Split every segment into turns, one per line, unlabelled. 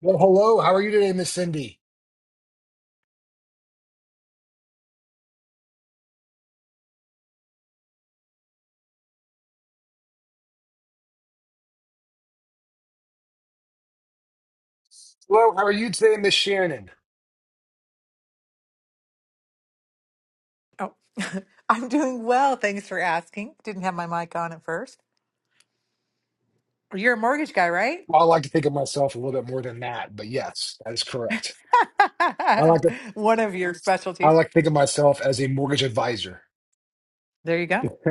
Well, hello. How are you today, Miss Cindy? Hello. How are you today, Miss Shannon?
Oh, I'm doing well. Thanks for asking. Didn't have my mic on at first. You're a mortgage guy, right?
Well, I like to think of myself a little bit more than that, but yes, that is correct. I like to
One of your
I
specialties.
like to think of myself as a mortgage advisor.
There you go.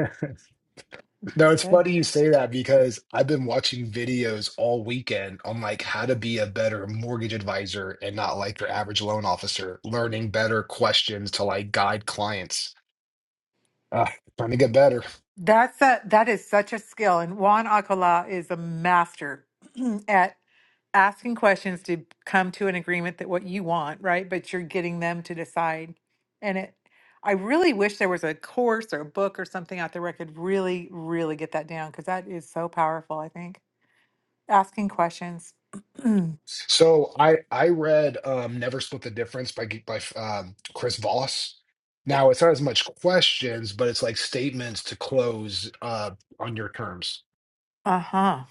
No, it's
Good.
funny you say that because I've been watching videos all weekend on like how to be a better mortgage advisor and not like your average loan officer, learning better questions to like guide clients. Uh, trying to get better.
That's a, that is such a skill. And Juan Alcala is a master at asking questions to come to an agreement that what you want, right? But you're getting them to decide. And it, I really wish there was a course or a book or something out there where I could really, really get that down because that is so powerful, I think. asking questions. uh
So I I read um, Never Split the Difference by Ge- by um, Chris Voss. Now it's not as much questions, but it's like statements to close uh, on your terms.
huh.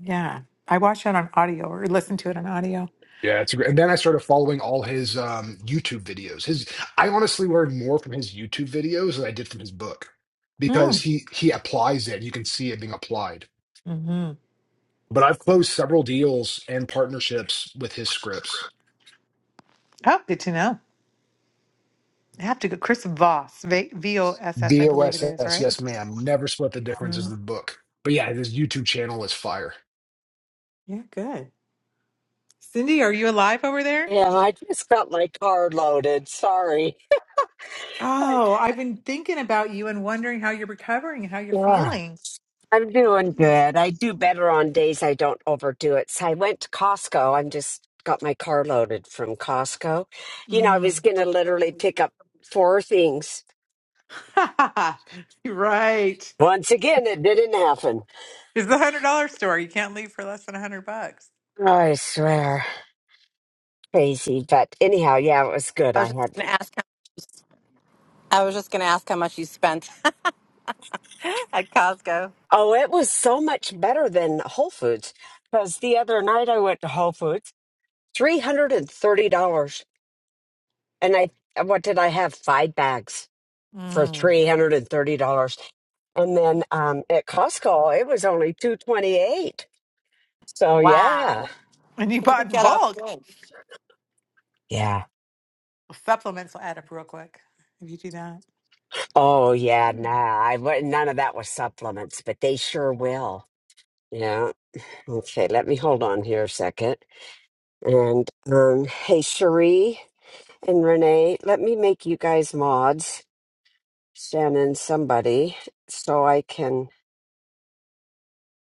Yeah. I watch it on audio or listen to it on audio.
Yeah, it's a great. And then I started following all his um, YouTube videos. His I honestly learned more from his YouTube videos than I did from his book because
Mm.
he he applies it. You can see it being applied.
hmm
But I've closed several deals and partnerships with his scripts.
Oh, good to know. I have to go. Chris Voss, V V O S S, I believe it is,
VOSS,
right?
yes, ma'am. Never Split the Difference is
Mm.
the book. But yeah, his YouTube channel is fire.
Yeah, good. Cindy, are you alive over there?
Yeah, I just got my car loaded. Sorry. I,
Oh, I've been thinking about you and wondering how you're recovering and how you're
Ah,
feeling.
I'm doing good. I do better on days I don't overdo it. So I went to Costco. I'm just got my car loaded from Costco. You know, I
Mm.
was going to literally pick up four things.
right.
Once again, it didn't happen.
It's the hundred dollar store. You can't leave for less than a hundred bucks.
I swear. Crazy. But anyhow, yeah, it was good.
I
I
was just
had,
gonna ask. How, I was just gonna ask how much you spent at Costco.
oh, it was so much better than Whole Foods because the other night I went to Whole Foods, $330. and I uh, what did I have? Five bags for
Mm.
three hundred and thirty dollars, and then um, at Costco it was only two twenty eight. So yeah,
Wow,
And you bought
you
in
get off
bulk.
good.
yeah.
Supplements will add up real quick if you do that.
Oh yeah, nah. I wa- none of that was supplements, but they sure will. Yeah. Okay, let me hold on here a second. And um, hey, Cherie and Renee, let me make you guys mods, Shannon, somebody, so I can.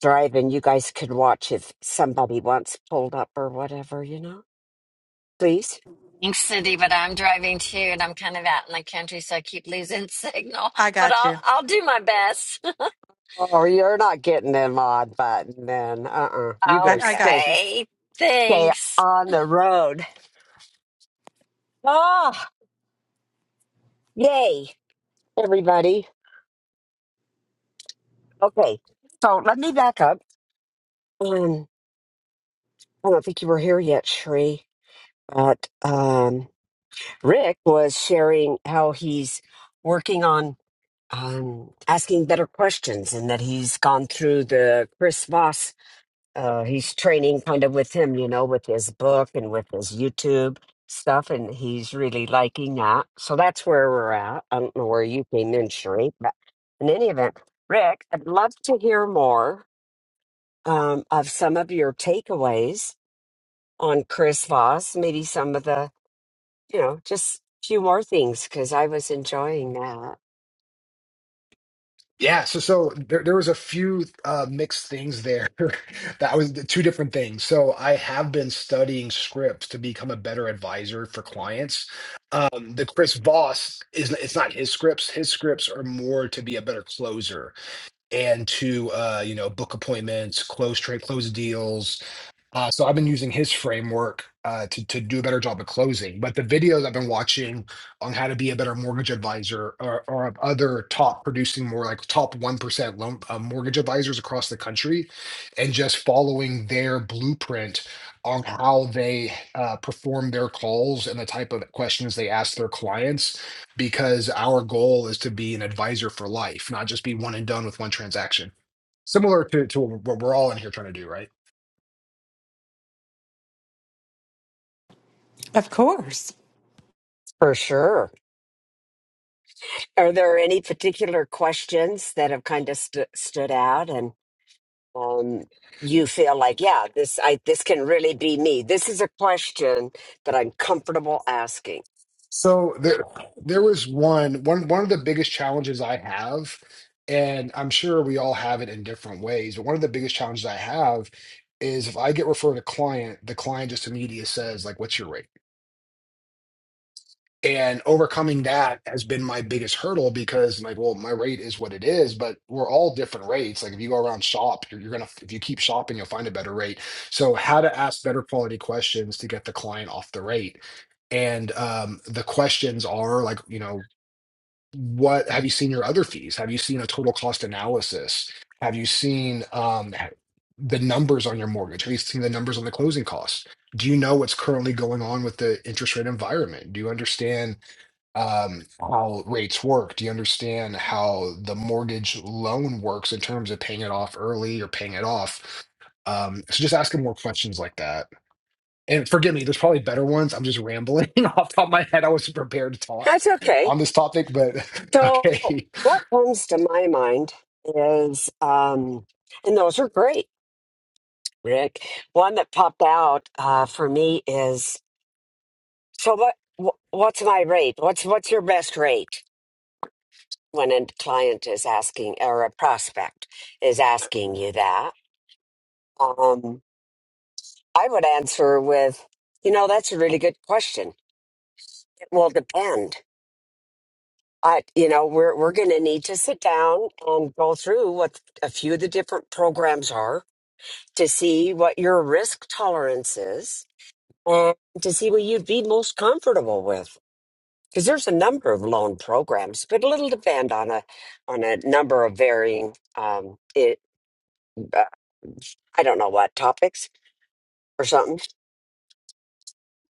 driving, you guys could watch if somebody wants pulled up or whatever, you know? Please.
Thanks, City, but I'm driving too, and I'm kind of out in the country, so I keep losing signal.
I
But
got
I'll
you.
I'll do my best.
Oh, you're not getting the mod button then. Uh uh You go
I, I
stay
got you.
Okay,
stay
thanks.
on the road. Ah yay, everybody. Okay. So let me back up. Um I don't think you were here yet, Sheree, but um Rick was sharing how he's working on um asking better questions and that he's gone through the Chris Voss uh, he's training kind of with him, you know, with his book and with his YouTube stuff, and he's really liking that. So that's where we're at. I don't know where you came in, Sheree, but in any event, Rick, I'd love to hear more um, of some of your takeaways on Chris Voss. Maybe some of the, you know, just a few more things because I was enjoying that.
Yeah, so so there there was a few uh mixed things there. That was the two different things. So I have been studying scripts to become a better advisor for clients. Um the Chris Voss is it's not his scripts. His scripts are more to be a better closer and to uh you know book appointments, close trade, close deals, Uh, so I've been using his framework uh, to to do a better job of closing. But the videos I've been watching on how to be a better mortgage advisor or, or of other top producing more like top one percent loan uh, mortgage advisors across the country, and just following their blueprint on how they uh, perform their calls and the type of questions they ask their clients. Because our goal is to be an advisor for life, not just be one and done with one transaction. Similar to to what we're all in here trying to do, right?
Of course.
For sure. Are there any particular questions that have kind of stu stood out? and? um, you feel like, yeah, this I this can really be me. This is a question that I'm comfortable asking.
So there, there was one, one, one of the biggest challenges I have, and I'm sure we all have it in different ways, but one of the biggest challenges I have is if I get referred a client, the client just immediately says, like, what's your rate? And overcoming that has been my biggest hurdle because, like, well, my rate is what it is, but we're all different rates. Like, if you go around shop, you're, you're gonna, if you keep shopping, you'll find a better rate. So, how to ask better quality questions to get the client off the rate and um, the questions are like you know what have you seen your other fees? Have you seen a total cost analysis? Have you seen um, the numbers on your mortgage? Have you seen the numbers on the closing costs? Do you know what's currently going on with the interest rate environment? Do you understand um, how rates work? Do you understand how the mortgage loan works in terms of paying it off early or paying it off? Um, so just asking more questions like that and forgive me, there's probably better ones. I'm just rambling off the top of my head. I wasn't prepared to talk
That's okay.
on this topic, but
So
okay.
what comes to my mind is, um, and those are great, Rick. One that popped out uh, for me is, so what? wh- What's my rate? What's what's your best rate when a client is asking or a prospect is asking you that? Um, I would answer with, you know, that's a really good question. Well, depend. I, you know, we're we're going to need to sit down and go through what a few of the different programs are to see what your risk tolerance is and to see what you'd be most comfortable with. Because there's a number of loan programs, but it'll depend on a on a number of varying. Um, it, uh, I don't know what topics or something.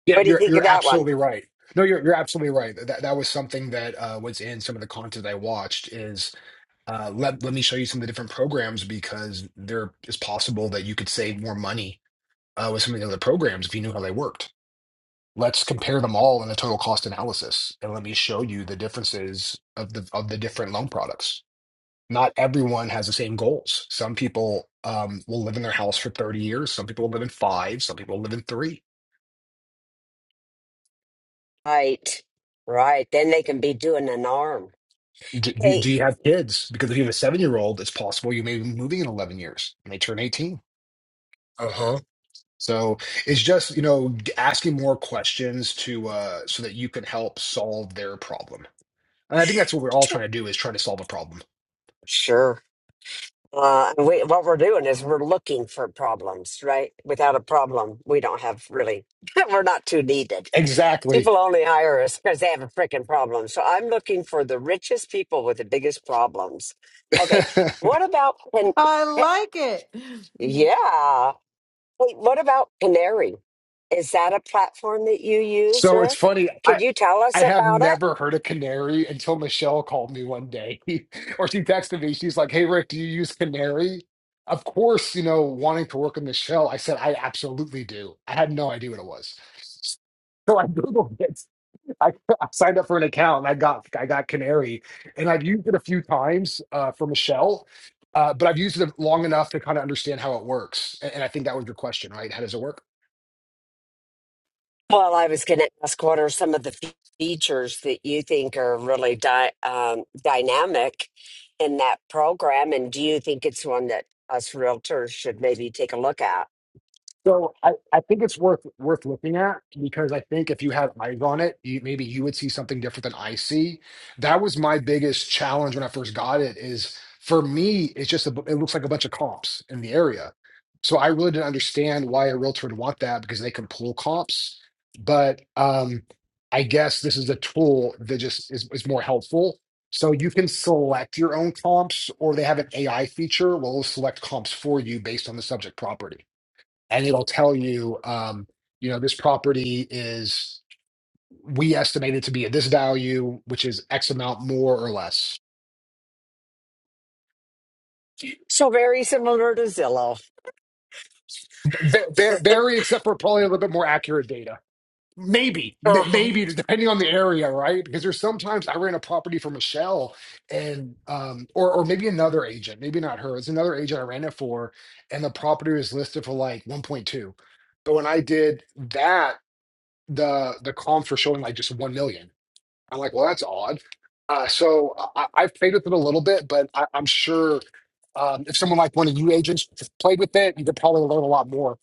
Yeah,
What do you
you're
think of
you're
that one?
absolutely right. No, you're you're absolutely right. That that was something that uh, was in some of the content I watched is uh, let let me show you some of the different programs because there is possible that you could save more money uh, with some of the other programs if you knew how they worked. Let's compare them all in a total cost analysis, and let me show you the differences of the of the different loan products not everyone has the same goals. Some people um, will live in their house for 30 years. Some people will live in five. Some people will live in three.
Right, right. Then they can be doing an arm.
Do, do
Hey,
do you have kids? Because if you have a seven year old, it's possible you may be moving in 11 years and they turn 18.
uh huh.
So it's just, you know, asking more questions to uh, so that you can help solve their problem. And I think that's what we're all trying to do is try to solve a problem.
Sure. Uh, and we, what we're doing is we're looking for problems, right? Without a problem, we don't have really, we're not too needed.
Exactly.
People only hire us because they have a freaking problem. So I'm looking for the richest people with the biggest problems. Okay. What about, can,
I
eh,
like it.
yeah. Wait, what about Canary? Is that a platform that you use,
so it's
Rick?
funny.
Could you tell us
I have
about it?
never heard a canary until Michelle called me one day, or she texted me. She's like, "Hey Rick, do you use canary?" Of course, you know, wanting to work with Michelle, I said I absolutely do. I had no idea what it was, so I googled it. I, I signed up for an account and I got I got canary, and I've used it a few times uh, for Michelle, uh, but I've used it long enough to kind of understand how it works. And, and I think that was your question, right? How does it work?
Well, I was going to ask what are some of the fe- features that you think are really di- um, dynamic in that program? And do you think it's one that us realtors should maybe take a look at?
So I, I think it's worth worth looking at because I think if you had eyes on it, you, maybe you would see something different than I see. That was my biggest challenge when I first got it. Is for me, it's just a, bu- it looks like a bunch of comps in the area. So I really didn't understand why a realtor would want that because they can pull comps. But um, I guess this is a tool that just is, is more helpful. So you can select your own comps, or they have an AI feature. Well, it'll select comps for you based on the subject property and it'll tell you, um, you know, this property is we estimate it to be at this value, which is X amount more or less.
So very similar to Zillow.
Very, very except for probably a little bit more accurate data. Maybe, m-
Uh-huh.
maybe depending on the area, right? Because there's sometimes I ran a property for Michelle and um or or maybe another agent, maybe not her. It's another agent I ran it for, and the property was listed for like 1.2. But when I did that, the the comps were showing like just 1 million. I'm like, well, that's odd. Uh, so I, I- have played with it a little bit, but I, I'm sure um, if someone like one of you agents played with it, you could probably learn a lot more.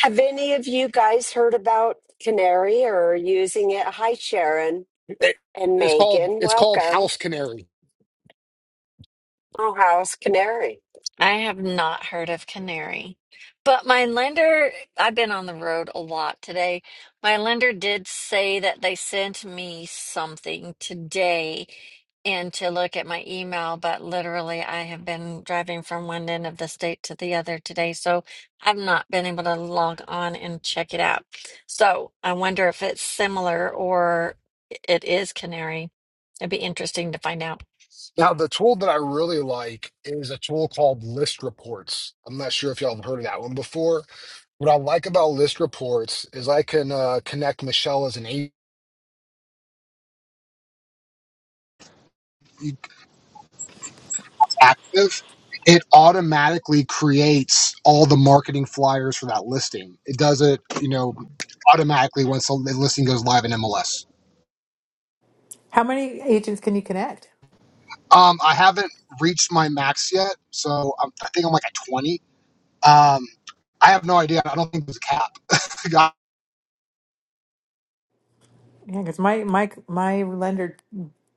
Have any of you guys heard about Canary or are using it? Hi, Sharon
It-
and
it's called
Megan.
it's called
Welcome.
House Canary.
Oh, how's Canary?
I have not heard of Canary, but my lender, I've been on the road a lot today. My lender did say that they sent me something today and to look at my email, but literally I have been driving from one end of the state to the other today, so I've not been able to log on and check it out. So I wonder if it's similar or it is Canary. It'd be interesting to find out.
Now, the tool that I really like is a tool called List Reports. I'm not sure if y'all have heard of that one before. What I like about List Reports is I can uh, connect Michelle as an agent. active, it automatically creates all the marketing flyers for that listing. It does it, you know, automatically once the listing goes live in MLS.
How many agents can you connect?
Um, I haven't reached my max yet, so I'm, I think I'm like at 20. Um, I have no idea. I don't think there's a cap. God.
Yeah, because my my my lender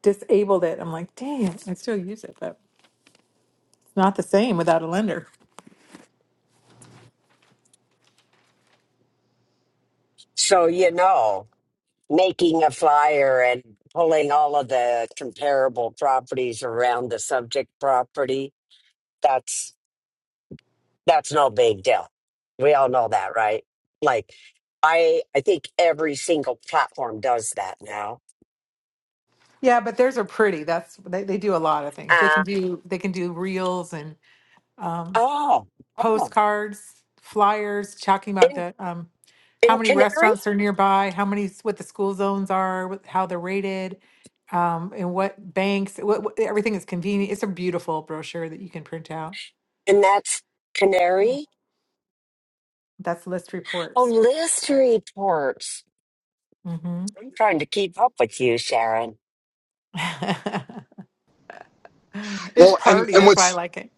disabled it. I'm like, damn. I still use it, but it's not the same without a lender.
So you know. making a flyer and pulling all of the comparable properties around the subject property that's that's no big deal we all know that right like i i think every single platform does that now
Yeah, but theirs are pretty. That's they, they do a lot of things. They
uh,
can do they can do reels and.
oh oh
postcards, flyers talking about
in
the um, how
in
many
canary
restaurants are nearby, how many s- what the school zones are, what, how they're rated, um, and what banks. What, what everything is convenient. It's a beautiful brochure that you can print out.
and that's canary
That's list
oh
reports.
list reports
hmm
i'm trying to keep up with you sharon
it's
well, and
party.
and
That's why I
what's
like it.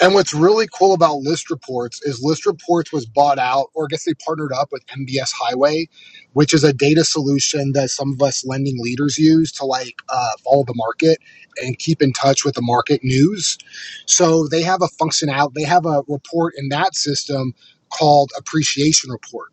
And what's really cool about List Reports is List Reports was bought out, or I guess they partnered up with MBS Highway, which is a data solution that some of us lending leaders use to like uh, follow the market and keep in touch with the market news. So they have a function out, they have a report in that system called Appreciation Report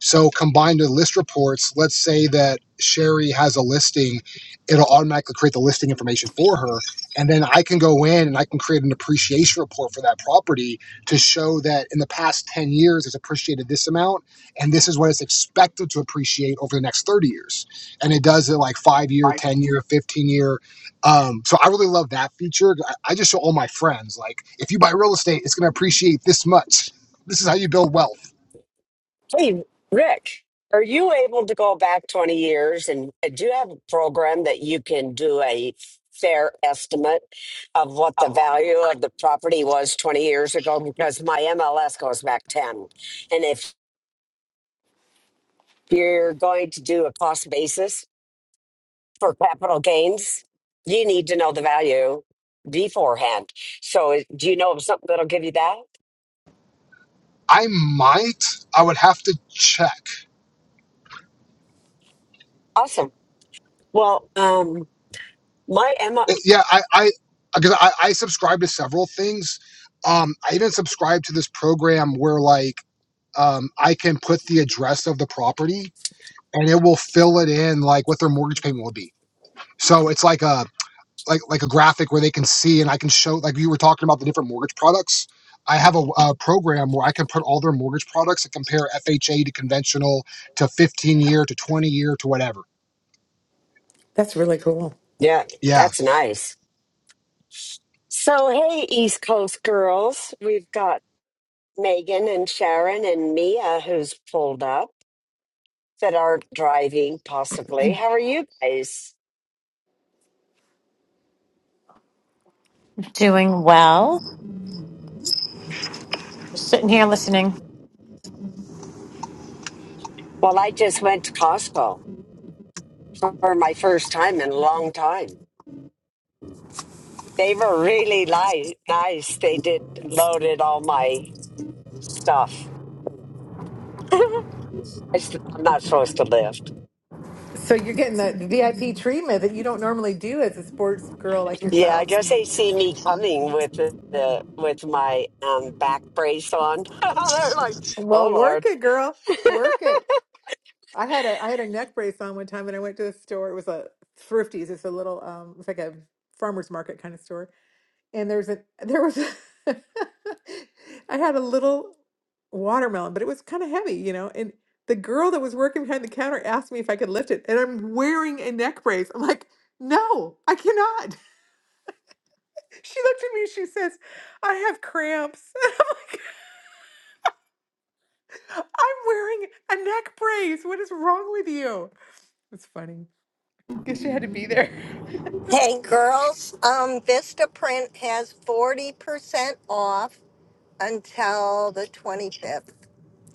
so combined with list reports, let's say that Sherry has a listing, it'll automatically create the listing information for her. And then I can go in and I can create an appreciation report for that property to show that in the past 10 years it's appreciated this amount and this is what it's expected to appreciate over the next 30 years. And it does it like five year,
Right.
10 year, 15 year. Um, so I really love that feature. I I just show all my friends like if you buy real estate, it's gonna appreciate this much. This is how you build wealth
Hey, Rick, are you able to go back 20 years and uh, do you have a program that you can do a fair estimate of what
I
the
love it.
value of the property was 20 years ago? Because my MLS goes back 10. And if you're going to do a cost basis for capital gains, you need to know the value beforehand. So, is- do you know of something that'll give you that?
I might. I would have to check.
Awesome. Well, um, my M,
Uh,
L,
Yeah, I I because I, I subscribe to several things. Um, I even subscribe to this program where like um, I can put the address of the property and it will fill it in like what their mortgage payment will be. So it's like a like like a graphic where they can see and I can show like you were talking about the different mortgage products. I have a, a program where I can put all their mortgage products and compare FHA to conventional to 15 year to 20 year to whatever.
That's really cool.
yeah,
Yeah.
that's nice. So, hey, East Coast girls, we've got Megan and Sharon and Mia who's pulled up that are driving, possibly. How are you guys?
Doing well. Just sitting here listening.
Well, I just went to Costco for my first time in a long time. They were really li- nice. They did loaded all my stuff. I s- I'm not supposed to lift.
So you're getting the VIP treatment that you don't normally do as a sports girl like
Yeah, I
yourself.
guess they see me coming with the, the with my um, back brace on. They're like,
Well,
"Oh
work
Lord."
it, girl. Work it. I had a I had a neck brace on one time and I went to the store. It was a Thrifties. It's a little um it's like a farmer's market kind of store. And there's a there was a, I had a little watermelon, but it was kind of heavy, you know. And the girl that was working behind the counter asked me if I could lift it, and I'm wearing a neck brace. I'm like, "No, I cannot." She looked at me and she says, "I have cramps." And I'm like, "I'm wearing a neck brace. What is wrong with you?" It's funny. Guess you had to be there.
Hey girls, um, Vistaprint has 40% off until the 25th.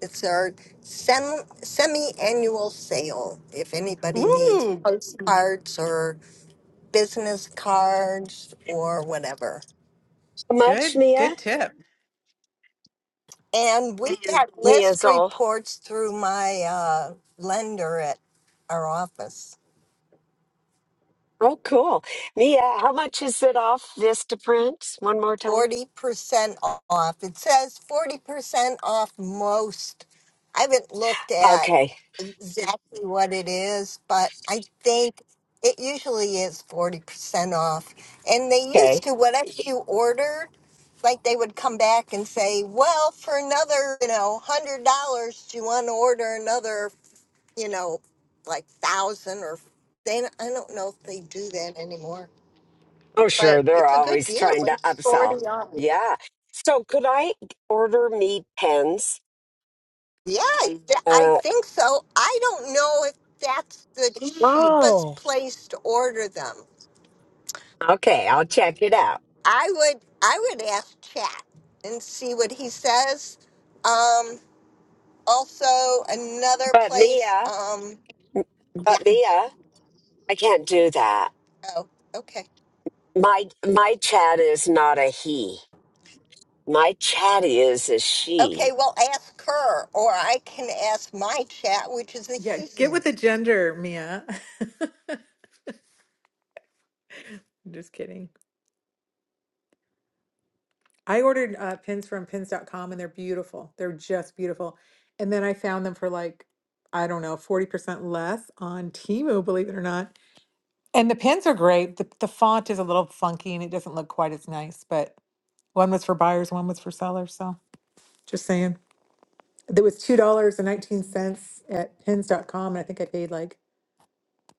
It's our sem- semi annual sale. If anybody needs
Ooh,
postcards or business cards or whatever.
How much,
good,
Mia?
good tip.
And we got list
Mia's all.
reports through my uh, lender at our office.
Oh, cool. Mia, how much is it off Vista Print? One more time.
40% off. It says 40% off most. I haven't looked at
Okay.
exactly what it is, but I think it usually is 40% off. And they used
Okay.
to, whatever you ordered, like they would come back and say, well, for another, you know, $100, do you want to order another, you know, like 1000 or they, I don't know if they do that anymore,
Oh,
but
sure. They're
it's a good
always
deal.
trying to upsell. Yeah. So, could I order me pens?
Yeah, I I
Uh,
think so. I don't know if that's the Mm. cheapest
oh,
place to order them.
okay. I'll check it out.
I would I would ask Chat and see what he says. Um, also another
But
place.
Mia,
Um, yeah.
but Mia, I can't do that.
Oh, okay.
My my chat is not a he. My chat is a
Okay.
she.
Well, ask her, or I can ask my Chat, which is a
Yeah,
he.
get with
Mm.
the gender, Mia. I'm just kidding. I ordered uh, pins from pins.com and they're beautiful. They're just beautiful. And then I found them for like, I don't know, 40% less on Temu, believe it or not. And the pins are great. The, the font is a little funky and it doesn't look quite as nice, but one was for buyers, one was for sellers. So just saying. There was $2.19 at pins.com. And I think I paid like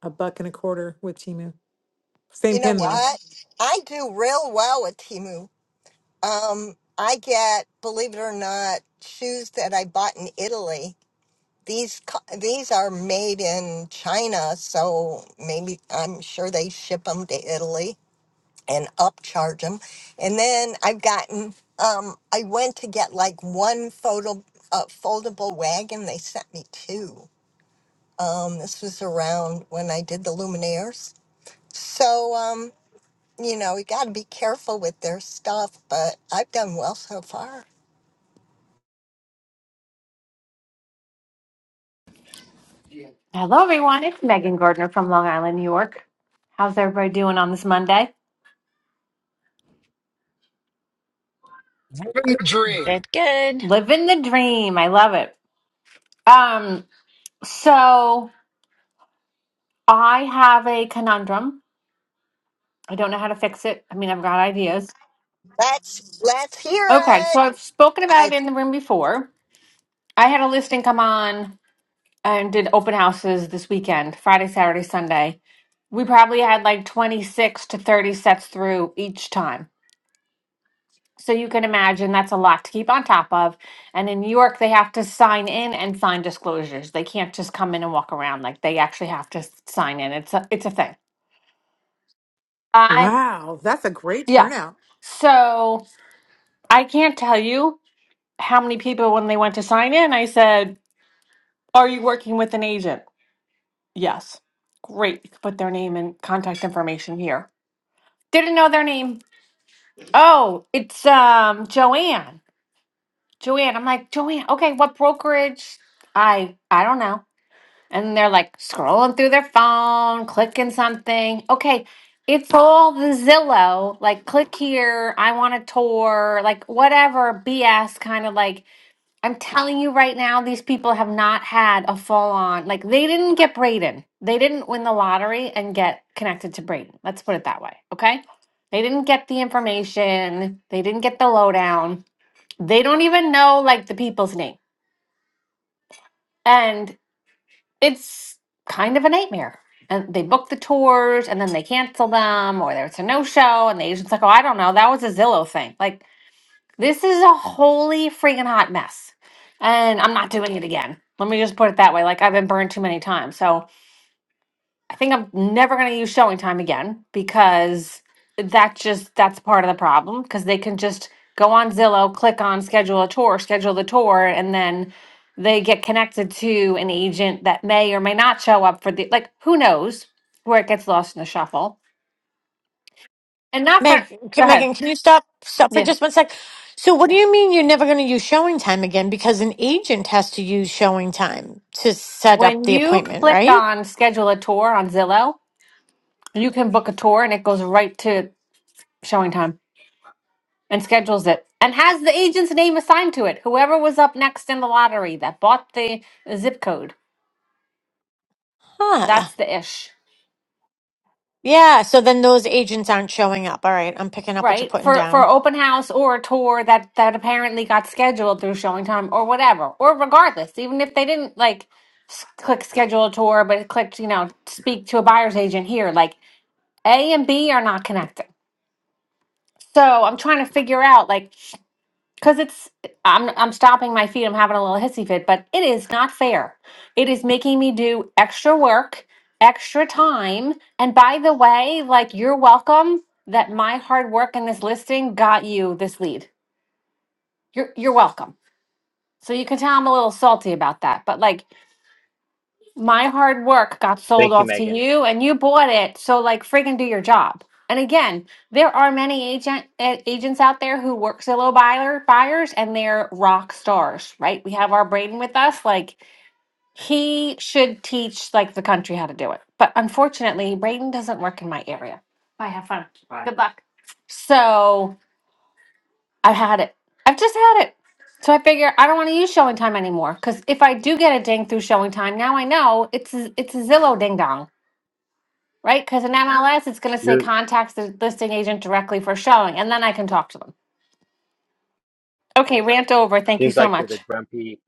a buck and a quarter with Temu. Same
You know
pin though.
what? I do real well with Timu. Um, I get, believe it or not, shoes that I bought in Italy these co- these are made in China, so maybe I'm sure they ship them to Italy and upcharge them. And then I've gotten um, I went to get like one photo uh, foldable wagon. They sent me two. Um, this was around when I did the Luminaires. So um, you know, you got to be careful with their stuff, but I've done well so far.
Hello, everyone. It's Megan Gardner from Long Island, New York. How's everybody doing on this Monday?
Living the dream.
Good, good.
Living the dream. I love it. Um, so I have a conundrum. I don't know how to fix it. I mean, I've got ideas.
Let's let's hear
Okay, so
it.
I've spoken
I
about it in the room before. I had a listing come on and did open houses this weekend, Friday, Saturday, Sunday. We probably had like 26 to 30 sets through each time. So you can imagine that's a lot to keep on top of. And in New York, they have to sign in and sign disclosures. They can't just come in and walk around. Like they actually have to s- sign in. It's a it's a thing. I
Wow, that's a great
yeah.
turnout.
So I can't tell you how many people when they went to sign in, I said, "Are you working with an agent?" Yes. Great. You can put their name and contact information here. Didn't know their name. Oh, it's um Joanne. Joanne. I'm like, Joanne, okay, what brokerage? I I don't know. And they're like scrolling through their phone, clicking something. Okay, it's all the Zillow, like click here, I want a tour, like whatever BS kind of like. I'm telling you right now, these people have not had a full on, like they didn't get Braden. They didn't win the lottery and get connected to Braden. Let's put it that way. Okay. They didn't get the information, they didn't get the lowdown. They don't even know like the people's name. and it's kind of a nightmare. And they book the tours and then they cancel them or there's a no show and the agent's like, oh, I don't know. That was a Zillow thing. Like, this is a holy freaking hot mess. And I'm not doing it again. Let me just put it that way. Like, I've been burned too many times. So, I think I'm never going to use showing time again because that just that's part of the problem because they can just go on Zillow, click on schedule a tour, schedule the tour and then they get connected to an agent that may or may not show up for the like who knows where it gets lost in the shuffle. And not for
Meg,
go
can,
ahead.
Megan, can you stop stop for
Yeah.
just one sec? So, what do you mean you're never going to use showing time again? Because an agent has to use showing time to set up
When
the
you
appointment,
click
right?
on schedule a tour on Zillow, you can book a tour and it goes right to showing time. and schedules it and has the agent's name assigned to it. Whoever was up next in the lottery that bought the zip code.
Huh.
That's the ish.
Yeah. So then those agents aren't showing up. All right. I'm picking up what you're
Right?
putting
For for
down.
open house or a tour that that apparently got scheduled through showing time or whatever. Or regardless, even if they didn't like s- click schedule a tour but it clicked, you know, speak to a buyer's agent here, like A and B are not connected. So, I'm trying to figure out like Cause it's I'm I'm stomping my feet. I'm having a little hissy fit, but it is not fair. It is making me do extra work, extra time. And by the way, like you're welcome that my hard work in this listing got you this lead. You're you're welcome. So you can tell I'm a little salty about that. But like my hard work got sold
Thank you,
off to
Megan.
you and you bought it so like freaking do your job and again there are many agent uh, agents out there who work zillow buyer buyers and they're rock stars right we have our braden with us like he should teach like the country how to do it but unfortunately braden doesn't work in my area bye have fun Bye. good luck so I've had it. I've just had it. So I figure I don't want to use showing time anymore because if I do get a ding through showing time, now I know it's a, it's a Zillow ding dong, right? Because in MLS, it's going to say
You
contacts the listing agent directly for showing, and then I can talk to them. Okay, rant over. Thank you
seems
so
like you're
much.
the grumpy.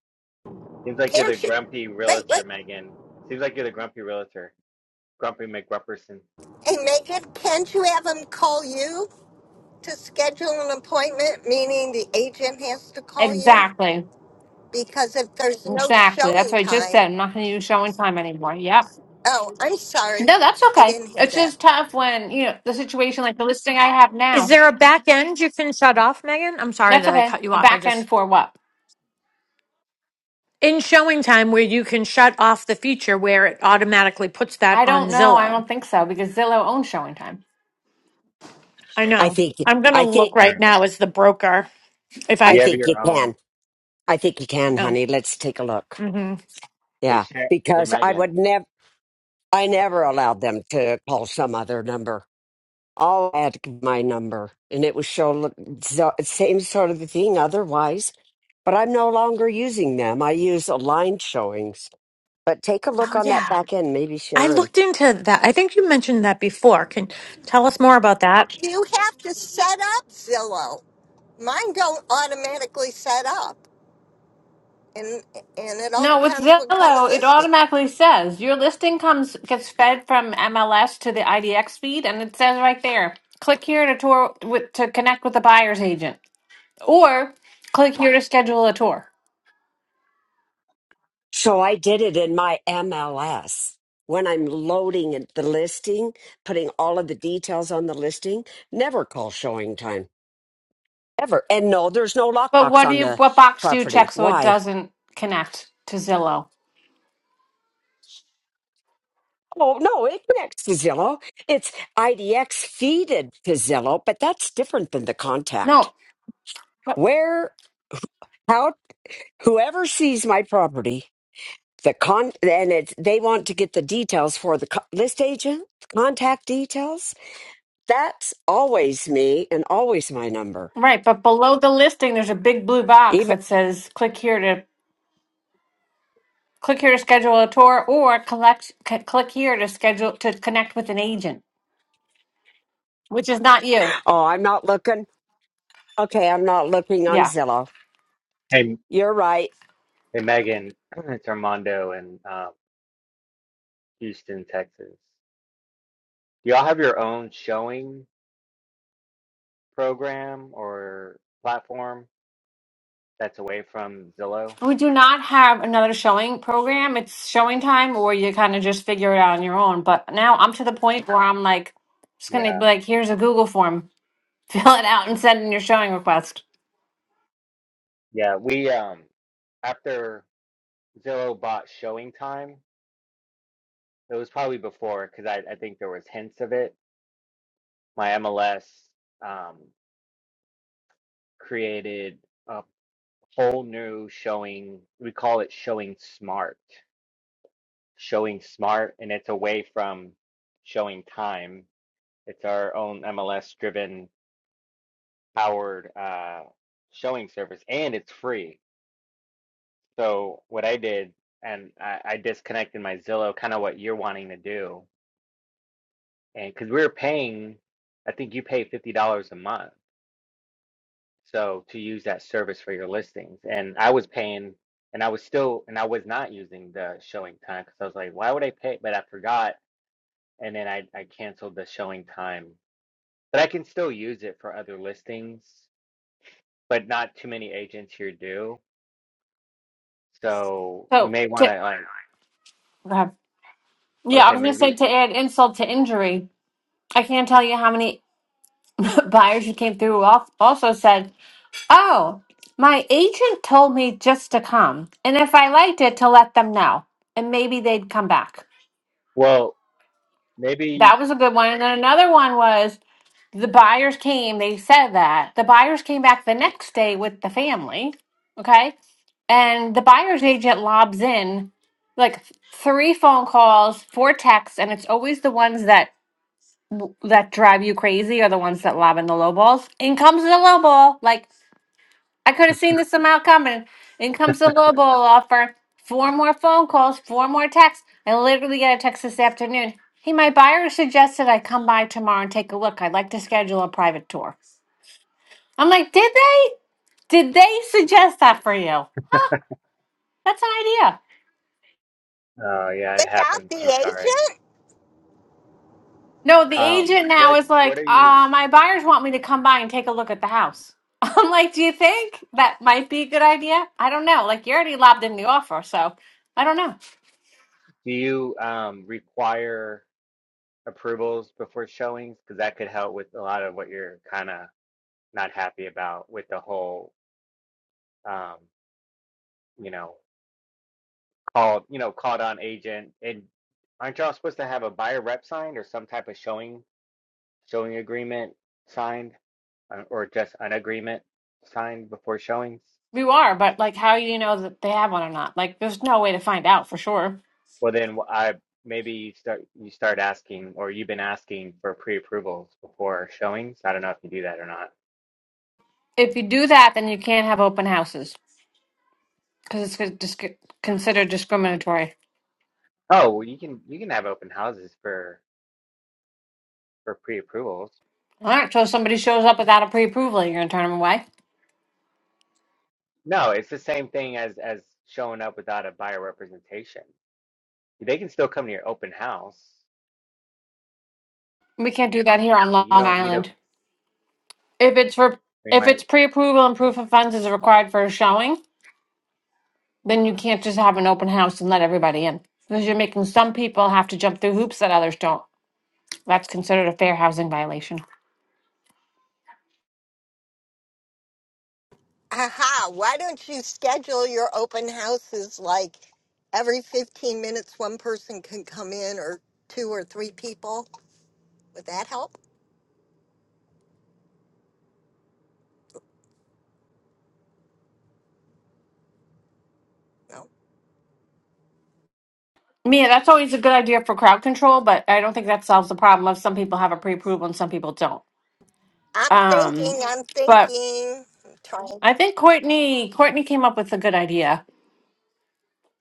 Seems like you're the
Hampshire.
grumpy
Wait, wait.
realtor, Megan. Seems like you're the grumpy realtor, grumpy McGrumperson.
Hey, Megan, can't you have him call you to schedule an appointment? Meaning the agent has to call you?
Exactly.
Because if there's no
Exactly. That's
showing
what I just
time,
said. I'm not going to use showing time anymore. Yep.
oh, I'm sorry.
No, that's
I
okay.
didn't hear
It's
that.
just tough when, you know, the situation like the listing I have
Is
now.
there a back end you can shut off, Megan? I'm sorry
That's
to
okay.
cut you
A
off. I
back
just
end for what?
in showing time where you can shut off the feature where it automatically puts that
I
on
don't know. I
Zillow.
don't think so because Zillow owns showing time.
I
I
know.
think.
I'm going to
I
look
think.
right
Sure.
now as the broker. If I
I
You
c-
have
think you
your
can.
own.
I think you can,
no.
honey. Let's take a look.
hmm
Hey,
Yeah,
Sha- hey,
because I would
Megan.
never, I never
Sorry.
allowed them to call some other number. All I had to give my number, and it was show so, same sort of thing otherwise. But I'm no longer using them. I use aligned showings. But take a look
Oh
on that
yeah,
back end, maybe
I
Sharon.
looked into that. I think you mentioned that before. Can tell us more about that,
You have to set up Zillow. Mine don't automatically set up. And and it all
No, with
depends what kind of
Zillow, it
listing.
automatically says your listing comes gets fed from MLS to the IDX feed, and it says right there, click here to tour with, to connect with the buyer's agent, or click here to schedule a tour.
So I did it in my MLS. When I'm loading it- the listing, putting all of the details on the listing, never call showing time ever. And no, there's no
But
lockbox
what do
on
you
the
what box do you
property.
check so it
Why?
doesn't connect to Zillow?
Oh no, it connects to Zillow. It's IDX feeded to Zillow, but that's different than the contact.
No,
Where how whoever sees my property, the con and it they want to get the details for the co- list agent, contact details. That's always me and always my number.
Right, but below the listing, there's a big blue box
Even
that says click here to click here to schedule a tour or collect c- click here to schedule to connect with an agent, which is not you.
oh, I'm not looking. Okay, I'm not looking on
Yeah.
Zillow.
Hey,
You're right.
hey, Megan. It's Armando in uh, Houston, Texas. Do You all have your own showing program or platform that's away from Zillow.
We do not have another showing program. It's showing time or you kind of just figure it out on your own. But now I'm to the point where I'm like just going to be
Yeah,
like here's a Google form. Fill it out and send in your showing request.
yeah. We um after Zillow bought Showing Time. It was probably before because I, I think there was hints of it. My MLS um, created a whole new showing. We call it showing smart, showing smart, and it's away from showing time. It's our own MLS driven powered uh, showing service, and it's free. So what I did, and I, I disconnected my Zillow, kind of what you're wanting to do, and because we were paying, I think you pay fifty dollars a month So to use that service for your listings. And I was paying and I was still and I was not using the showing time because I was like, why would I pay? But I forgot and then I, I canceled the showing time. But I can still use it for other listings, but not too many agents here do. So you
So,
may want
to,
to like
go ahead.
I
yeah,
would
I
say
was going to say
maybe
to add insult to injury, I can't tell you how many buyers who came through al- also said, Oh, my agent told me just to come. And if I liked it, to let them know. And maybe they'd come back.
well maybe you
That was a good one. And then another one was the buyers came, they said that. The buyers came back the next day with the family. Okay. And the buyer's agent lobs in like three phone calls, four texts, and it's always the ones that that drive you crazy are the ones that lob in the low balls. In comes the low ball, like I could have seen this amount coming. In comes the Lobo offer. Four more phone calls, four more texts. I literally got a text this afternoon. Hey, my buyer suggested I come by tomorrow and take a look. I'd like to schedule a private tour. I'm like, did they? Did they suggest that for you? That's an idea.
oh yeah, it
Without
happens. I'm
the
sorry.
agent?
No, the
Um
agent now
what
is
what
like,
are you
uh, my buyers want me to come by and take a look at the house. I'm like, do you think that might be a good idea? I don't know. Like, you already lobbed in the offer, so I don't know.
do you um require approvals before showings because that could help with a lot of what you're kind of not happy about with the whole um you know called you know called on agent and aren't y'all supposed to have a buyer rep signed or some type of showing showing agreement signed uh, or just an agreement signed before showings
You are, but like, how do you know that they have one or not? Like, there's no way to find out for sure.
well then i maybe you start you start asking or you've been asking for pre-approvals before showings i don't know if you do that or not
If you do that, then you can't have open houses because it's con- dis- considered discriminatory.
oh well, you can you can have open houses for for pre-approvals
All right, so if somebody shows up without a pre-approval, you're gonna turn them away.
No, it's the same thing as as showing up without a buyer representation. They can still come to your open house.
We can't do that here on Long
You don't need a
Island. If it's for
they
if it's pre-approval and proof of funds is required for a showing, then you can't just have an open house and let everybody in because you're making some people have to jump through hoops that others don't. That's considered a fair housing violation.
Aha, why don't you schedule your open houses like every 15 minutes one person can come in or two or three people? Would that help? No.
Mia, that's always a good idea for crowd control, but I don't think that solves the problem of some people have a pre-approval and some people don't.
I'm thinking,
Um,
I'm
but
thinking. I'm trying.
I think Courtney Courtney came up with a good idea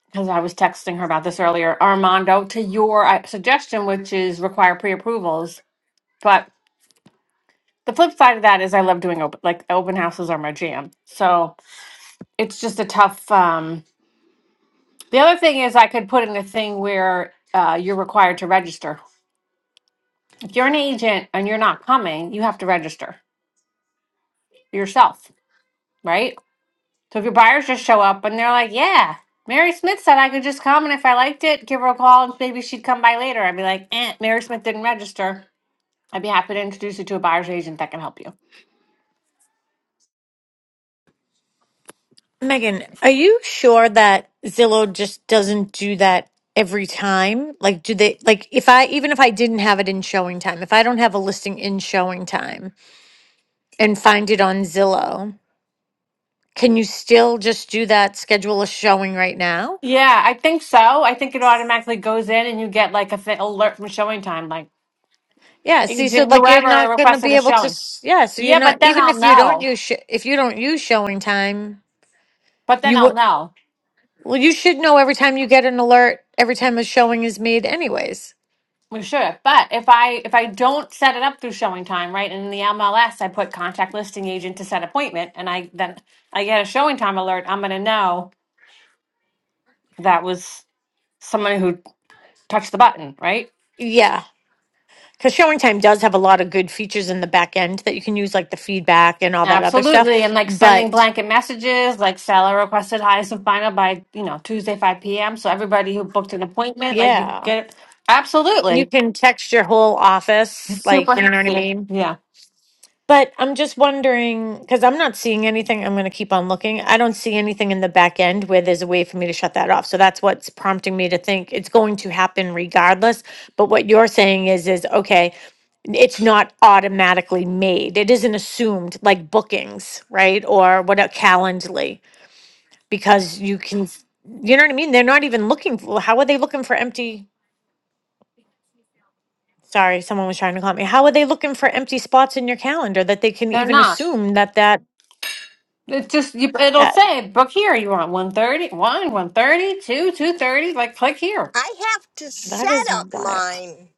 because I was texting her about this earlier. Armando, to your uh, suggestion, which is require pre-approvals, but the flip side of that is I love doing open like open houses are my jam. So it's just a tough. Um, the other thing is I could put in a thing where uh, you're required to register. If you're an agent and you're not coming, you have to register yourself, right? So if your buyers just show up and they're like, yeah, Mary Smith said I could just come and if I liked it, give her a call and maybe she'd come by later. I'd be like, eh, Mary Smith didn't register. I'd be happy to introduce you to a buyer's agent that can help you.
Megan? Are you sure that Zillow just doesn't do that every time? Like, do they like if I even if I didn't have it in showing time, if I don't have a listing in showing time and find it on Zillow, can you still just do that? Schedule a showing right now.
Yeah, I think so. I think it automatically goes in and you get like a th- alert from showing time, like
Yeah, see, so
agent
like you're
whoever
not going to
requested
be
a
able to,
showing.
s- yeah, so you're
Yeah,
not,
but then
even
I'll
if you don't
know.
use, sh- if you don't use showing time,
But then
you
I'll
would.
know.
Well, you should know every time you get an alert, every time a showing is made, anyways.
Well, sure, but if I if I don't set it up through showing time, right? And in the MLS, I put contact listing agent to set appointment, and I then I get a showing time alert. I'm going to know that was someone who touched the button, right?
Yeah. Because showing time does have a lot of good features in the back end that you can use, like the feedback and all that other
Absolutely,
stuff.
and like sending
But
blanket messages, like seller requested highest and final by you know Tuesday five p.m. So everybody who booked an appointment, like you could
yeah,
get it.
you
Absolutely,
can text your whole office,
it's super
like, you know what I
handy.
mean?
Yeah,
But I'm just wondering because I'm not seeing anything. I'm going to keep on looking. I don't see anything in the back end where there's a way for me to shut that off. So that's what's prompting me to think it's going to happen regardless. But what you're saying is, is okay, it's not automatically made. It isn't assumed like bookings, right? Or what a Calendly, because you can, you know what I mean? They're not even looking. For, how are they looking for empty? Sorry, someone was trying to call me. How are they looking for empty spots in your calendar that they can
they're
even
not.
assume that that?
It just you, it'll
that
say book here. You want one thirty one one thirty 230, like click here.
I have to
That
set
is
up
wild.
mine.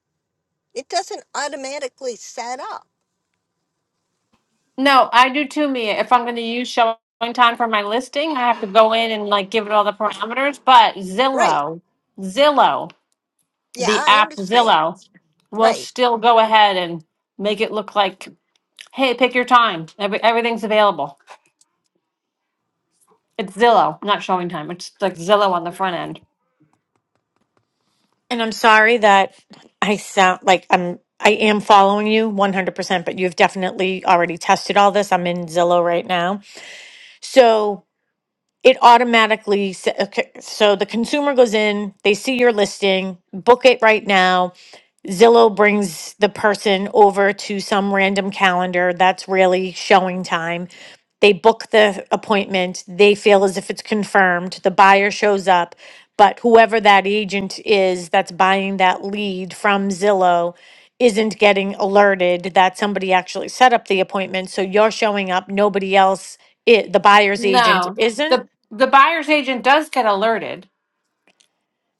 It doesn't automatically set up.
No, I do too, Mia. If I'm going to use showing time for my listing, I have to go in and like give it all the parameters. But
Right.
Zillow, Zillow,
Yeah,
the
I
app
understand.
Zillow will
Right.
still go ahead and make it look like, hey, pick your time. Every, everything's available. It's Zillow, not showing time. It's like Zillow on the front end.
And I'm sorry that I sound like I'm I am following you 100%, but you've definitely already tested all this. I'm in Zillow right now. So it automatically s- okay, so the consumer goes in they see your listing book it right now zillow brings the person over to some random calendar that's really showing time they book the appointment they feel as if it's confirmed the buyer shows up but whoever that agent is that's buying that lead from zillow isn't getting alerted that somebody actually set up the appointment so you're showing up nobody else i the buyer's agent
No,
isn't
the the buyer's agent does get alerted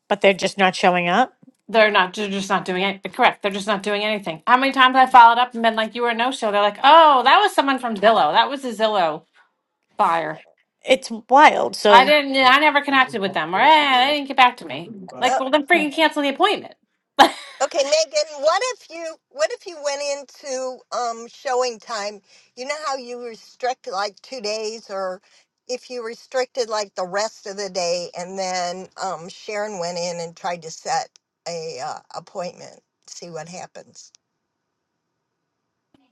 but they're just not showing up.
They're not. They're just not doing it. Correct. They're just not doing anything. How many times I followed up and been like, "You were a no show." They're like, "Oh, that was someone from Zillow. That was a Zillow buyer.
It's wild.
I
So,
didn't. I never connected with them, or eh, they didn't get back to me." Like, well, then
you know,
freaking cancel the appointment.
Okay, Megan, what if you what if you went into um showing time? You know how you restrict like two days or if you restricted like the rest of the day and then um Sharon went in and tried to set a uh, appointment, see what happens.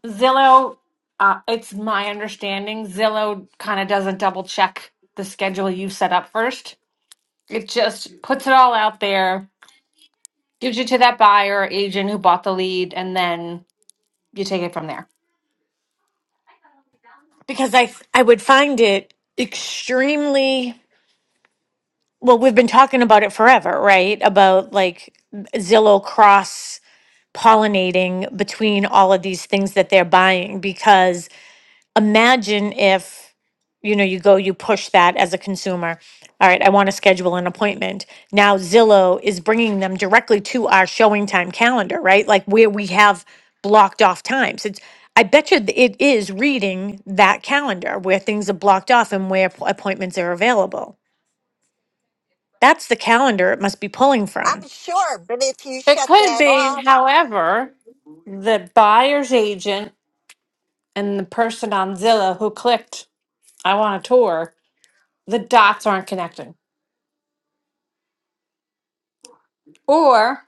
Zillow. Uh, it's my understanding Zillow kind of doesn't double check the schedule you set up first. It just puts it all out there, gives you to that buyer or agent who bought the lead, and then you take it from there.
because I I would find it extremely well, we've been talking about it forever, right? About like Zillow cross pollinating between all of these things that they're buying because imagine if you know you go you push that as a consumer all right i want to schedule an appointment now zillow is bringing them directly to our showing time calendar right like where we have blocked off times it's i bet you th- it is reading that calendar where things are blocked off and where p- appointments are available that's the calendar it must be pulling from
I'm sure, but if you
It
shut
could
that
be,
off
however, the buyer's agent and the person on Zillow who clicked, I want a tour, the dots aren't connecting. Or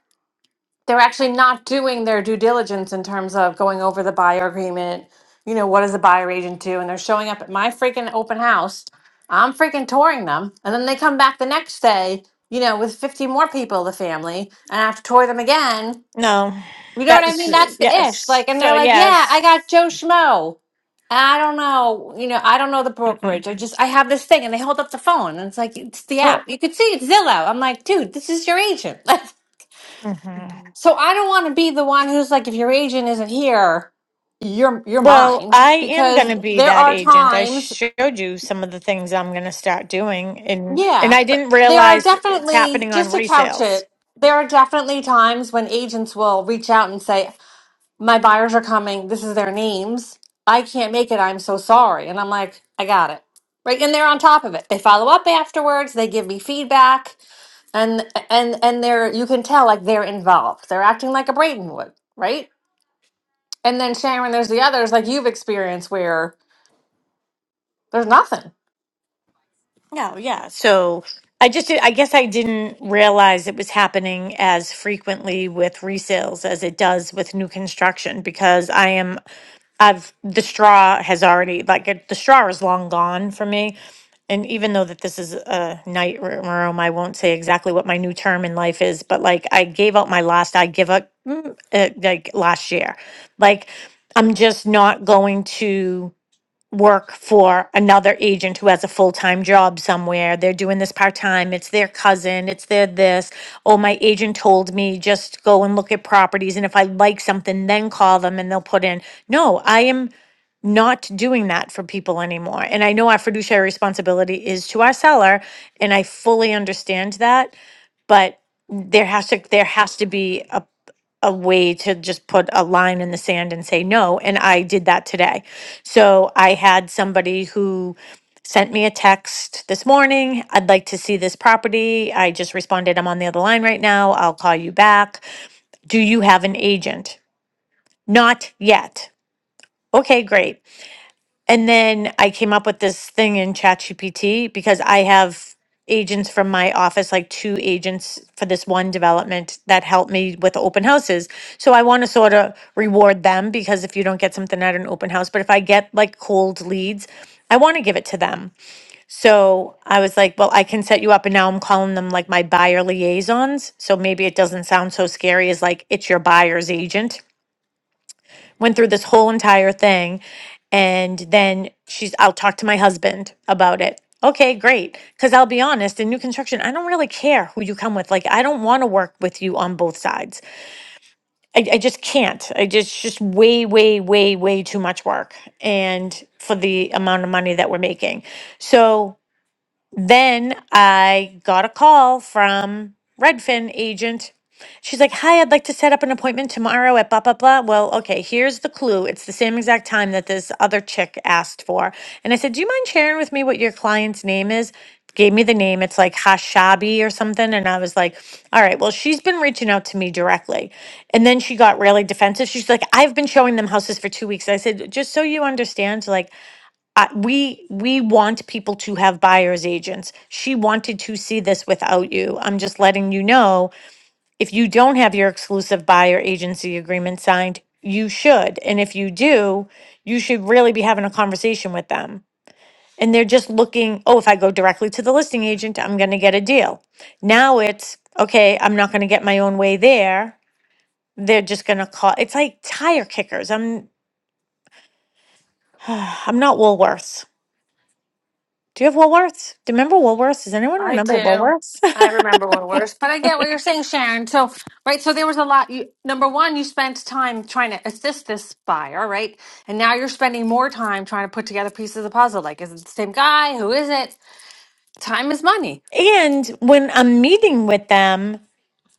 they're actually not doing their due diligence in terms of going over the buyer agreement. You know, what does the buyer agent do? And they're showing up at my freaking open house. I'm freaking touring them. And then they come back the next day, you know, with 50 more people, the family, and I have to tour them again
no
You know what I mean?
that's
That's the ish.
yes
Like, and
so
they're like, yeah,
yes
I got Joe Schmo. I don't know, you know, I don't know the
Mm-mm.
brokerage. I just, I have this thing, and they hold up the phone, and it's like, it's the app.
well
You could see it's Zillow. I'm like, dude, this is your agent.
mhm.
so I don't want to be the one who's like, if your agent isn't here, you're you're
Well,
mine
I am going
because
to be
there
that
are
agent. I
times,
showed you some of the things I'm going to start doing and and
yeah,
I
but
didn't
there are
realize it's
definitely
happening on
just to couch
resales.
it. There are definitely times when agents will reach out and say, my buyers are coming. This is their names. I can't make it. I'm so sorry. And I'm like, I got it. Right. And they're on top of it. They follow up afterwards. They give me feedback. And and and they're you can tell like they're involved. They're acting like a Brayton would, right? And then Sharon, there's the others like you've experienced where there's nothing.
No, yeah. So I just I guess I didn't realize it was happening as frequently with resales as it does with new construction because I am I've the straw has already like it, the straw is long gone for me. And even though that this is a night r- room, I won't say exactly what my new term in life is, but like I gave up my last I give up mm, uh, like last year. Like I'm just not going to work for another agent who has a full-time job somewhere. They're doing this part-time. It's their cousin. It's their this. Oh, my agent told me just go and look at properties and if I like something then call them and they'll put in. No, I am not doing that for people anymore. And I know our fiduciary responsibility is to our seller and I fully understand that, but there has to there has to be a a way to just put a line in the sand and say no. And I did that today. So I had somebody who sent me a text this morning. I'd like to see this property. I just responded, I'm on the other line right now. I'll call you back. Do you have an agent? Not yet. Okay, great. And then I came up with this thing in ChatGPT because I have agents from my office, like two agents for this one development that help me with open houses. So I want to sort of reward them because if you don't get something at an open house, but if I get like cold leads, I want to give it to them. So I was like, well, I can set you up. And now I'm calling them like my buyer liaisons. So maybe it doesn't sound so scary as like it's your buyer's agent went through this whole entire thing and then she's i'll talk to my husband about it okay great because i'll be honest in new construction i don't really care who you come with like i don't want to work with you on both sides I, I just can't i just just way way way way too much work and for the amount of money that we're making so then I got a call from Redfin agent. She's like, "Hi, I'd like to set up an appointment tomorrow at blah blah blah." Well, okay, here's the clue. It's the same exact time that this other chick asked for. And I said, "Do you mind sharing with me what your client's name is?" Gave me the name. It's like Hashabi or something. And I was like, all right, well, she's been reaching out to me directly. And then she got really defensive. She's like, I've been showing them houses for two weeks. I said, just so you understand, like, uh, we we want people to have buyers agents. She wanted to see this without you. I'm just letting you know if you don't have your exclusive buyer agency agreement signed, you should. And if you do, you should really be having a conversation with them. And they're just looking, oh, if I go directly to the listing agent, I'm going to get a deal. Now it's okay, I'm not going to get my own way there. They're just going to call. It's like tire kickers. I'm I'm not Woolworths. Do you have Woolworths? Do you remember Woolworths? Does anyone
I
remember
do.
Woolworths?
I remember what it was, but I get what you're saying, Sharon. So, right, so there was a lot. You, number one, you spent time trying to assist this buyer, right? And now you're spending more time trying to put together pieces of the puzzle. Like, is it the same guy? Who is it? Time is money.
And when I'm meeting with them,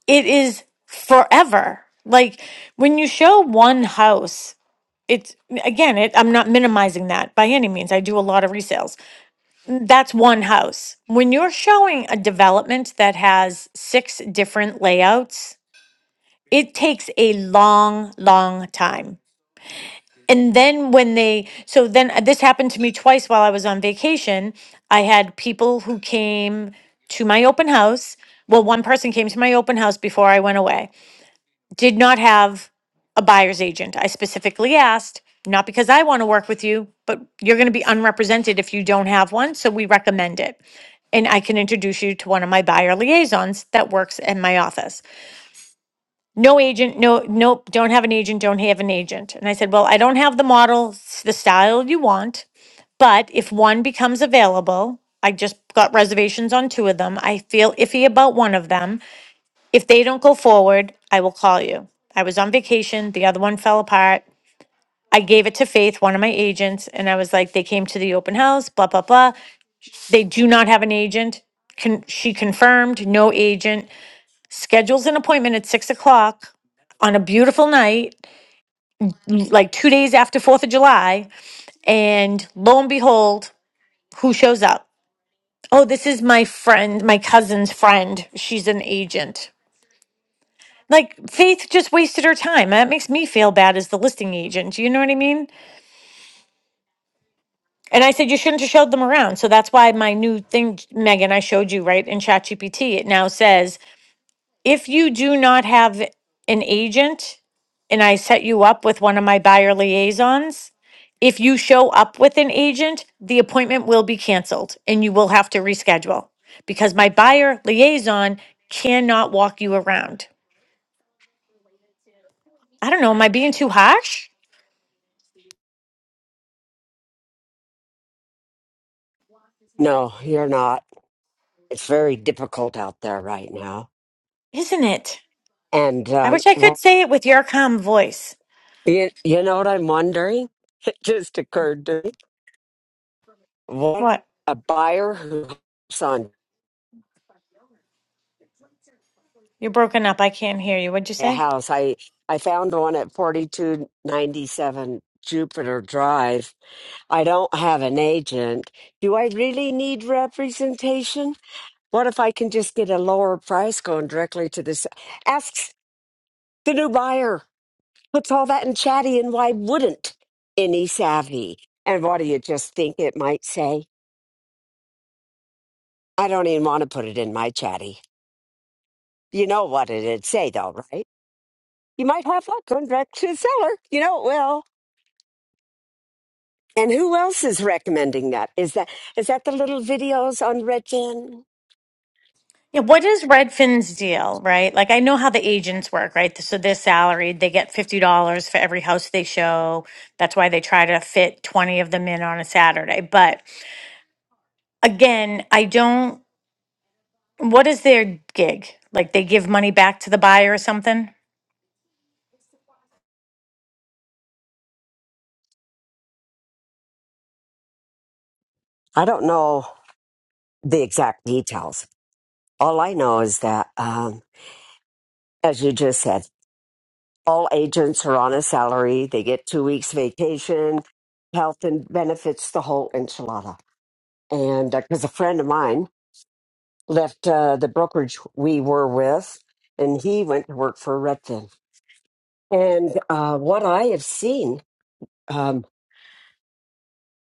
it is forever. Like when you show one house, it's again, it, I'm not minimizing that by any means. I do a lot of resales. That's one house. When you're showing a development that has six different layouts, it takes a long, long time. and then when they so then uh, this happened to me twice while i was on vacation i had people who came to my open house well one person came to my open house before i went away did not have a buyer's agent i specifically asked not because i want to work with you but you're going to be unrepresented if you don't have one so we recommend it and i can introduce you to one of my buyer liaisons that works in my office no agent, no, nope, don't have an agent, don't have an agent. And I said, well, I don't have the model, s- the style you want, but if one becomes available, I just got reservations on two of them. I feel iffy about one of them. If they don't go forward, I will call you. I was on vacation, the other one fell apart. I gave it to Faith, one of my agents, and I was like, they came to the open house, blah, blah, blah. They do not have an agent. Con- she confirmed, no agent schedules an appointment at six o'clock on a beautiful night, like two days after Fourth of July, and lo and behold, who shows up? Oh, this is my friend, my cousin's friend. She's an agent. Like Faith just wasted her time. That makes me feel bad as the listing agent. You know what I mean? And I said you shouldn't have showed them around. So that's why my new thing, Megan, I showed you right in ChatGPT. It now says If you do not have an agent and I set you up with one of my buyer liaisons, if you show up with an agent, the appointment will be canceled and you will have to reschedule because my buyer liaison cannot walk you around. I don't know. Am I being too harsh?
No, you're not. It's very difficult out there right now.
Isn't it?
And
I
um,
wish I could say it with your calm voice.
You, you know what I'm wondering? It just occurred to me. What
What?
a buyer who hops on
You're broken up. I can't hear you. What'd you
a
say?
house. I I found one at 4297 Jupiter Drive. I don't have an agent. Do I really need representation? What if I can just get a lower price going directly to this? Asks the new buyer. Puts all that in chatty, and why wouldn't any savvy? And what do you just think it might say? I don't even want to put it in my chatty. You know what it'd say, though, right? You might have luck going back to the seller. You know it will. And who else is recommending that? Is that is that the little videos on Redfin?
Yeah, what is Redfin's deal, right? Like, I know how the agents work, right? So they're salaried, they get $50 for every house they show. That's why they try to fit 20 of them in on a Saturday. But again, I don't, what is their gig? Like, they give money back to the buyer or something?
I don't know the exact details. All I know is that, um, as you just said, all agents are on a salary. They get two weeks vacation, health and benefits, the whole enchilada. And because a friend of mine left uh, the brokerage we were with, and he went to work for Redfin And uh, what I have seen um,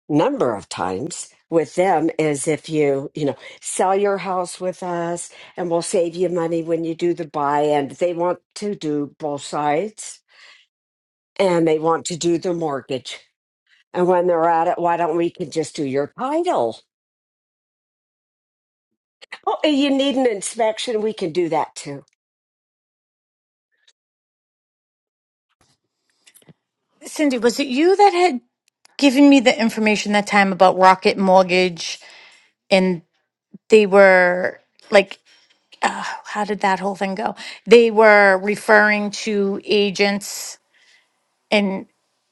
number of times with them is if you, you know, sell your house with us and we'll save you money when you do the buy. And they want to do both sides and they want to do the mortgage. And when they're at it, why don't we can just do your title? Oh, and you need an inspection. We can do that too.
Cindy, was it you that had given me the information that time about Rocket Mortgage and they were like, uh, how did that whole thing go? They were referring to agents and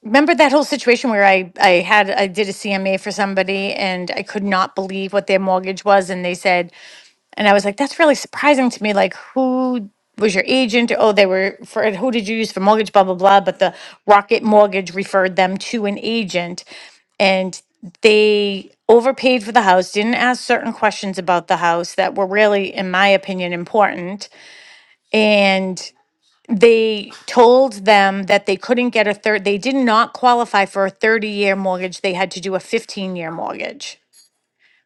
remember that whole situation where I I had I did a CMA for somebody and I could not believe what their mortgage was and they said and I was like that's really surprising to me like who was your agent oh they were for who did you use for mortgage blah blah blah but the Rocket Mortgage referred them to an agent and they overpaid for the house didn't ask certain questions about the house that were really in my opinion important and they told them that they couldn't get a third they did not qualify for a 30 year mortgage they had to do a 15 year mortgage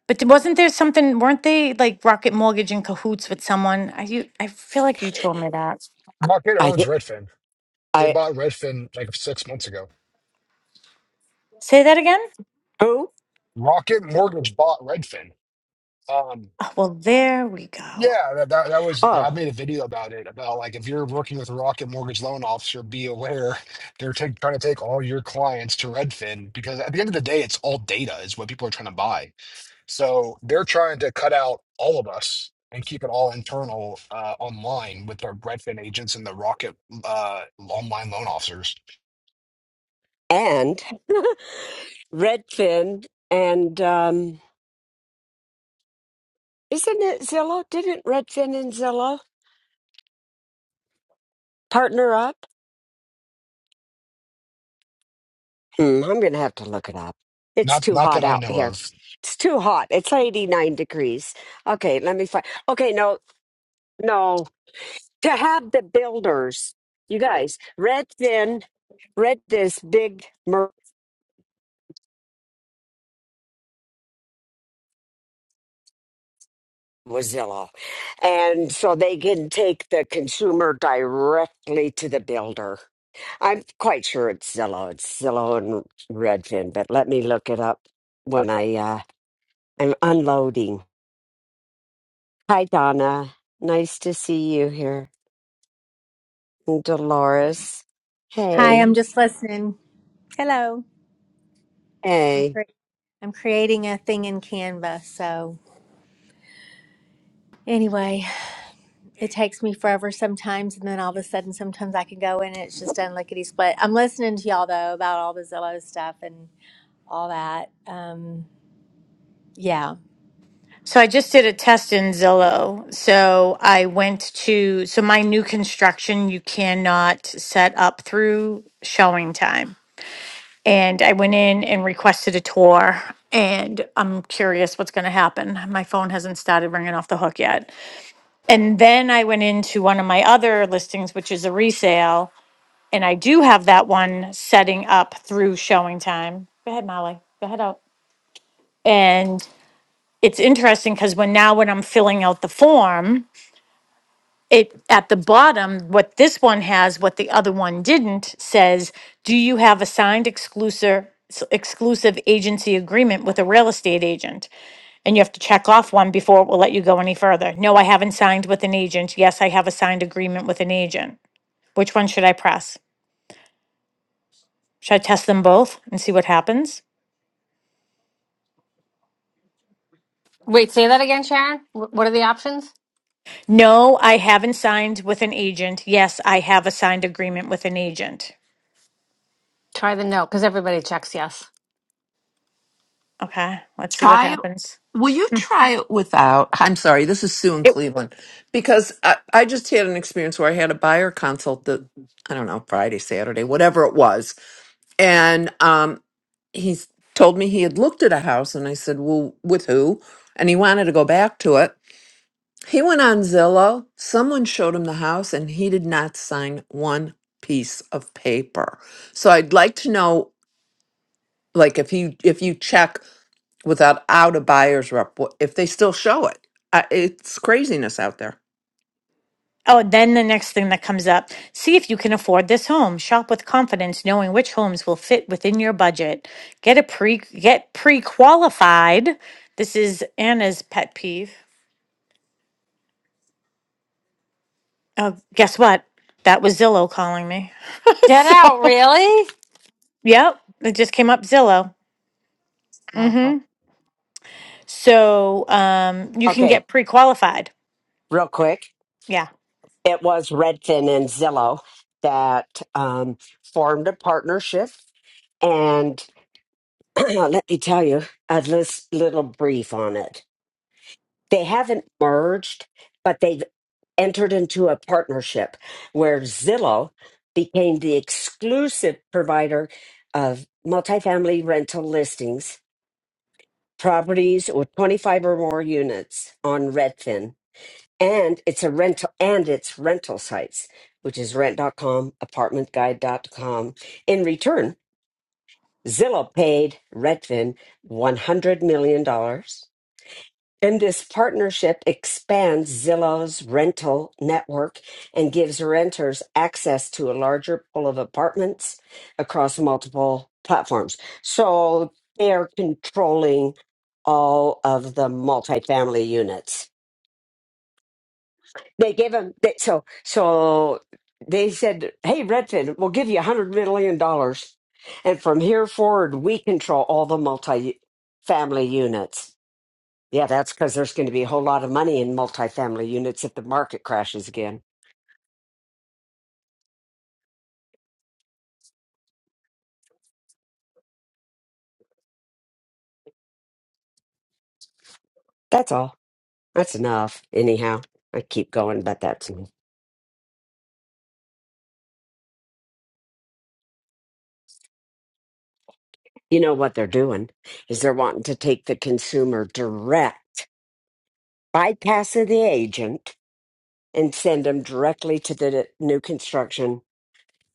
but th- wasn't there something weren't they like rocket mortgage in cahoots with someone i you i feel like you told me that
Rocket
I
owns
thi-
Redfin. They
I
bought Redfin like six months ago.
say that again
oh
Rocket Mortgage bought Redfin. Um,
oh well there we go
yeah, that, that that was. Yeah, I
oh
made a video about it. About like if you're working with a Rocket Mortgage loan officer, be aware they're take, trying to take all your clients to Redfin because at the end of the day, it's all data is what people are trying to buy. So they're trying to cut out all of us and keep it all internal uh, online with their Redfin agents and the Rocket uh, online loan officers.
and Redfin and um, isn't it Zillow? Didn't Redfin and Zillow? Partner up? Hmm, I'm going to have to look it up. It's
Not
too
not that
hot
I
out
know
here.
of.
It's too hot. It's 89 degrees. Okay, let me find. Okay, no, no. To have the builders, you guys, Redfin, read this big mer- was Zillow. And so they can take the consumer directly to the builder. I'm quite sure it's Zillow. It's Zillow and Redfin, but let me look it up when I uh, I'm unloading. Hi, Donna. Nice to see you here. And Dolores.
Hi,
Hey.
I'm just listening. Hello. I'm
Hey.
cre- I'm creating a thing in Canva. So anyway, it takes me forever sometimes, and then all of a sudden, sometimes I can go in and it's just done lickety split. I'm listening to y'all though about all the Zillow stuff and all that. Um, yeah,
so i just did a test in zillow so i went to so my new construction you cannot set up through showing time And I went in and requested a tour, and I'm curious what's going to happen. My phone hasn't started ringing off the hook yet. And then I went into one of my other listings, which is a resale, and I do have that one setting up through showing time. Go ahead, Molly. Go ahead out. And it's interesting because when now when I'm filling out the form, it at the bottom what this one has what the other one didn't says do you have a signed exclusive exclusive agency agreement with a real estate agent and you have to check off one before it will let you go any further no i haven't signed with an agent yes i have a signed agreement with an agent which one should i press should i test them both and see what happens
Wait, say that again, Sharon. Wh- What are the options?
no i haven't signed with an agent yes i have a signed agreement with an agent
Try the no, because everybody checks yes.
okay let's see what
try it.
happens
Will you
Hmm.
try it without? I'm sorry, this is Sue in
It.
Cleveland because I, I just had an experience where I had a buyer consult that I don't know Friday, Saturday, whatever it was, and um, he s- told me he had looked at a house, and I said, "Well, with who?" And he wanted to go back to it. He went on Zillow. Someone showed him the house, and he did not sign one piece of paper. So I'd like to know, like, if you if you check without out a buyer's rep wh- if they still show it. I, it's craziness out there.
Oh, then the next thing that comes up see if you can afford this home. Shop with confidence, knowing which homes will fit within your budget. Get a pre get pre qualified. This is Anna's pet peeve. Oh, guess what? That was Zillow calling me.
Get out,
so,
really?
yep, it just came up Zillow.
Wow.
Mm-hmm. So, um, you can
Okay,
get pre qualified.
real quick.
Yeah.
It was Redfin and Zillow that um, formed a partnership. And let me tell you a lis- little brief on it. They haven't merged, but they've entered into a partnership where Zillow became the exclusive provider of multifamily rental listings properties with 25 or more units on Redfin. And it's a rental and it's rental sites, which is Rent. dot com, apartment guide dot com. In return, Zillow paid Redfin $100 million dollars and this partnership expands Zillow's rental network and gives renters access to a larger pool of apartments across multiple platforms. So they're controlling all of the multifamily units. They gave them they, so so they said, "Hey Redfin, we'll give you a 100 million dollars and from here forward we control all the multifamily units." Yeah, that's because there's going to be a whole lot of money in multifamily units if the market crashes again. That's all. That's enough. Anyhow, I keep going, but that's me. You know what they're doing is they're wanting to take the consumer direct, bypass of the agent, and send them directly to the new construction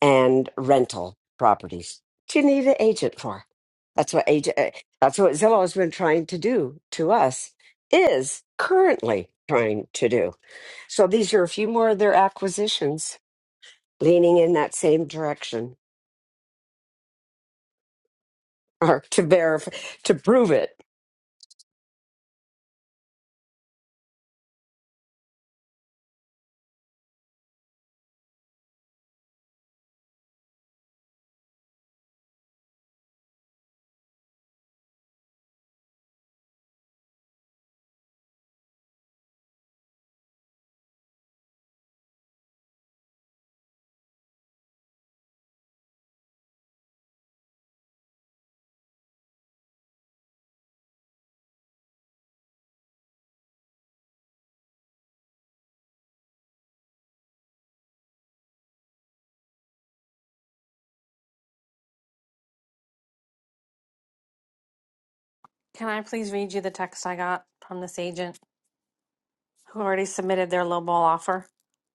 and rental properties. What you need an agent for? That's what agent. eh, That's what Zillow has been trying to do to us. Is currently trying to do. So these are a few more of their acquisitions leaning in that same direction or to verify, to prove it.
Can I please read you the text I got from this agent who already submitted their lowball offer,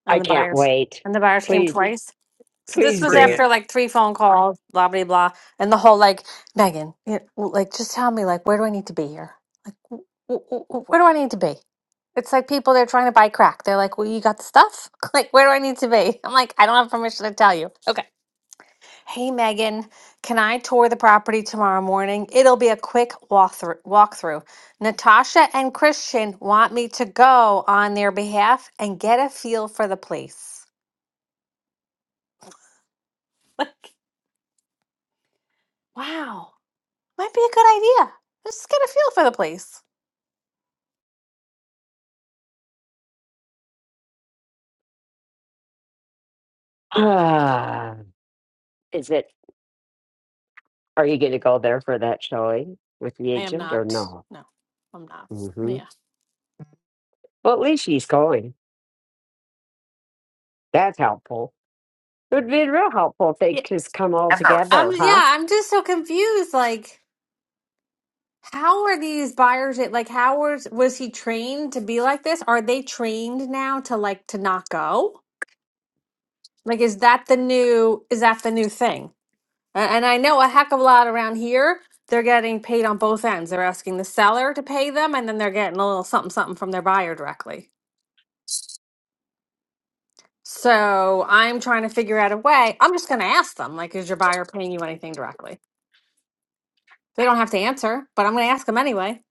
and
I
the
can't
buyers
wait.
and the buyers came
Please,
twice? So this
please
was
Bring
do.
it.
after like three phone calls, blah blah blah, and the whole like Megan, you know, like just tell me like where do I need to be here? Like wh- wh- where do I need to be? It's like people they're trying to buy crack. They're like, well, you got the stuff. like where do I need to be? I'm like, I don't have permission to tell you. Okay. Hey Megan, can I tour the property tomorrow morning? It'll be a quick walkthrough. Walkthrough. Natasha and Christian want me to go on their behalf and get a feel for the place. Wow. Might be a good idea. I'm Just get a feel for the place.
Ah, is it, are you going to go there for that showing with the
I am
agent or
not.
no?
No, I'm not.
hmm
Yeah.
Well, at least she's going. That's helpful. It would be real helpful if they
yeah.
just come all
I'm
together, huh?
yeah, I'm just so confused. Like, how are these buyers like how was was he trained to be like this? Are they trained now to like to not go? Like is that the new is that the new thing? A- And I know a heck of a lot around here, they're getting paid on both ends. They're asking the seller to pay them and then they're getting a little something something from their buyer directly. So I'm trying to figure out a way. I'm just going to ask them, like, is your buyer paying you anything directly? They don't have to answer, but I'm going to ask them anyway.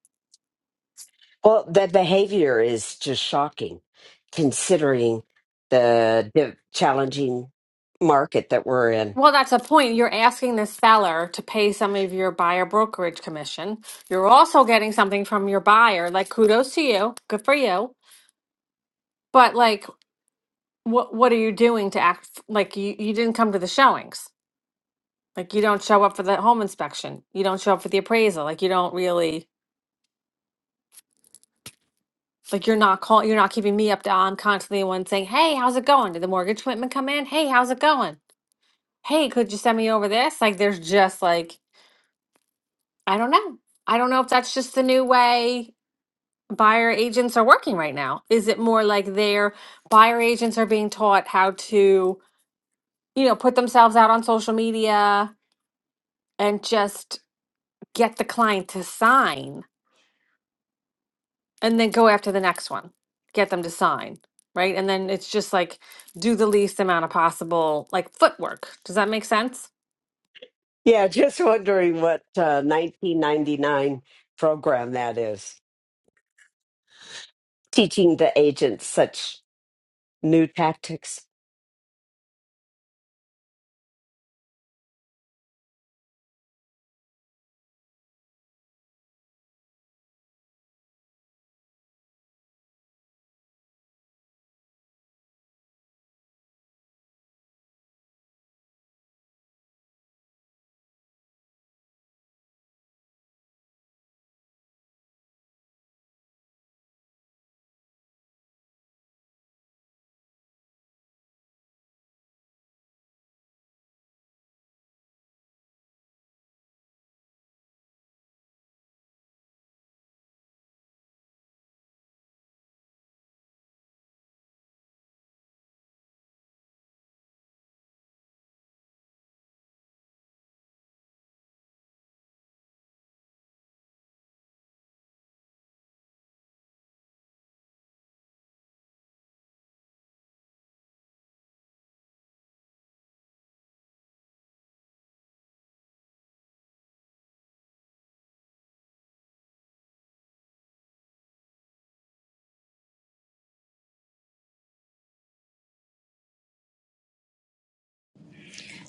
Well, the behavior is just shocking considering the, the challenging market that we're in.
Well, that's a point. You're asking the seller to pay some of your buyer brokerage commission. You're also getting something from your buyer. Like, kudos to you. Good for you. But, like, what what are you doing to act f- like you, you didn't come to the showings? Like, you don't show up for the home inspection. You don't show up for the appraisal. Like, you don't really. like you're not calling, you're not keeping me up to I'm constantly the one saying, "Hey, how's it going? Did the mortgage commitment come in? Hey, how's it going? Hey, could you send me over this?" Like there's just like I don't know. I don't know if that's just the new way buyer agents are working right now. Is it more like their buyer agents are being taught how to, you know, put themselves out on social media and just get the client to sign and then go after the next one get them to sign right and then it's just like do the least amount of possible like footwork does that make sense
Yeah, just wondering what uh, 1999 program that is. Teaching the agents such new tactics.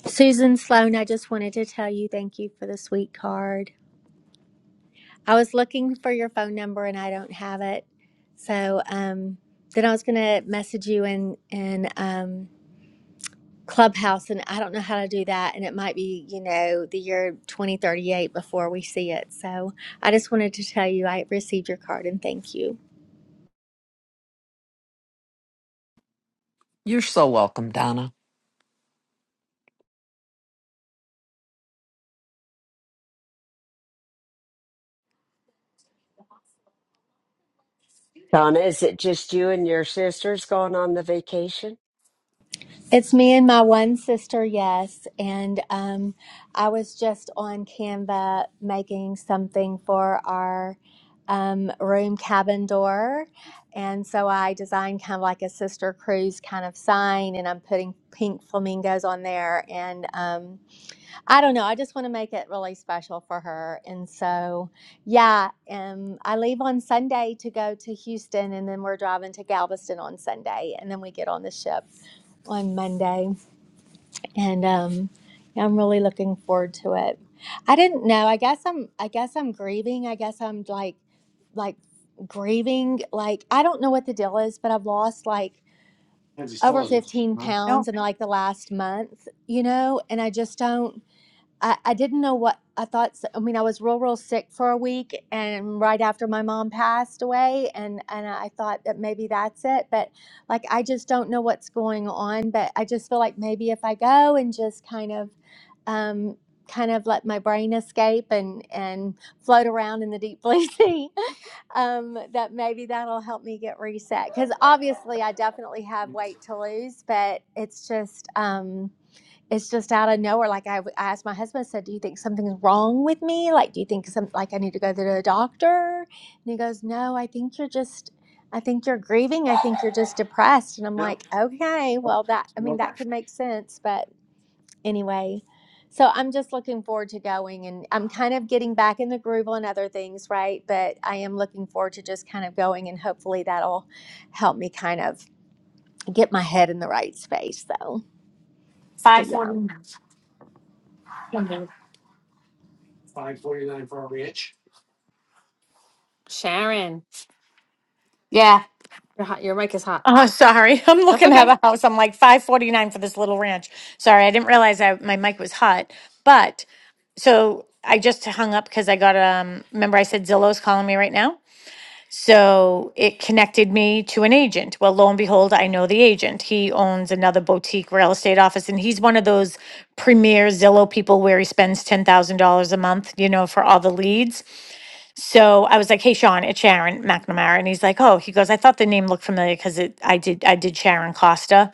Susan Sloan, I just wanted to tell you thank you for the sweet card. I was looking for your phone number and I don't have it, so um, then I was gonna message you and and um. Clubhouse, and I don't know how to do that. And it might be, you know, the year 2038 before we see it. So I just wanted to tell you I received your card and thank you.
You're so welcome, Donna.
Donna, is it just you and your sisters going on the vacation?
It's me and my one sister, yes. And um, I was just on Canva making something for our um, room cabin door. And so I designed kind of like a sister cruise kind of sign, and I'm putting pink flamingos on there. And, um, I don't know. I just want to make it really special for her. And so, yeah, um, I leave on Sunday to go to Houston, and then we're driving to Galveston on Sunday, and then we get on the ship on Monday. And um, yeah, I'm really looking forward to it. I didn't know. I guess I'm. I guess I'm grieving. I guess I'm like, like grieving. Like I don't know what the deal is, but I've lost like over 15
No,
pounds in like the last month, you know, and I just don't. I, I didn't know what I thought. s- I mean, I was real, real sick for a week, and right after my mom passed away, and and I thought that maybe that's it. But like, I just don't know what's going on. But I just feel like maybe if I go and just kind of, um, kind of let my brain escape and and float around in the deep blue sea, um, that maybe that'll help me get reset. Because obviously, I definitely have weight to lose, but it's just, um it's just out of nowhere. Like I I asked my husband, I said, "Do you think something's wrong with me? Like, do you think some like I need to go to the doctor?" And he goes, "No, I think you're just, I think you're grieving. I think you're just depressed." And I'm like, "Okay, well that I mean that could make sense, but anyway." So I'm just looking forward to going, and I'm kind of getting back in the groove on other things, right? But I am looking forward to just kind of going, and hopefully that'll help me kind of get my head in the right space, though.
five
But yeah.
forty.
sharon
Yeah,
you're hot your mic is hot
Oh, sorry. I'm
that's
looking
okay
at a house. I'm like 549 for this little ranch. Sorry, I didn't realize I, my mic was hot. But so I just hung up because I got um remember I said Zillow's calling me right now. So it connected me to an agent. Well, lo and behold, I know the agent. He owns another boutique real estate office and he's one of those premier Zillow people where he spends $10,000 a month, you know, for all the leads. So I was like, "Hey, Sean, it's Sharon McNamara," and he's like, "Oh," he goes, "I thought the name looked familiar because it, I did, I did Sharon Costa,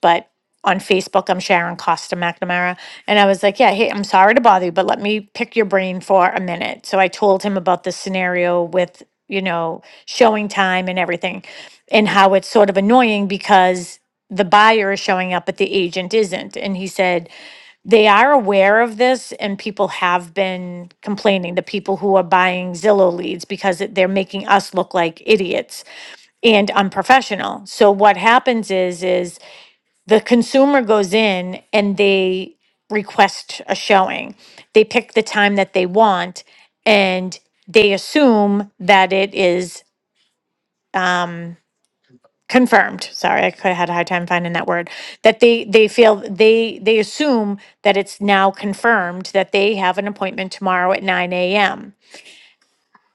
but on Facebook I'm Sharon Costa McNamara." And I was like, "Yeah, hey, I'm sorry to bother you, but let me pick your brain for a minute." So I told him about the scenario with, you know, showing time and everything, and how it's sort of annoying because the buyer is showing up, but the agent isn't. And he said, they are aware of this and people have been complaining the people who are buying zillow leads because it- they're making us look like idiots and unprofessional so what happens is is the consumer goes in and they request a showing they pick the time that they want and they assume that it is um, confirmed sorry i could- had a hard time finding that word that they they feel they they assume that it's now confirmed that they have an appointment tomorrow at 9 a.m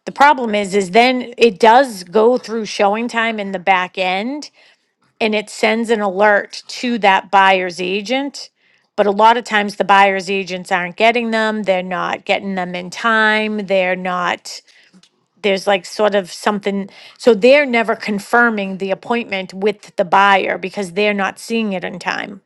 the problem is is then it does go through showing time in the back end and it sends an alert to that buyer's agent but a lot of times the buyer's agents aren't getting them they're not getting them in time they're not there's like sort of something, so they're never confirming the appointment with the buyer because they're not seeing it in time.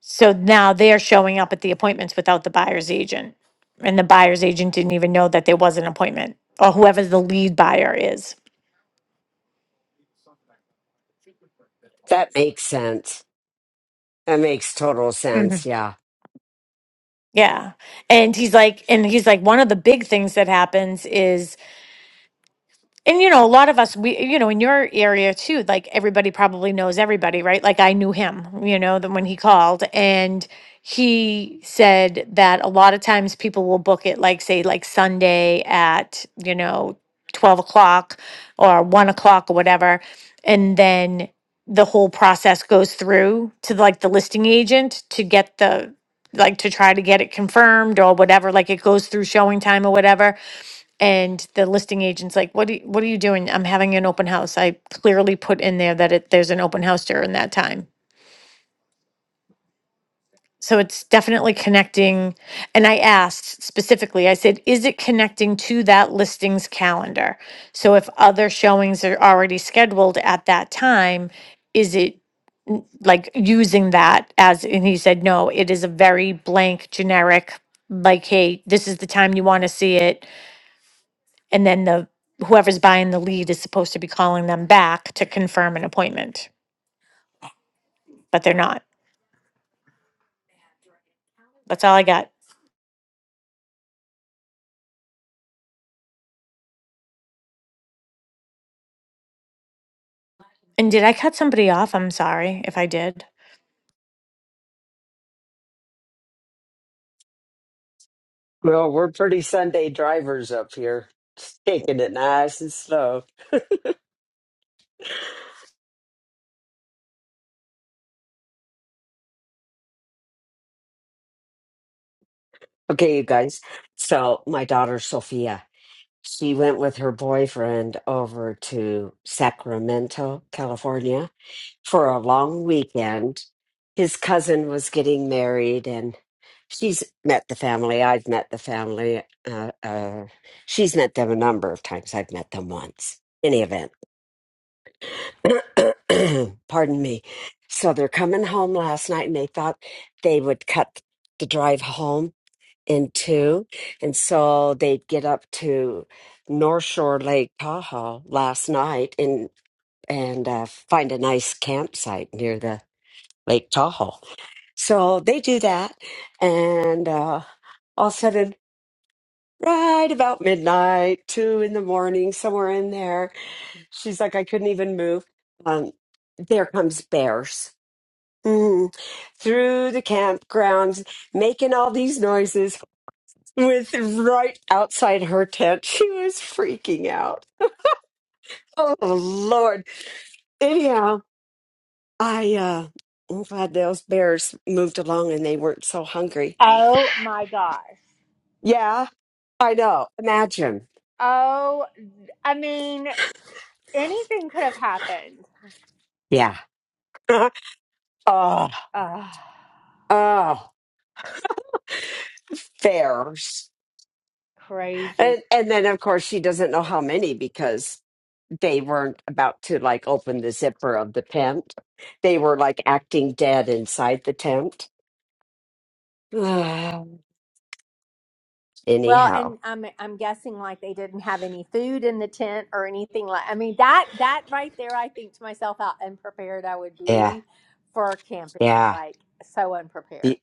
So now they're showing up at the appointments without the buyer's agent. And the buyer's agent didn't even know that there was an appointment or whoever the lead buyer is.
That makes sense. That makes total
Mhm.
sense. Yeah.
Yeah. And he's like, and he's like, one of the big things that happens is and you know a lot of us we you know in your area too like everybody probably knows everybody right like i knew him you know then when he called and he said that a lot of times people will book it like say like sunday at you know 12 o'clock or 1 o'clock or whatever and then the whole process goes through to like the listing agent to get the like to try to get it confirmed or whatever like it goes through showing time or whatever and the listing agent's like, "What do you, what are you doing? I'm having an open house. I clearly put in there that it, there's an open house during that time." So it's definitely connecting. And I asked specifically, I said, "Is it connecting to that listings calendar? So if other showings are already scheduled at that time, is it n- like using that as?" And he said, "No, it is a very blank, generic, like, hey, this is the time you want to see it." And then the whoever's buying the lead is supposed to be calling them back to confirm an appointment, but they're not. That's all I got. And did I cut somebody off? I'm sorry if I did.
Well, we're pretty Sunday drivers up here, Just taking it nice and slow. Okay, you guys. So, my daughter Sophia, she went with her boyfriend over to Sacramento, California for a long weekend. His cousin was getting married, and she's met the family. I've met the family. Uh, uh, she's met them a number of times. I've met them once. any event. Pardon me. So they're coming home last night and they thought they would cut the drive home in two. And so they'd get up to North Shore Lake Tahoe last night and, and uh, find a nice campsite near the Lake Tahoe. So they do that. And uh, all of a sudden, right about midnight, two in the morning, somewhere in there, She's like, I couldn't even move. Um, there comes bears Mhm. through the campgrounds, making all these noises with right outside her tent. She was freaking out. Oh Lord! Anyhow, I uh, I'm glad those bears moved along and they weren't so hungry.
Oh my gosh.
Yeah, I know. Imagine.
Oh, I mean, anything could have happened.
Yeah. oh,
Ugh,
oh, bears.
crazy.
And and then of course she doesn't know how many because they weren't about to like open the zipper of the tent. They were like acting dead inside the tent.
Well,
Anyhow,
and I'm I'm guessing like they didn't have any food in the tent or anything like. I mean that that right there, I think to myself how unprepared I would
yeah,
be for camping.
yeah,
Like so unprepared.
Y-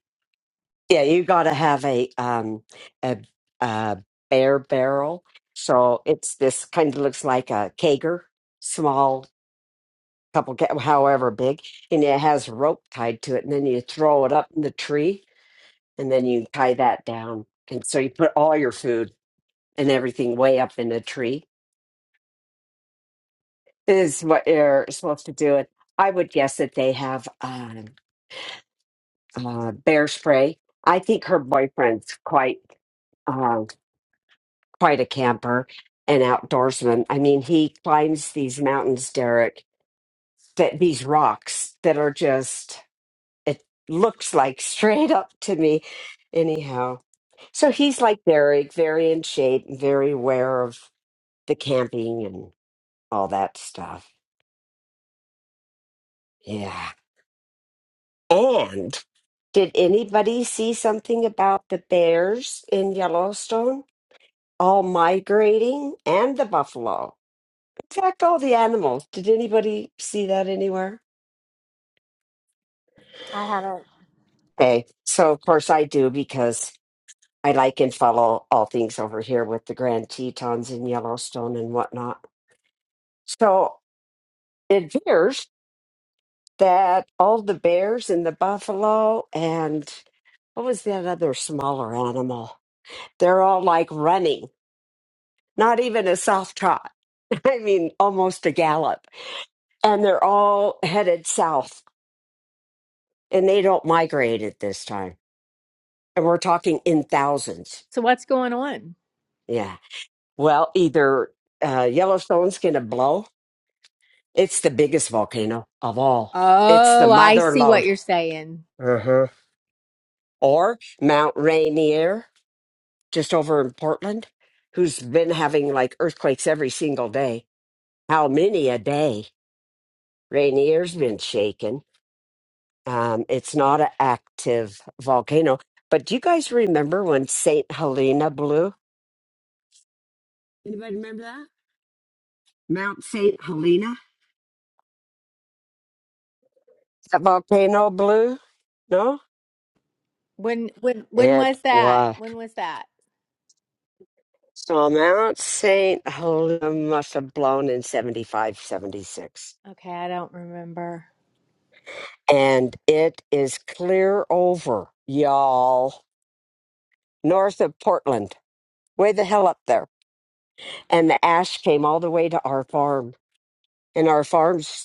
yeah. You got to have a um a, a bear barrel. So it's this kind of looks like a kegger, small, couple ca- however big, and it has rope tied to it, and then you throw it up in the tree, and then you tie that down, and so you put all your food and everything way up in the tree is what you're supposed to do. And I would guess that they have um, uh, bear spray. I think her boyfriend's quite um, quite a camper and outdoorsman. I mean, he climbs these mountains, Derek, that these rocks that are just it looks like straight up to me. Anyhow, so he's like Derek, very in shape, very aware of the camping and all that stuff. Yeah. and. Did anybody see something about the bears in Yellowstone all migrating and the buffalo? In fact, all the animals. Did anybody see that anywhere?
I haven't.
Okay, so of course I do because I like and follow all things over here with the Grand Tetons in Yellowstone and whatnot. So it appears that all the bears and the buffalo and what was that other smaller animal? They're all like running not even a soft trot. I mean, almost a gallop. And they're all headed south and they don't migrate at this time. And we're talking in thousands.
So what's going on?
Yeah. Well, either uh, Yellowstone's going to blow. It's the biggest volcano of all. It's the
Oh, I
mother
see what
lode.
you're saying.
Uh-huh. Or Mount Rainier, just over in Portland, who's been having like earthquakes every single day. How many a day? Rainier's been shaken Um, it's not an active volcano. But do you guys remember when St. Helena blew? Anybody remember that? Mount St. Helena? That volcano blew? No?
When when when
It
was that?
was.
When was that?
So Mount St. Helena must have blown in 75, 76,
Okay, I don't remember.
And it is clear over, y'all, north of Portland, way the hell up there. And the ash came all the way to our farm. And our farm's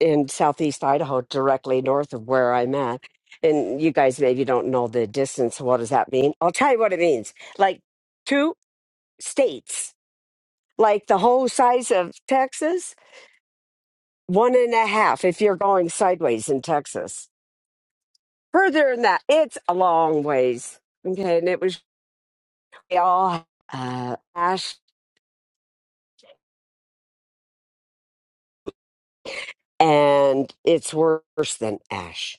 in southeast Idaho, directly north of where I'm at. And you guys maybe don't know the distance. What does that mean? I'll tell you what it means. Like two states, like the whole size of Texas, one and a half if you're going sideways in Texas. Further than that, it's a long ways. Okay. And it was all uh, ash, and it's worse than ash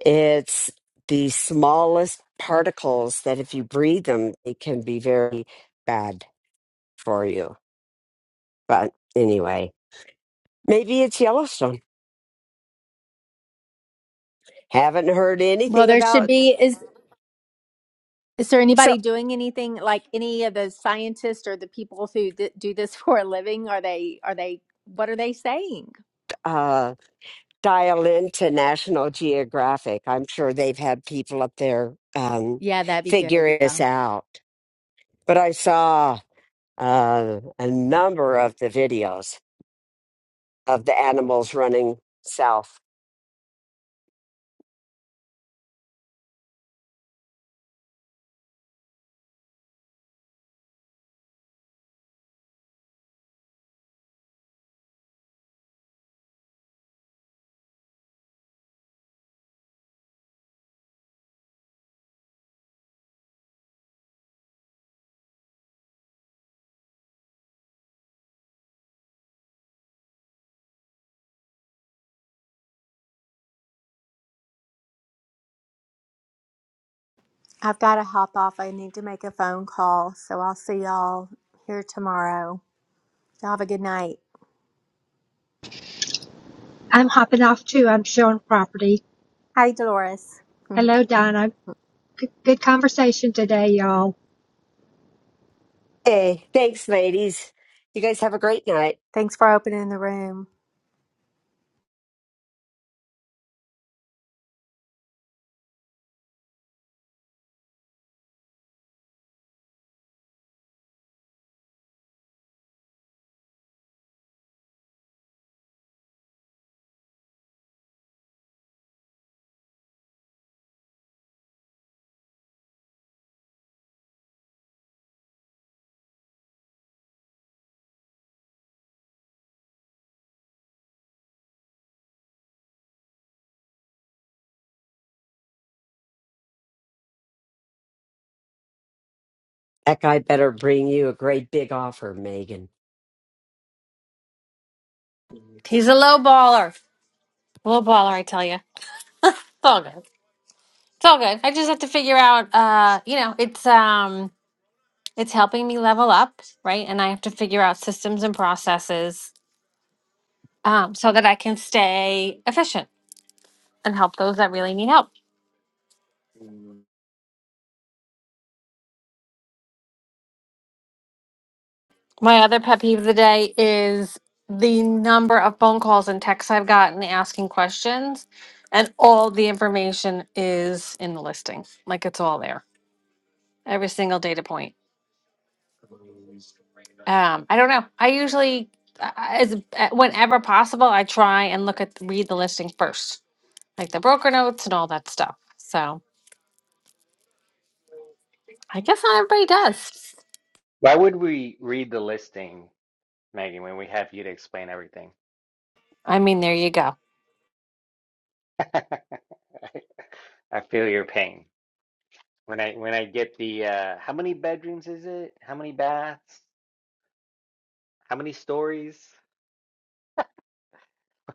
It's the smallest particles that, if you breathe them, it can be very bad for you. But anyway, maybe it's Yellowstone. Haven't heard
Well,
anything
there should
about.
be is is there
So
anybody doing anything like any of the scientists or the people who d- do this for a living? Are they are they what are they saying?
uh, dial into National Geographic. I'm sure they've had people up there um,
Yeah, that'd be good,
figuring this
yeah.
out. But I saw uh, a number of the videos of the animals running south.
I've got to hop off. I need to make a phone call. So I'll see y'all here tomorrow. Y'all have a good night.
I'm hopping off too. I'm showing property.
Hi, Dolores.
Hello, Donna. Good, good conversation today, y'all.
Hey, thanks, ladies. You guys have a great night.
Thanks for opening the room.
That guy better bring you a great big offer, Megan.
he's a low baller low baller i tell you it's all good it's all good i just have to figure out uh you know it's um it's helping me level up right and i have to figure out systems and processes um so that i can stay efficient and help those that really need help My other pet peeve of the day is the number of phone calls and texts I've gotten asking questions, and all the information is in the listing. Like it's all there, every single data point. Um, I don't know. I usually, uh, as uh, whenever possible, I try and look at read the listing first, like the broker notes and all that stuff. So I guess not everybody does.
Why would we read the listing, Megan, when we have you to explain everything?
I mean, there you go.
I feel your pain. When I when I get the uh how many bedrooms is it? How many baths? How many stories?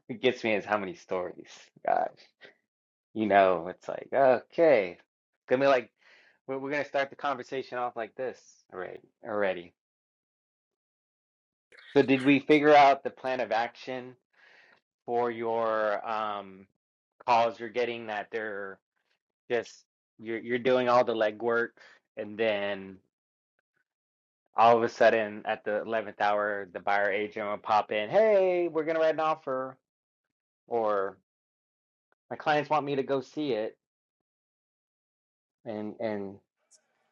It gets me is how many stories. Gosh, you know, it's like, okay. It's gonna be like we're, we're gonna start the conversation off like this already already. So did we figure out the plan of action for your um calls you're getting that they're just you're you're doing all the legwork and then all of a sudden at the 11th hour the buyer agent will pop in, "Hey, we're going to write an offer," or "My clients want me to go see it." And and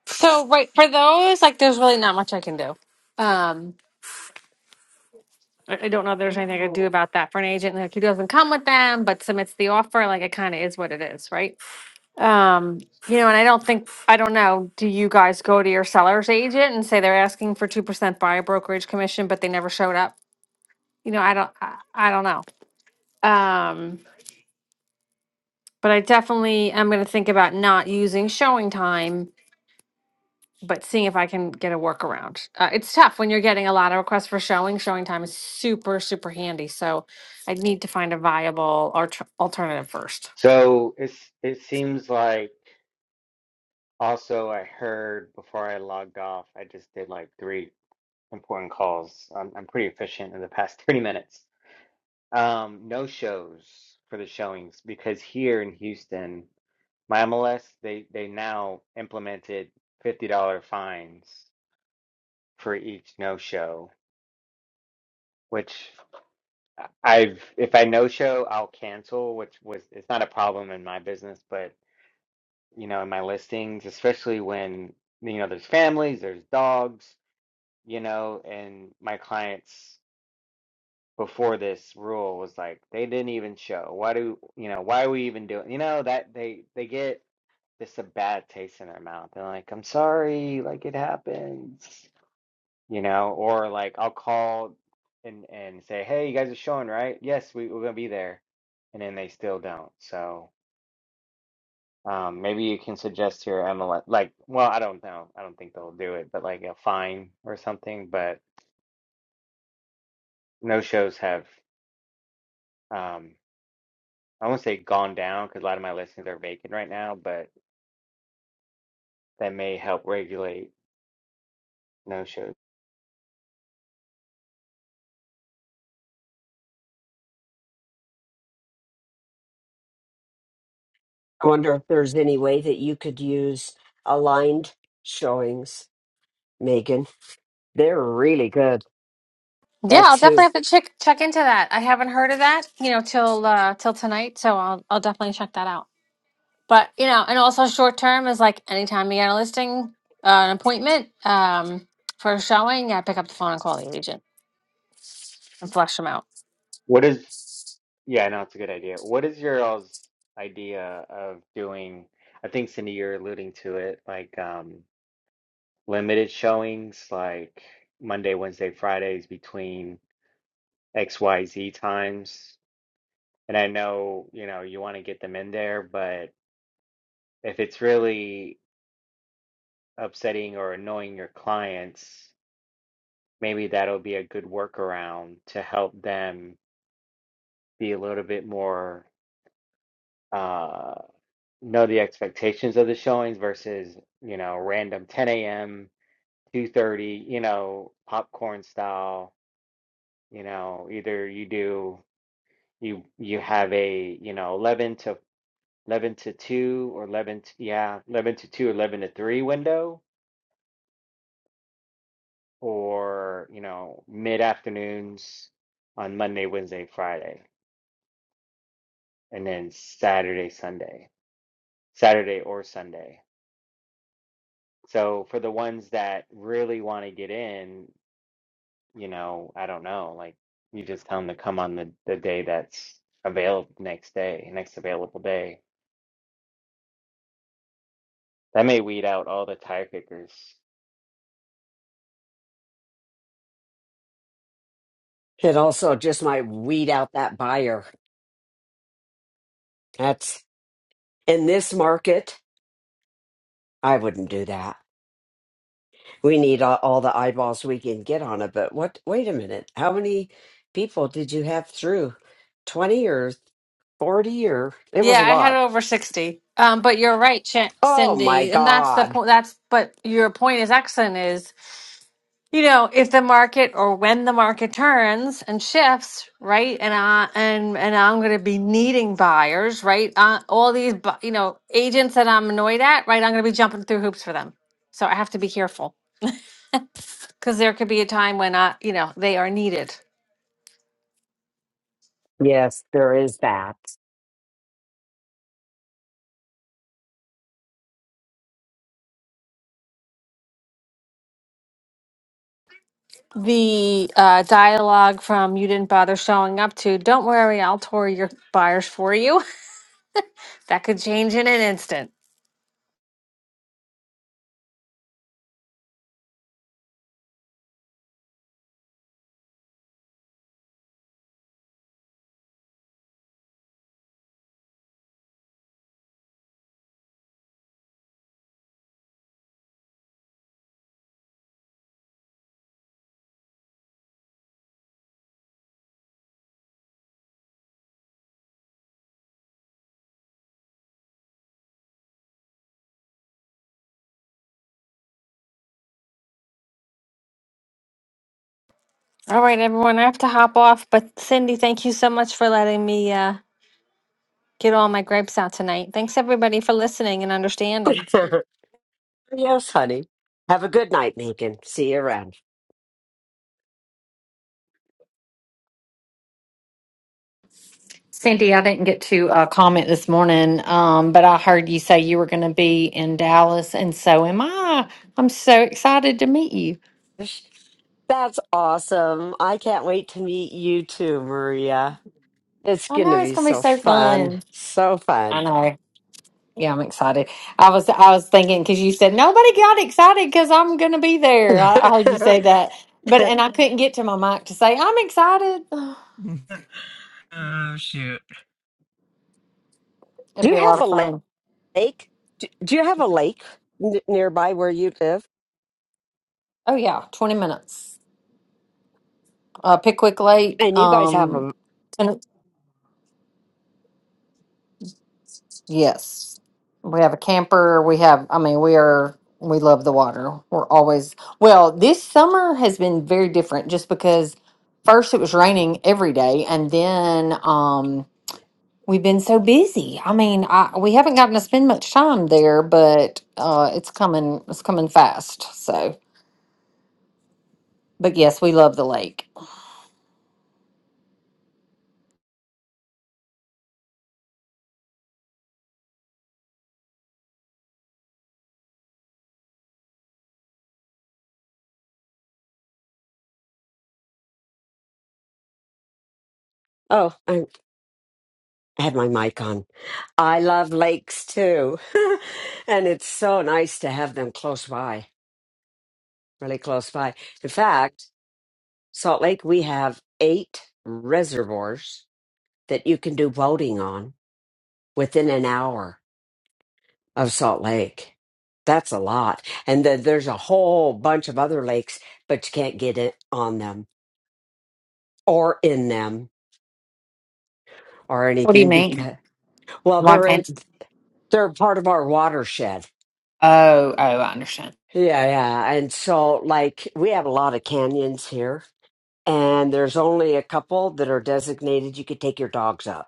So right for those, like, there's really not much I can do. Um, I, I don't know if there's anything I could do about that for an agent, like, he doesn't come with them, but submits the offer, like, it kind of is what it is, right? Um, you know, and I don't think, I don't know, do you guys go to your seller's agent and say they're asking for two percent buyer brokerage commission, but they never showed up? You know, I don't, I, I don't know. Um, but I definitely am gonna think about not using showing time but seeing if I can get a workaround. Uh, it's tough when you're getting a lot of requests for showing. Showing time is super, super handy. So I need to find a viable or alternative first.
so it's it seems like also I heard before I logged off, I just did like three important calls. I'm I'm pretty efficient in the past 30 minutes. Um, no shows for the showings because here in Houston, my MLS, they they now implemented $50 fines for each no show, which I've if I no show, I'll cancel, which was it's not a problem in my business, but you know, in my listings, especially when you know there's families, there's dogs, you know, and my clients. before this rule was like they didn't even show. Why do you know? Why are we even doing? You know that they they get this a bad taste in their mouth. They're like, I'm sorry, like it happens, you know, or like I'll call and and say, hey, you guys are showing, right? Yes, we, we're gonna be there, and then they still don't. So um, maybe you can suggest to your MLS, like, well, I don't know, I don't think they'll do it, but like a fine or something. But no shows have. um I won't say gone down because a lot of my listings are vacant right now, but that may help regulate no shows.
I wonder if there's any way that you could use aligned showings, Megan. They're really good.
Yeah, I'll
That's
definitely
who
have to check check into that. I haven't heard of that, you know, till uh, till tonight. So I'll I'll definitely check that out. but you know and also short term is like anytime you get a listing uh, an appointment um for a showing yeah pick up the phone and call the agent and flush them out
What is, yeah, I know it's a good idea. What is your all's idea of doing? I think Cindy, you're alluding to it, like um, limited showings, like Monday, Wednesday, Fridays between XYZ times. And I know, you know, you want to get them in there, but if it's really upsetting or annoying your clients, maybe that'll be a good workaround to help them be a little bit more uh know the expectations of the showings versus you know random 10 a.m 2:30 you know popcorn style you know either you do you you have a you know 11 to 11 to 2 or 11 to, yeah 11 to 2 11 to 3 window or you know mid afternoons on Monday Wednesday Friday and then Saturday Sunday Saturday or Sunday. So for the ones that really want to get in, you know, I don't know, like you just tell them to come on the, the day that's available next day, next available day. That may weed out all the tire kickers.
it also just might weed out that buyer. That's in this market. I wouldn't do that. We need all, all the eyeballs we can get on it. But what? Wait a minute. How many people did you have through? Twenty or forty or it was
yeah
a
i had
lot.
over 60 um but you're right Ch-
Oh my
cindy and that's the
God.
point that's but your point is excellent is you know if the market or when the market turns and shifts right and i and and i'm going to be needing buyers right uh, all these bu- you know agents that i'm annoyed at right i'm going to be jumping through hoops for them so i have to be careful because there could be a time when i you know they are needed
Yes, there is that.
the uh, dialogue from you didn't bother showing up to don't worry i'll tour your buyers for you That could change in an instant. All right, everyone, I have to hop off, but Cindy, thank you so much for letting me uh, get all my gripes out tonight. Thanks everybody for listening and understanding.
yes, honey. Have a good night, Megan. See you around.
Cindy, I didn't get to uh, comment this morning, um, but I heard you say you were going to be in Dallas, and so am I. I'm so excited to meet you.
That's awesome. I can't wait to meet you too, Maria. It's
I
going to
know it's
be
going to be
so
so
fun.
fun.
So
I
fun.
know. Yeah, I'm excited. I was I was thinking because you said nobody got excited because I'm going to be there.
do
I, I heard you say that, but and I couldn't get to my mic to say I'm excited.
oh shoot.
It'll be
you
a lot
have a
of
la-
fun.
lake? Do do you have a lake n- nearby where you live?
Oh yeah, 20 minutes. Uh, Pickwick Lake,
And you guys have
um,
a.
Yes. We have a camper. We have, I mean, we are, we love the water. We're always, well, this summer has been very different just because first it was raining every day and then um we've been so busy. I mean, I, we haven't gotten to spend much time there, but uh it's coming, it's coming fast. So, but yes, we love the lake.
Oh, I I had my mic on. I love lakes too. and it's so nice to have them close by. really close by. In fact, Salt Lake, we have eight reservoirs that you can do boating on within an hour of Salt Lake. That's a lot. And then there's a whole bunch of other lakes, but you can't get it on them or in them or
What do you
anything
mean?
because, well,
Why
they're in,
can't?
they're part of our watershed.
Oh, oh, I understand.
Yeah, yeah. And so, like, we have a lot of canyons here, and there's only a couple that are designated you could take your dogs up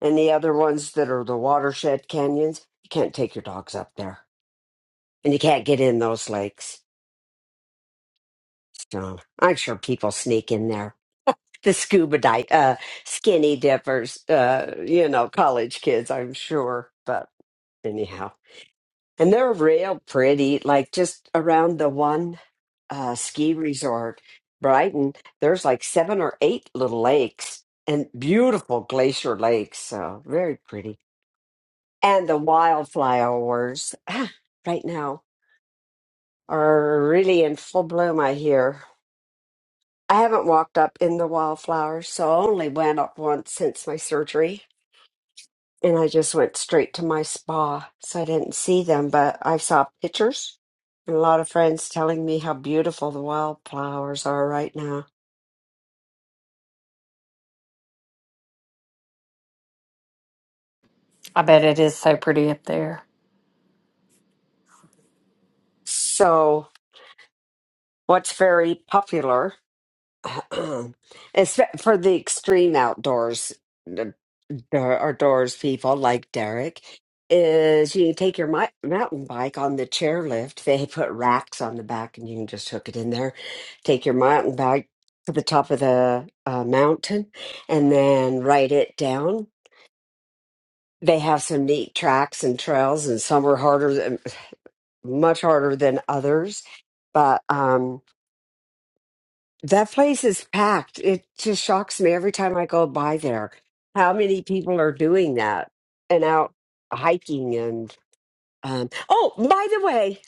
And the other ones that are the watershed canyons, you can't take your dogs up there. And you can't get in those lakes. So I'm sure people sneak in there. The scuba dive, uh, skinny dippers, uh, you know, college kids, I'm sure. But anyhow, and they're real pretty, like just around the one uh, ski resort, Brighton, there's like seven or eight little lakes and beautiful glacier lakes. So very pretty. and the wildflowers ah, right now are really in full bloom, I hear. I haven't walked up in the wildflowers, so I only went up once since my surgery. And I just went straight to my spa, so I didn't see them, but I saw pictures and a lot of friends telling me how beautiful the wildflowers are right now.
I bet it is so pretty up there.
So, what's very popular It's for the extreme outdoors the- the outdoors people like Derek is you take your mi- mountain bike on the chairlift. They put racks on the back and you can just hook it in there. Take your mountain bike to the top of the uh, mountain and then ride it down. They have some neat tracks and trails and some are harder than much harder than others. But um That place is packed. It just shocks me every time I go by there how many people are doing that and out hiking and um oh, by the way,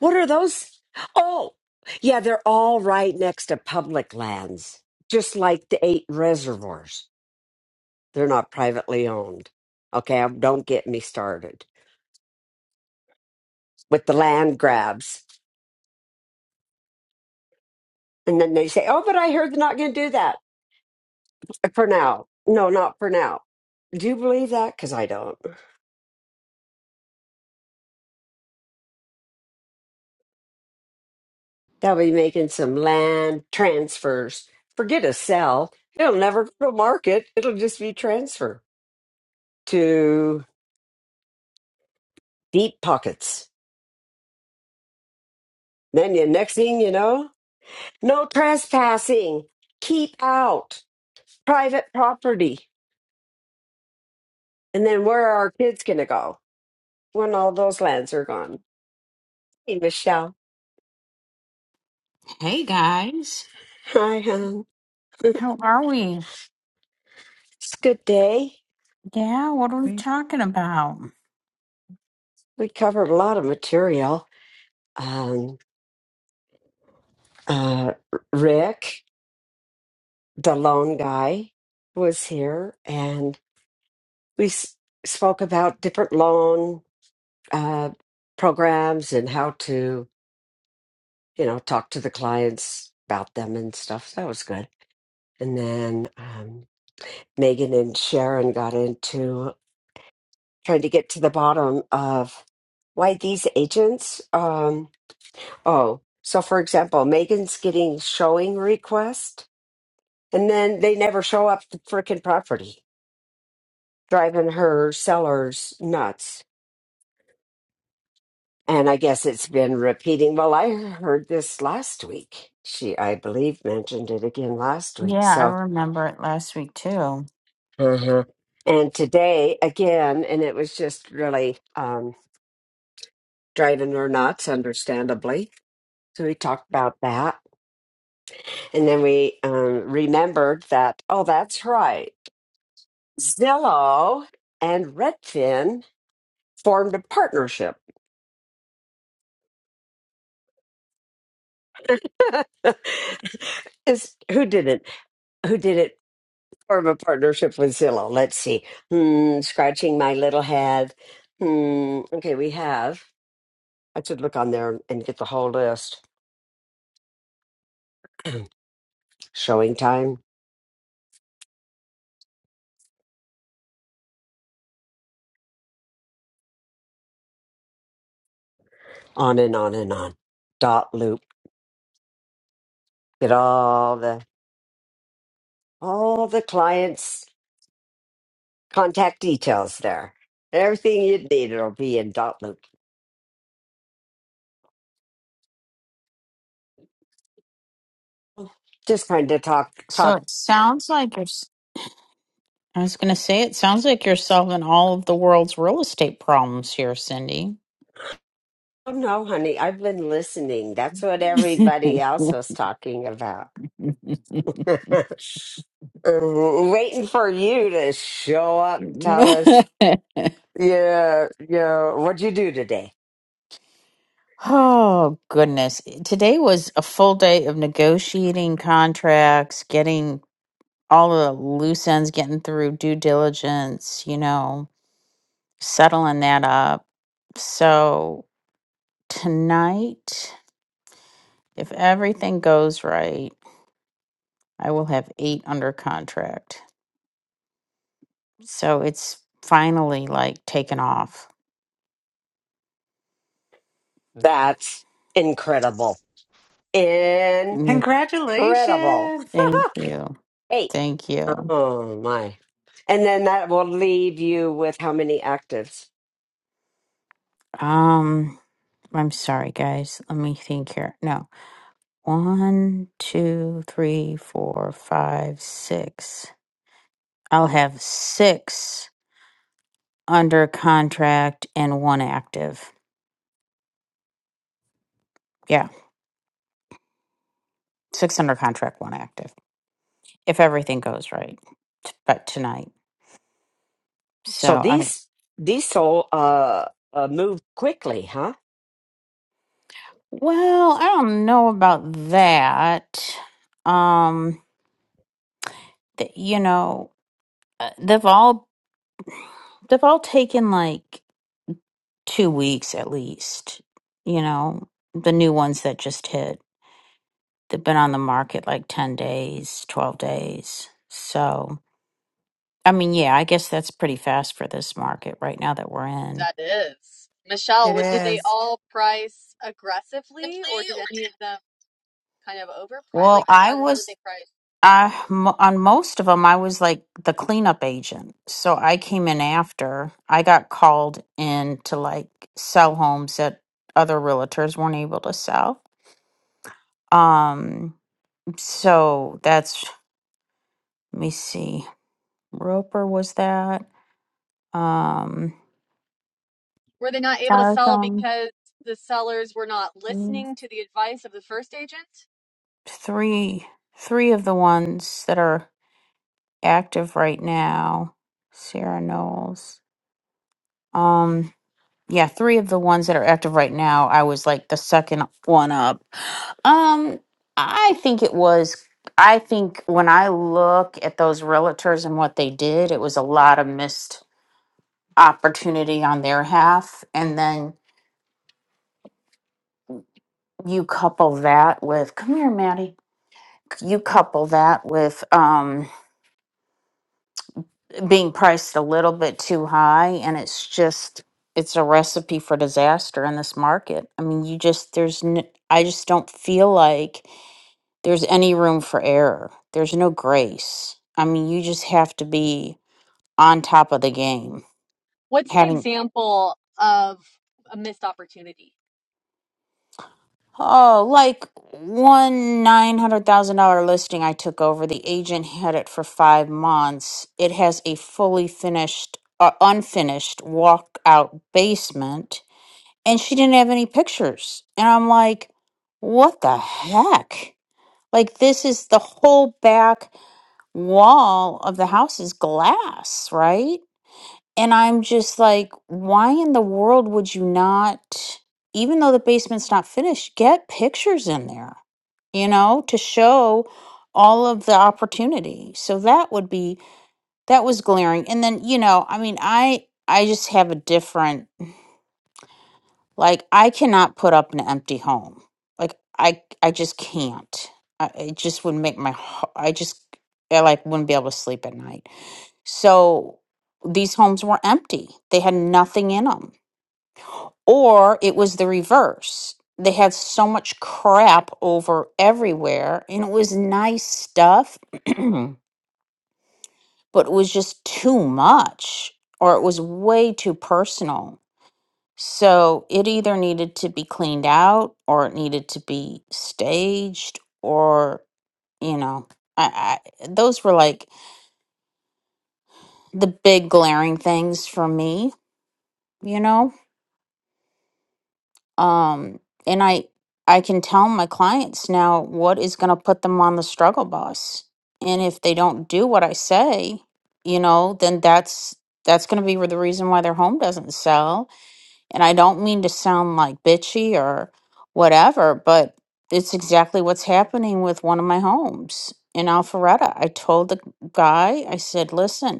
what are those? Oh, yeah, they're all right next to public lands, just like the eight reservoirs. They're not privately owned. Okay, um, don't get me started with the land grabs. And then they say, "Oh, but I heard they're not going to do that for now." No, not for now. Do you believe that? Cuz I don't. They'll be making some land transfers. Forget a sell. It'll never go to market. It'll just be transfer to deep pockets. Then the next thing you know, no trespassing. Keep out private property. And then where are our kids gonna go when all those lands are gone? Hey Michelle.
Hey guys.
Hi hon.
How are we?
It's a good day.
Yeah, what are we
We
talking about?
we covered a lot of material. Um uh Rick. the loan guy was here and we s- spoke about different loan uh, programs and how to you know talk to the clients about them and stuff So that was good and then um, megan and sharon got into trying to get to the bottom of why these agents um, oh so for example megan's getting showing request, and then they never show up the freaking property driving her sellers nuts. And I guess it's been repeating. Well, I heard this last week. She, I believe, mentioned it again last week.
Yeah, I
So,
remember it last week too.
Uh-huh. and today again, and it was just really um, driving her nuts, understandably. So we talked about that. And then we um, remembered that, oh, that's right. Zillow and Redfin formed a partnership. is who did it? Who did it? More of a partnership with Zillow. Let's see. Hmm, scratching my little head. Hmm, okay, we have. I should look on there and get the whole list. Showing time, on and on and on. Dot loop. Get all the all the clients' contact details there. Everything you need it'll be in dot loop. Just kind of talk
So
talk.
it sounds like you're, s- I was going to say, it sounds like you're solving all of the world's real estate problems here, Cindy.
Oh no, honey, I've been listening. That's what everybody else was talking about. Waiting for you to show up and tell us, yeah, yeah, what'd you do today?
oh, goodness. Today was a full day of negotiating contracts, getting all the loose ends, getting through due diligence, you know, settling that up. So. Tonight, if everything goes right, I will have eight under contract. So it's finally like taken off.
That's incredible. Incredible.
Mm,
Congratulations.
Thank you.
Hey,
Thank you.
Oh, my. And then that will leave you with how many actives?
Um, I'm sorry, guys. Let me think here. No. One, two, three, four, five, six. I'll have six under contract and one active. Yeah, six under contract, one active, if everything goes right. T- But tonight. So
So
I
these, these so, uh, uh, move quickly, huh?
well, I don't know about that. Um, th- you know, uh, they've all they've all taken like two weeks at least. You know, the new ones that just hit. They've been on the market like ten days, twelve days. So I mean, yeah, I guess that's pretty fast for this market right now that we're in.
That is. Michelle,
It
would, did they
is.
all price aggressively or did any of them kind of overprice?
Well,
Like,
I
how, did- how did
was
they price?
I mo- on most of them I was like the cleanup agent. So I came in after. I got called in to like sell homes that other realtors weren't able to sell. Um so that's let me see. Roper was that. Um
Were they not able to sell
Marathon.
because the sellers were not
mm,
listening to the advice of the first agent?
Three three of the ones that are active right now. Sarah Knowles. Um, yeah, three of the ones that are active right now, I was like the second one up. Um, I think it was. I think when I look at those realtors and what they did, it was a lot of missed opportunity on their half. And then you couple that with, come here, Maddie. You couple that with um, being priced a little bit too high, and it's just it's a recipe for disaster in this market. I mean, you just there's n- I I just don't feel like there's any room for error. There's no grace. I mean, you just have to be on top of the game.
What's an
Having
example of a missed opportunity?
oh, like one nine hundred thousand dollar listing I took over. The agent had it for five months. It has a fully finished, uh, unfinished walkout basement, and she didn't have any pictures. And I'm like, what the heck? Like this is the whole back wall of the house is glass, right? And I'm just like, why in the world would you not, even though the basement's not finished, get pictures in there, you know, to show all of the opportunity. So that would be, that was glaring. And then, you know, I mean, I, I just have a different, like, I cannot put up an empty home. Like, I, I just can't. I, it just would make my, h- I just, I like wouldn't be able to sleep at night. So these homes were empty. They had nothing in them or it was the reverse. They had so much crap over everywhere, and it was nice stuff, but it was just too much, or it was way too personal. So it either needed to be cleaned out, or it needed to be staged, or, you know, I, I, those were like the big glaring things for me, you know? um and i i can tell my clients now what is going to put them on the struggle bus and if they don't do what i say you know then that's that's going to be the reason why their home doesn't sell and i don't mean to sound like bitchy or whatever but it's exactly what's happening with one of my homes in alpharetta i told the guy i said listen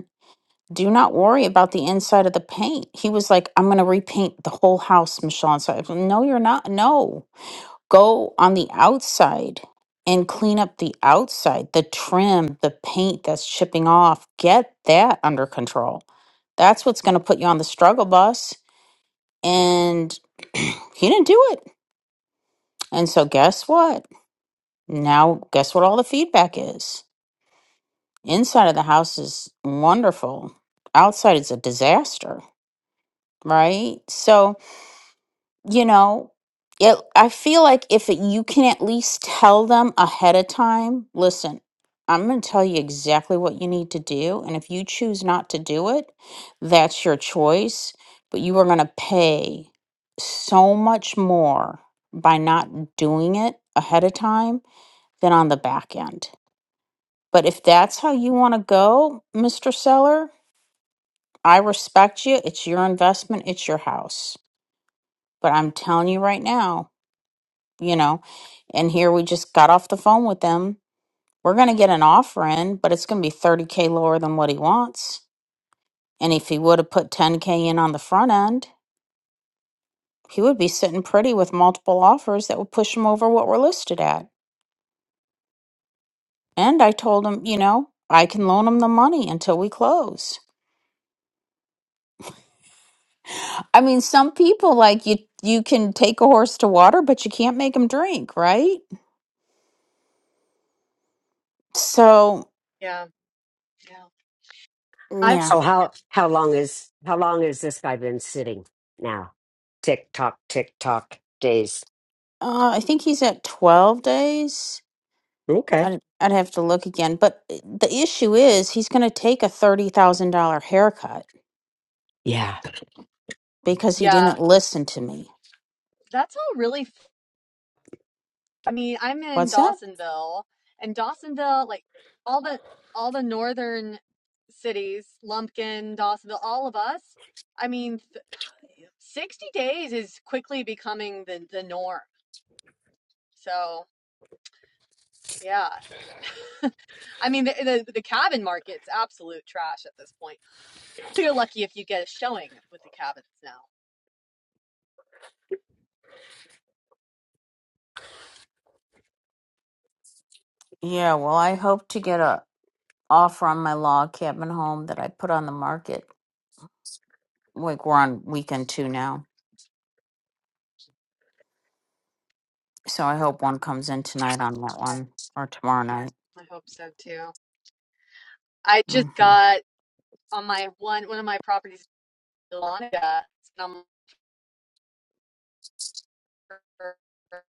do not worry about the inside of the paint. He was like, I'm going to repaint the whole house, Michelle. And so I said, No, you're not. No, go on the outside and clean up the outside, the trim, the paint that's chipping off. Get that under control. That's what's going to put you on the struggle bus. And he didn't do it. And so, guess what? Now, guess what all the feedback is? Inside of the house is wonderful, outside is a disaster, right? So, you know it, i feel like if it, you can at least tell them ahead of time listen i'm going to tell you exactly what you need to do and if you choose not to do it that's your choice but you are going to pay so much more by not doing it ahead of time than on the back end but if that's how you want to go mr seller i respect you it's your investment it's your house but i'm telling you right now you know. And here we just got off the phone with them. We're going to get an offer in, but it's going to be 30K lower than what he wants. And if he would have put 10K in on the front end, he would be sitting pretty with multiple offers that would push him over what we're listed at. And I told him, you know, I can loan him the money until we close. I mean, some people like you you can take a horse to water, but you can't make him drink, right? So,
Yeah. Yeah. I
yeah.
So
yeah.
how, how long is, how long has this guy been sitting now? Tick tock, tick tock days.
Uh, I think he's at 12 days
Okay.
I'd, I'd have to look again. But the issue is he's going to take a $30,000 haircut
Yeah.
because he
Yeah.
didn't listen to me.
That's all really I mean, I'm in
What's that?
Dawsonville, and Dawsonville, like all the all the northern cities, Lumpkin, Dawsonville, all of us. I mean, th 60 days is quickly becoming the the norm. So, yeah. I mean, the the, the cabin market's absolute trash at this point. You're lucky if you get a showing with the cabins now.
Yeah, well, I hope to get a offer on my log cabin home that I put on the market. Like we're on weekend two now. So I hope one comes in tonight on that
I
one or tomorrow night.
I hope so too. I just
Mm-hmm.
got on my one one of my properties, Delonica.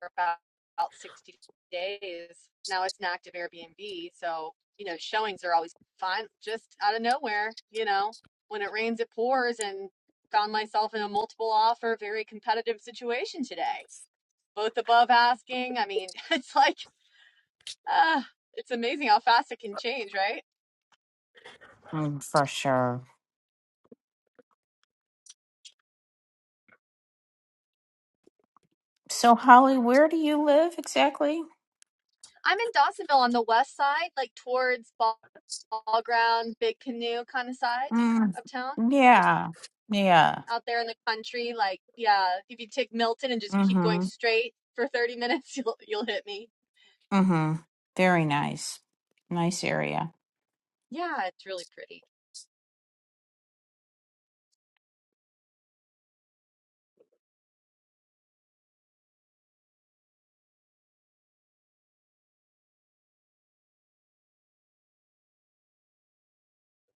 about, about 60 days. Now it's an active Airbnb. So, you know, showings are always fun, just out of nowhere. You know, when it rains, it pours, and found myself in a multiple offer, very competitive situation today. Both above asking. I mean, it's like, uh, it's amazing how fast it can change, right?
Mm, for sure. So, Holly, where do you live exactly?
I'm in Dawsonville on the west side, like towards Ball Ground, Big Canoe kind of side
Mm,
of town.
yeah. Yeah.
out there in the country, like yeah, if you take Milton and just keep
mm-hmm.
going straight for 30 minutes, you'll you'll hit me.
Mm-hmm. Very nice. Nice area.
Yeah, it's really pretty.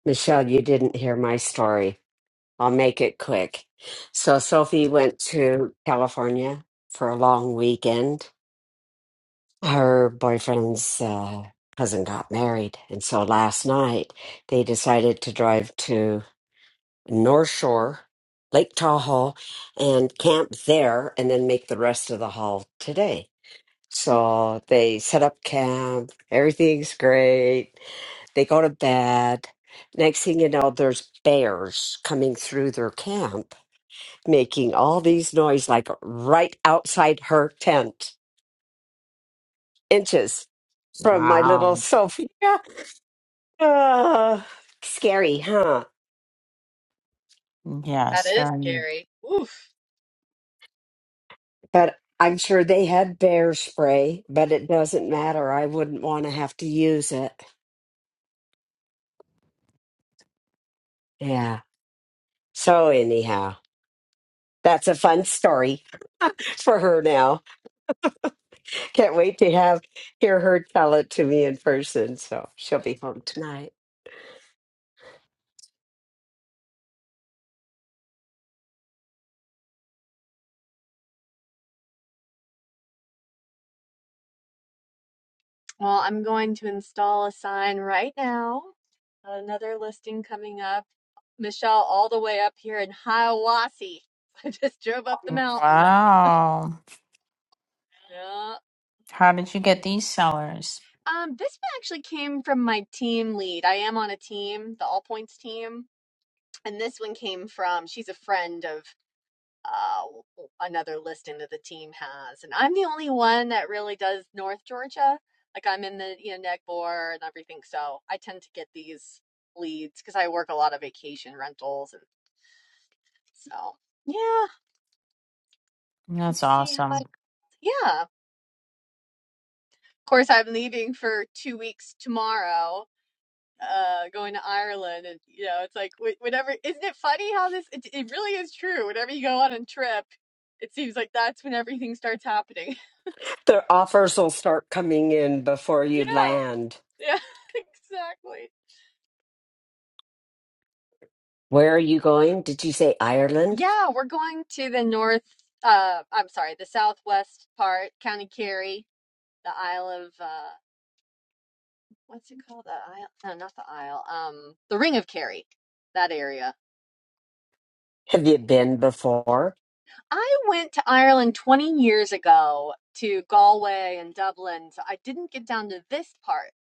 Michelle, you didn't hear my story. I'll make it quick. So, Sophie went to California for a long weekend. Her boyfriend's uh, cousin got married. And so last night, they decided to drive to North Shore, Lake Tahoe, and camp there and then make the rest of the haul today. So they set up camp. Everything's great they go to bed. Next thing you know, there's bears coming through their camp, making all these noise like right outside her tent, inches from my little
Wow.
Sophia. Ah, scary, huh?
That
Yes,
is
very. nice.
scary. Oof.
But I'm sure they had bear spray, but it doesn't matter. I wouldn't want to have to use it. Yeah. So, anyhow, that's a fun story for her now. Can't wait to have hear her tell it to me in person. So she'll be home tonight.
Well, I'm going to install a sign right now. Another listing coming up. Michelle, all the way up here in Hiawassee. I just drove up the mountain.
Wow.
Yeah.
How did you get these sellers?
Um, this one actually came from my team lead. I am on a team, the All Points team. And this one came from, she's a friend of uh, another listing that the team has, and I'm the only one that really does North Georgia. Like I'm in the you know neck bore and everything, so I tend to get these leads because I work a lot of vacation rentals, and so yeah,
That's
let's see how I
awesome.
yeah. Of course, I'm leaving for two weeks tomorrow. Uh, going to Ireland, and you know, it's like wh- whenever. Isn't it funny how this? It, it really is true. Whenever you go on a trip, it seems like that's when everything starts happening.
The offers will start coming in before you
Yeah.
land.
Yeah, exactly.
Where are you going? Did you say Ireland?
Yeah, we're going to the north, uh, I'm sorry, the southwest part, County Kerry, the Isle of, uh, what's it called? The Isle, no, not the Isle, um, the Ring of Kerry, that area.
Have you been before?
I went to Ireland 20 years ago to Galway and Dublin, so I didn't get down to this part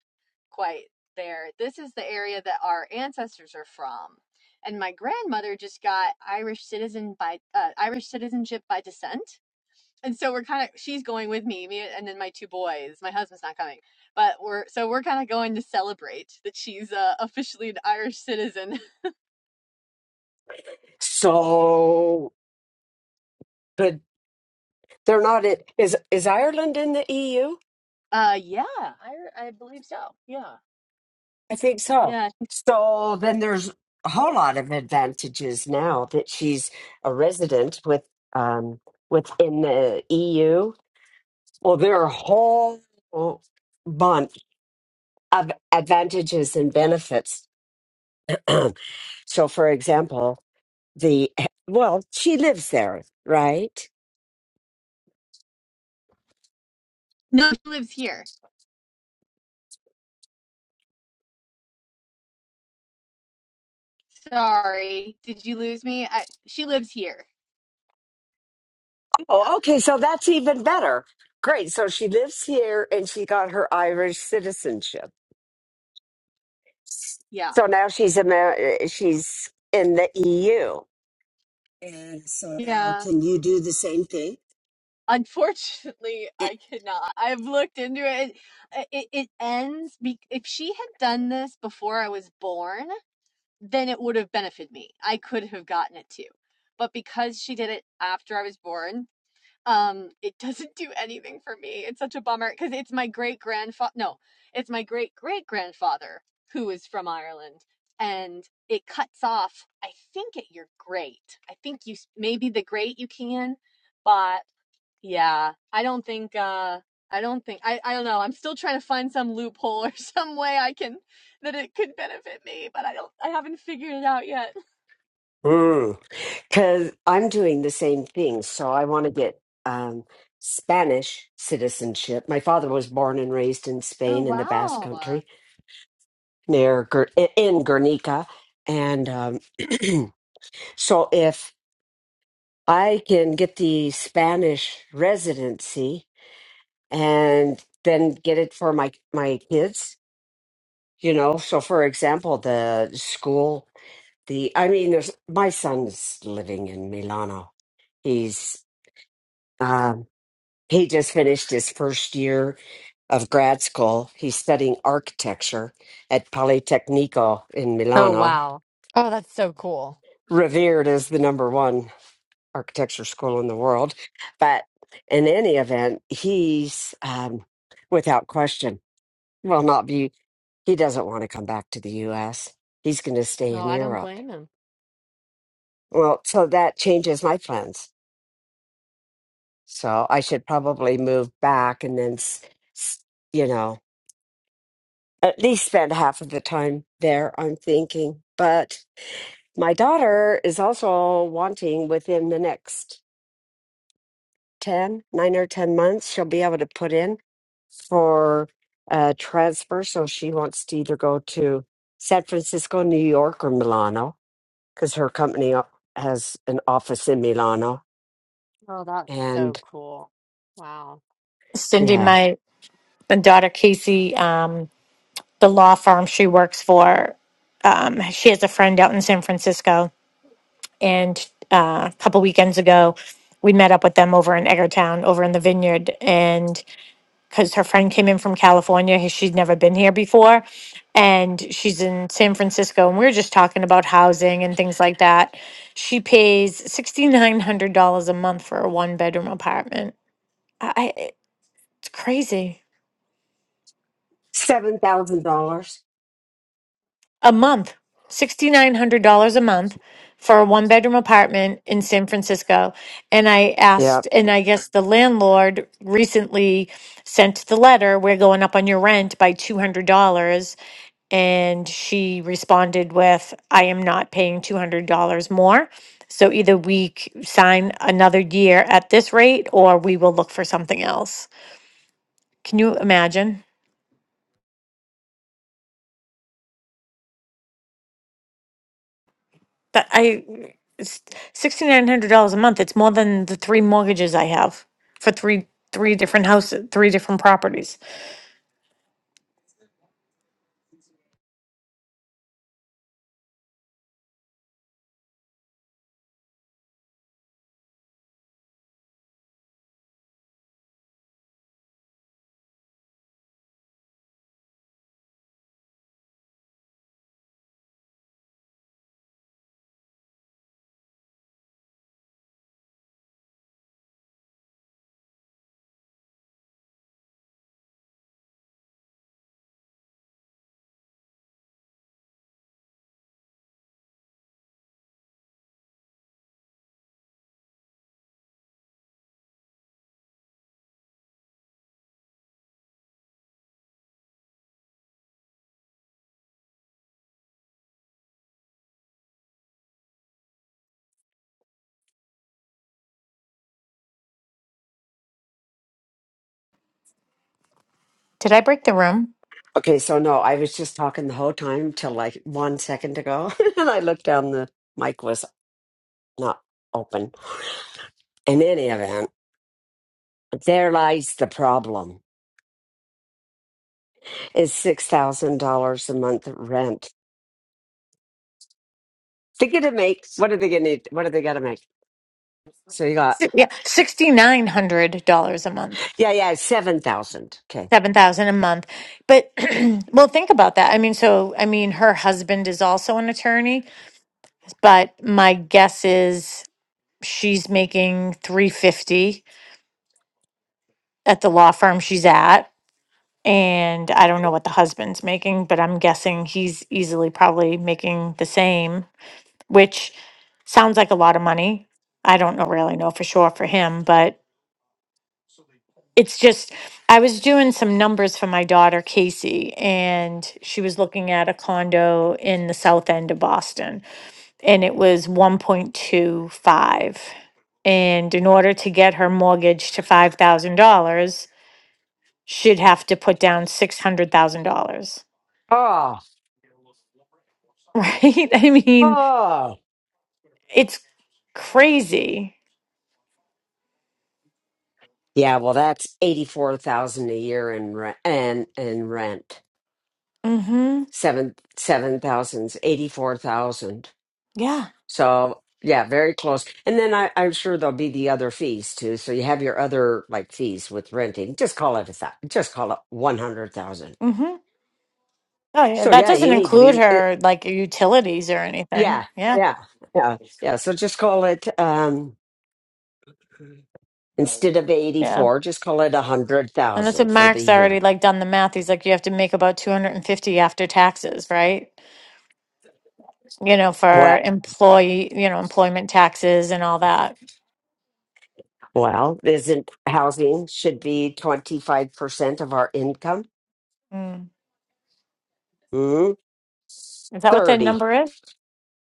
quite there. This is the area that our ancestors are from. And my grandmother just got Irish citizen by uh, Irish citizenship by descent and so we're kind of she's going with me, me and then my two boys. My husband's not coming, but we're so we're kind of going to celebrate that she's uh, officially an Irish citizen.
So good. They're not in, is is Ireland in the EU?
Uh, yeah, I I believe so. Yeah,
I think so.
Yeah,
So then there's a whole lot of advantages now that she's a resident with um within the EU. Well, there are a whole bunch of advantages and benefits. so for example, the well, she lives there, right?
no, she lives here. Sorry, did you lose me? I, she lives here. Yeah,
Oh, okay, so that's even better. Great. So she lives here and she got her Irish citizenship.
yeah,
So now she's Amer- uh, she's in the EU. And so now,
yeah.
can you do the same thing?
Unfortunately,
Eh,
I cannot. I've looked into it. It it, it ends. Be- if she had done this before I was born. then it would have benefited me. I could have gotten it too. But because she did it after I was born, um, it doesn't do anything for me. It's such a bummer because it's my great grandfather. No, it's my great great grandfather who is from Ireland, and it cuts off. I think at your great. I think you maybe the great you can, but yeah, I don't think uh I don't think I I don't know. I'm still trying to find some loophole or some way I can that it could benefit me, but I don't I haven't figured it out yet.
Because I'm doing the same thing. So I want to get um, Spanish citizenship. My father was born and raised in
Oh
Spain in the Basque
wow.
Country near Ger- in Guernica. And um, so if I can get the Spanish residency and then get it for my, my kids You know, so for example, the school, the I mean, there's my son's living in Milano. He's um, he just finished his first year of grad school. He's studying architecture at Politecnico in
Oh,
Milano,
wow. Oh, that's so cool.
revered as the number one architecture school in the world. But in any event, he's um, without question will not be. He doesn't want to come back to the U.S. He's going to stay
Oh,
in
I don't
Europe
blame him.
Well, so that changes my plans. So I should probably move back and then, s- s- you know, at least spend half of the time there, I'm thinking. But my daughter is also wanting within the next ten, nine or 10 months, she'll be able to put in for a transfer. So she wants to either go to San Francisco, New York, or Milano because her company o- has an office in Milano.
Oh, that's so
And
cool. Wow.
Cindy,
yeah.
my my daughter Casey, um, the law firm she works for, um, she has a friend out in San Francisco, and uh, a couple weekends ago, we met up with them over in Eggertown, over in the vineyard, and. because her friend came in from California. h- She'd never been here before. And she's in San Francisco. And we were just talking about housing and things like that. She pays $6,900 a month for a one bedroom apartment. I, I- it's crazy.
Seven thousand dollars.
A month, $6,900 a month for a one bedroom apartment in San Francisco. And I
Yeah.
asked, and I guess the landlord recently sent the letter, we're going up on your rent by $200 And she responded with, I am not paying $200 more. So either we c- sign another year at this rate or we will look for something else. Can you imagine? That I, it's $6,900 a month. It's more than the three mortgages I have for three, three different houses, three different properties. Did I break the room?
Okay, so no, I was just talking the whole time till like one second ago, and I looked down. The mic was not open. In any event, there lies the problem. Is six thousand dollars a month rent? They get to make. What are they gonna? What are they gonna make? So you got
Si- Yeah, $6,900 a month.
yeah, yeah, seven thousand. Okay.
seven thousand a month. But well, think about that. I mean, so I mean, her husband is also an attorney, but my guess is she's making three fifty at the law firm she's at, and I don't know what the husband's making, but I'm guessing he's easily probably making the same, which sounds like a lot of money. I don't know really know for sure for him, but. It's just I was doing some numbers for my daughter, Casey, and she was looking at a condo in the south end of Boston, and it was 1.25. And in order to get her mortgage to $5,000, she'd have to put down $600,000.
Oh,
Right? I mean,
oh,
it's crazy.
yeah. Well, that's eighty four thousand a year in rent and in rent.
Mm-hmm.
seven seven thousands, eighty four thousand.
Yeah.
So yeah, very close. And then I, I'm sure there'll be the other fees too. So you have your other like fees with renting. Just call it a thou- just call it one hundred thousand.
Mm-hmm. Oh, yeah.
So
That
yeah,
doesn't
you need to
include
be it,
her like utilities or
yeah
anything. Yeah.
yeah yeah yeah. So just call it um instead of eighty
Yeah.
four, just call it a hundred
And that's what
thousand for the
Mark's already
year.
like done the math. He's like, you have to make about 250 after taxes, right? You know,
Well,
for employee, you know, employment taxes and all that.
Well, isn't housing should be twenty five percent of our income?
Mm.
Hmm?
Is that what the
30
number is?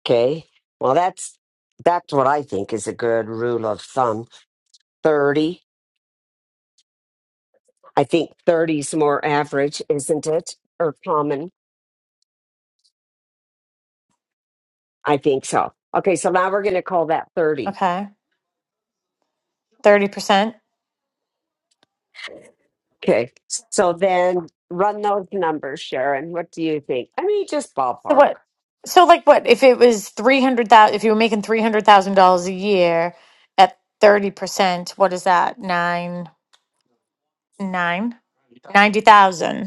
Okay. Well, that's that's what I think is a good rule of thumb. 30. I think 30 is more average, isn't it? Or common. I think so. Okay, so now we're going to call that 30.
Okay. 30%.
Okay. So then run those numbers, Sharon. What do you think? I mean, just
So
ballpark.
what? So like what if it was 300,000 if you were making $300,000 a year at 30%, what is that? 9 nine, ninety thousand.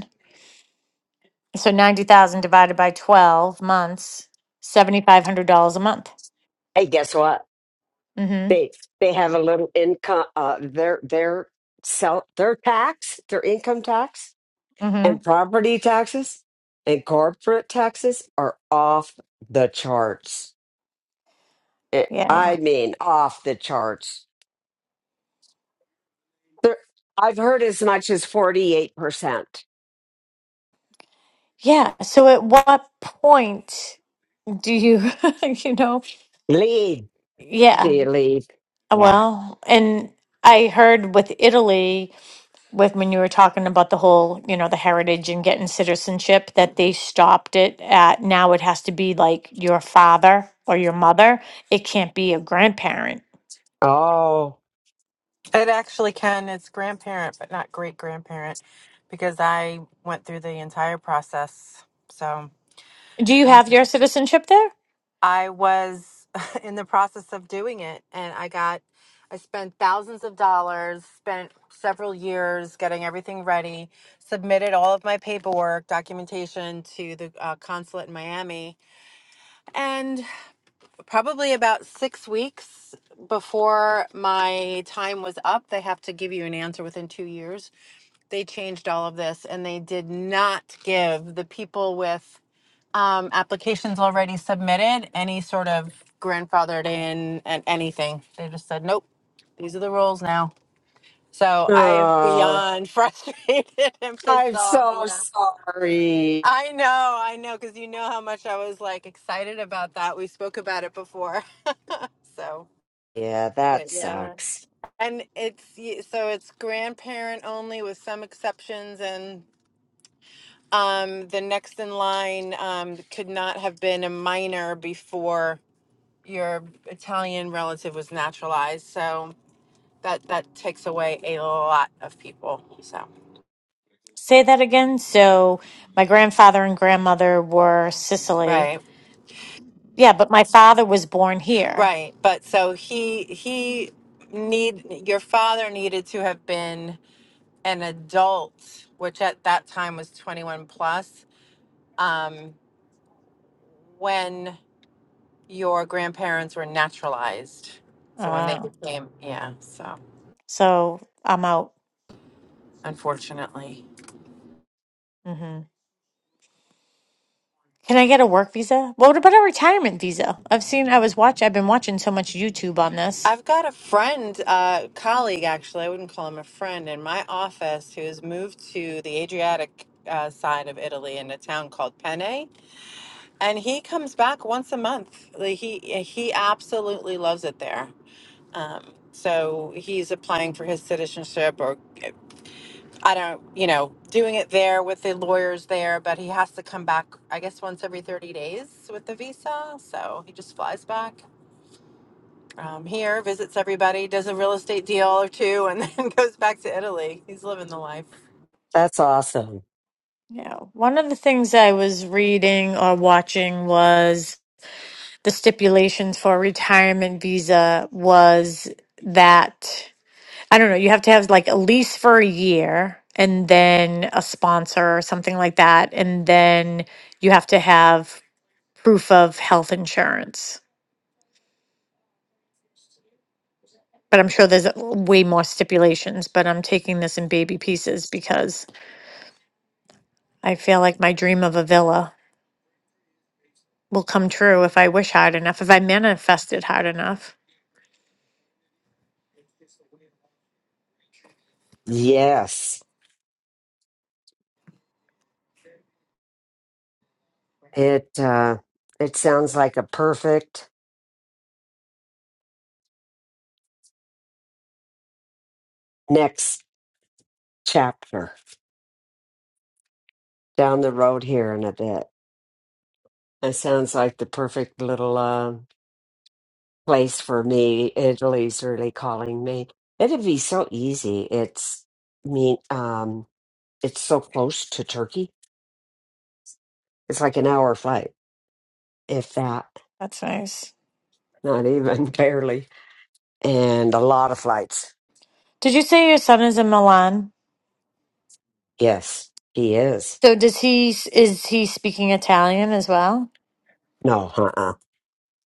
So 90,000 divided by 12 months, $7,500 a month.
Hey, guess what?
Mhm.
They they have a little income uh their their sell their tax, their income tax And property taxes and corporate taxes are off the charts. It- I
Yeah.
mean, off the charts. There, I've heard as much as 48%.
Yeah. So at what point do you, you know,
Lead,
yeah.
see, lead. Yeah.
Well, and I heard with Italy, with when you were talking about the whole, you know, the heritage and getting citizenship, that they stopped it at now it has to be like your father or your mother. It can't be a grandparent.
Oh,
It actually can. It's grandparent, but not great grandparent, because I went through the entire process. So
Do you
Um,
have your citizenship there?
I was in the process of doing it, and I got, I spent thousands of dollars, spent several years getting everything ready, submitted all of my paperwork, documentation to the uh, consulate in Miami, probably about six weeks before my time was up. They have to give you an answer within two years. They changed all of this and they did not give the people with um, applications already submitted any sort of grandfathered in and anything. They just said, nope, these are the rules now. So I am
oh,
beyond frustrated and pissed
I'm
off.
so
Yeah.
sorry.
I know, I know, because you know how much I was like excited about that. We spoke about it before. So.
Yeah, that
But yeah, that's
sucks.
and it's y- so it's grandparent only with some exceptions, and um, the next in line um could not have been a minor before your Italian relative was naturalized. So that that takes away a lot of people. So
Say that again. So my grandfather and grandmother were Sicily.
right,
Yeah, but my father was born here.
right. But so he he need your father needed to have been an adult, which at that time was twenty one plus. Um, when your grandparents were naturalized. So when they
Uh,
became, yeah, so
so I'm out.
unfortunately.
Mm-hmm. Can I get a work visa? Well, What about a retirement visa? I've seen, I was watch, I've been watching so much YouTube on this.
I've got a friend, uh, colleague actually, I wouldn't call him a friend, in my office who's moved to the Adriatic uh, side of Italy in a town called Penne. And he comes back once a month. Like, He, he absolutely loves it there. Um, so he's applying for his citizenship or I don't, you know, doing it there with the lawyers there, but he has to come back, I guess, once every 30 days with the visa. So he just flies back um, here, visits everybody, does a real estate deal or two, and then goes back to Italy. He's living the life.
That's awesome.
Yeah. One of the things I was reading or watching was the stipulations for a retirement visa was that, I don't know, you have to have like a lease for a year and then a sponsor or something like that. And then you have to have proof of health insurance. But I'm sure there's way more stipulations, but I'm taking this in baby pieces because I feel like my dream of a villa will come true if I wish hard enough, if I manifest it hard enough.
Yes. It, uh, it sounds like a perfect next chapter down the road here in a bit. It sounds like the perfect little uh, place for me. Italy's really calling me. It'd be so easy. It's me. Um, it's so close to Turkey. It's like an hour flight, if that.
That's nice.
Not even barely. And a lot of flights.
Did you say your son is in Milan?
Yes, he is.
So does he is he speaking Italian as well?
No, uh-uh.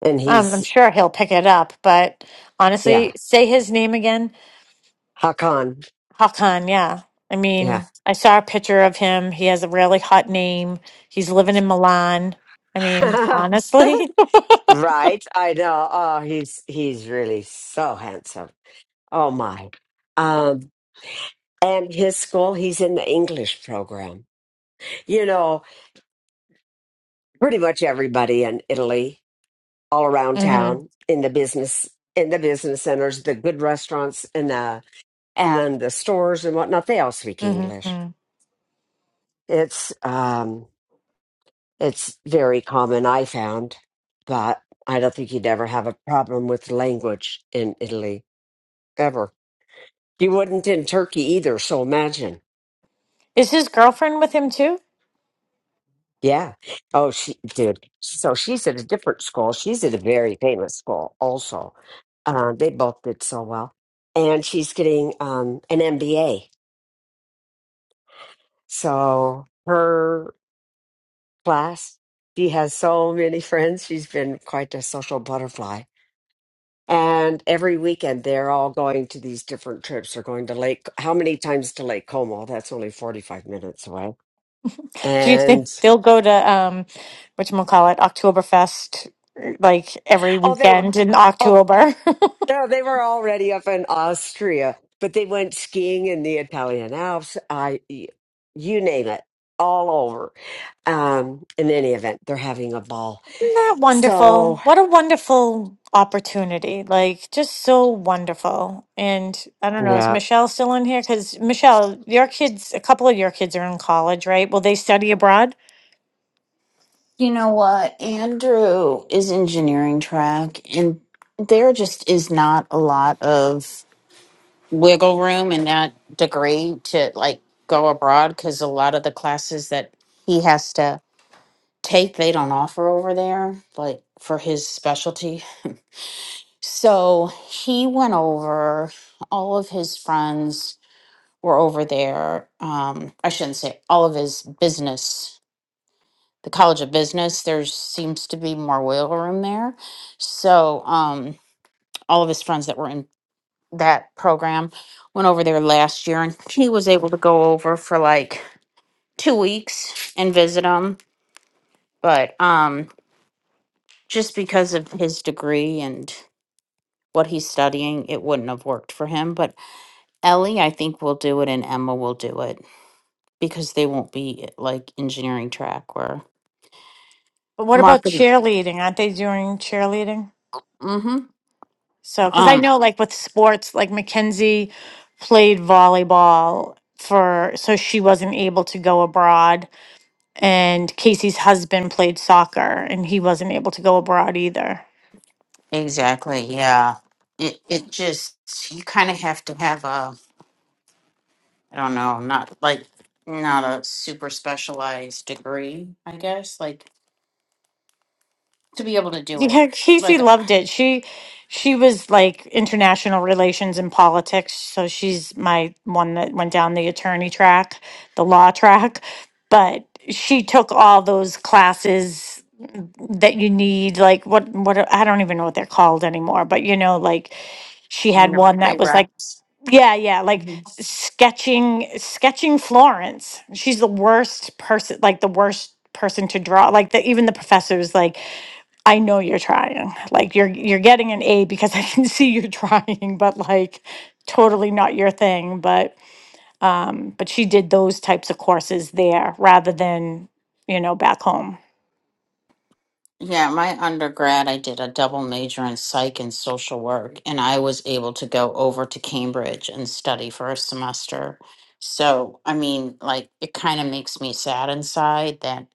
And
Um, I'm
he's
sure he'll pick it up, but
yeah,
honestly, say his name again.
Hakan.
Hakan, yeah. I
Yeah.
mean, I saw a picture of him. He has a really hot name. He's living in Milan. I mean, honestly.
right. I know. Oh, he's he's really so handsome. Oh my. Um, And his school, he's in the English program. You know, pretty much everybody in Italy, all around
hmm
town, in the business, in the business centers, the good restaurants, and the and the stores and whatnot, they all speak English.
hmm
It's um, it's very common, I found, but I don't think you'd ever have a problem with language in Italy ever. You wouldn't in Turkey either, so imagine.
Is his girlfriend with him too?
Yeah. Oh, she, dude. So she's at a different school. She's at a very famous school also. Uh, they both did so well. And she's getting um, an MBA. So her class, she has so many friends. She's been quite a social butterfly. And every weekend, they're all going to these different trips. They're going to Lake, how many times to Lake Como? That's only 45 minutes away.
Do you think
And,
they'll go to um whatchamacallit, Oktoberfest like every
oh, they were.
weekend in October?
No, they were already up in Austria, but they went skiing in the Italian Alps. I, y- you name it, all over. Um, in any event, they're having a ball.
Isn't that
So,
wonderful? What a wonderful opportunity. Like, just so wonderful. And I don't know, is
yeah,
Michelle still in here? Because, Michelle, your kids, a couple of your kids are in college, right? Will they study abroad?
You know what? Andrew is engineering track, and there just is not a lot of wiggle room in that degree to like go abroad because a lot of the classes that he has to take, they don't offer over there, like for his specialty. So he went over, all of his friends were over there. Um, I shouldn't say all of his business, the College of Business, there seems to be more wiggle room there. So um, all of his friends that were in that program went over there last year and he was able to go over for like two weeks and visit them. But um, just because of his degree and what he's studying, it wouldn't have worked for him. But Ellie, I think, will do it, and Emma will do it because they won't be like engineering track or
But what about
marketing.
cheerleading? Aren't they doing cheerleading?
Mm-hmm.
So, because I
Um,
know, like with sports, like Mackenzie played volleyball for, so she wasn't able to go abroad. And Casey's husband played soccer and he wasn't able to go abroad either.
exactly. Yeah. It it just you kind of have to have a I don't know, not like not a super specialized degree, I guess, like to be able to do it,
Yeah, Casey
like
loved it. She she was like international relations and politics, so she's my one that went down the attorney track, the law track, but she took all those classes that you need like what what are- I don't even know what they're called anymore, but you know like she had one that
pre
was like
reps.
yeah, yeah, like s- sketching sketching Florence. She's the worst person like the worst person to draw. Like the, even the professors like I know you're trying. Like you're you're getting an A because I can see you're trying, but like totally not your thing. But um, but she did those types of courses there rather than, you know, back home.
Yeah, my undergrad, I did a double major in psych and social work, and I was able to go over to Cambridge and study for a semester. So, I mean, like, it kind of makes me sad inside that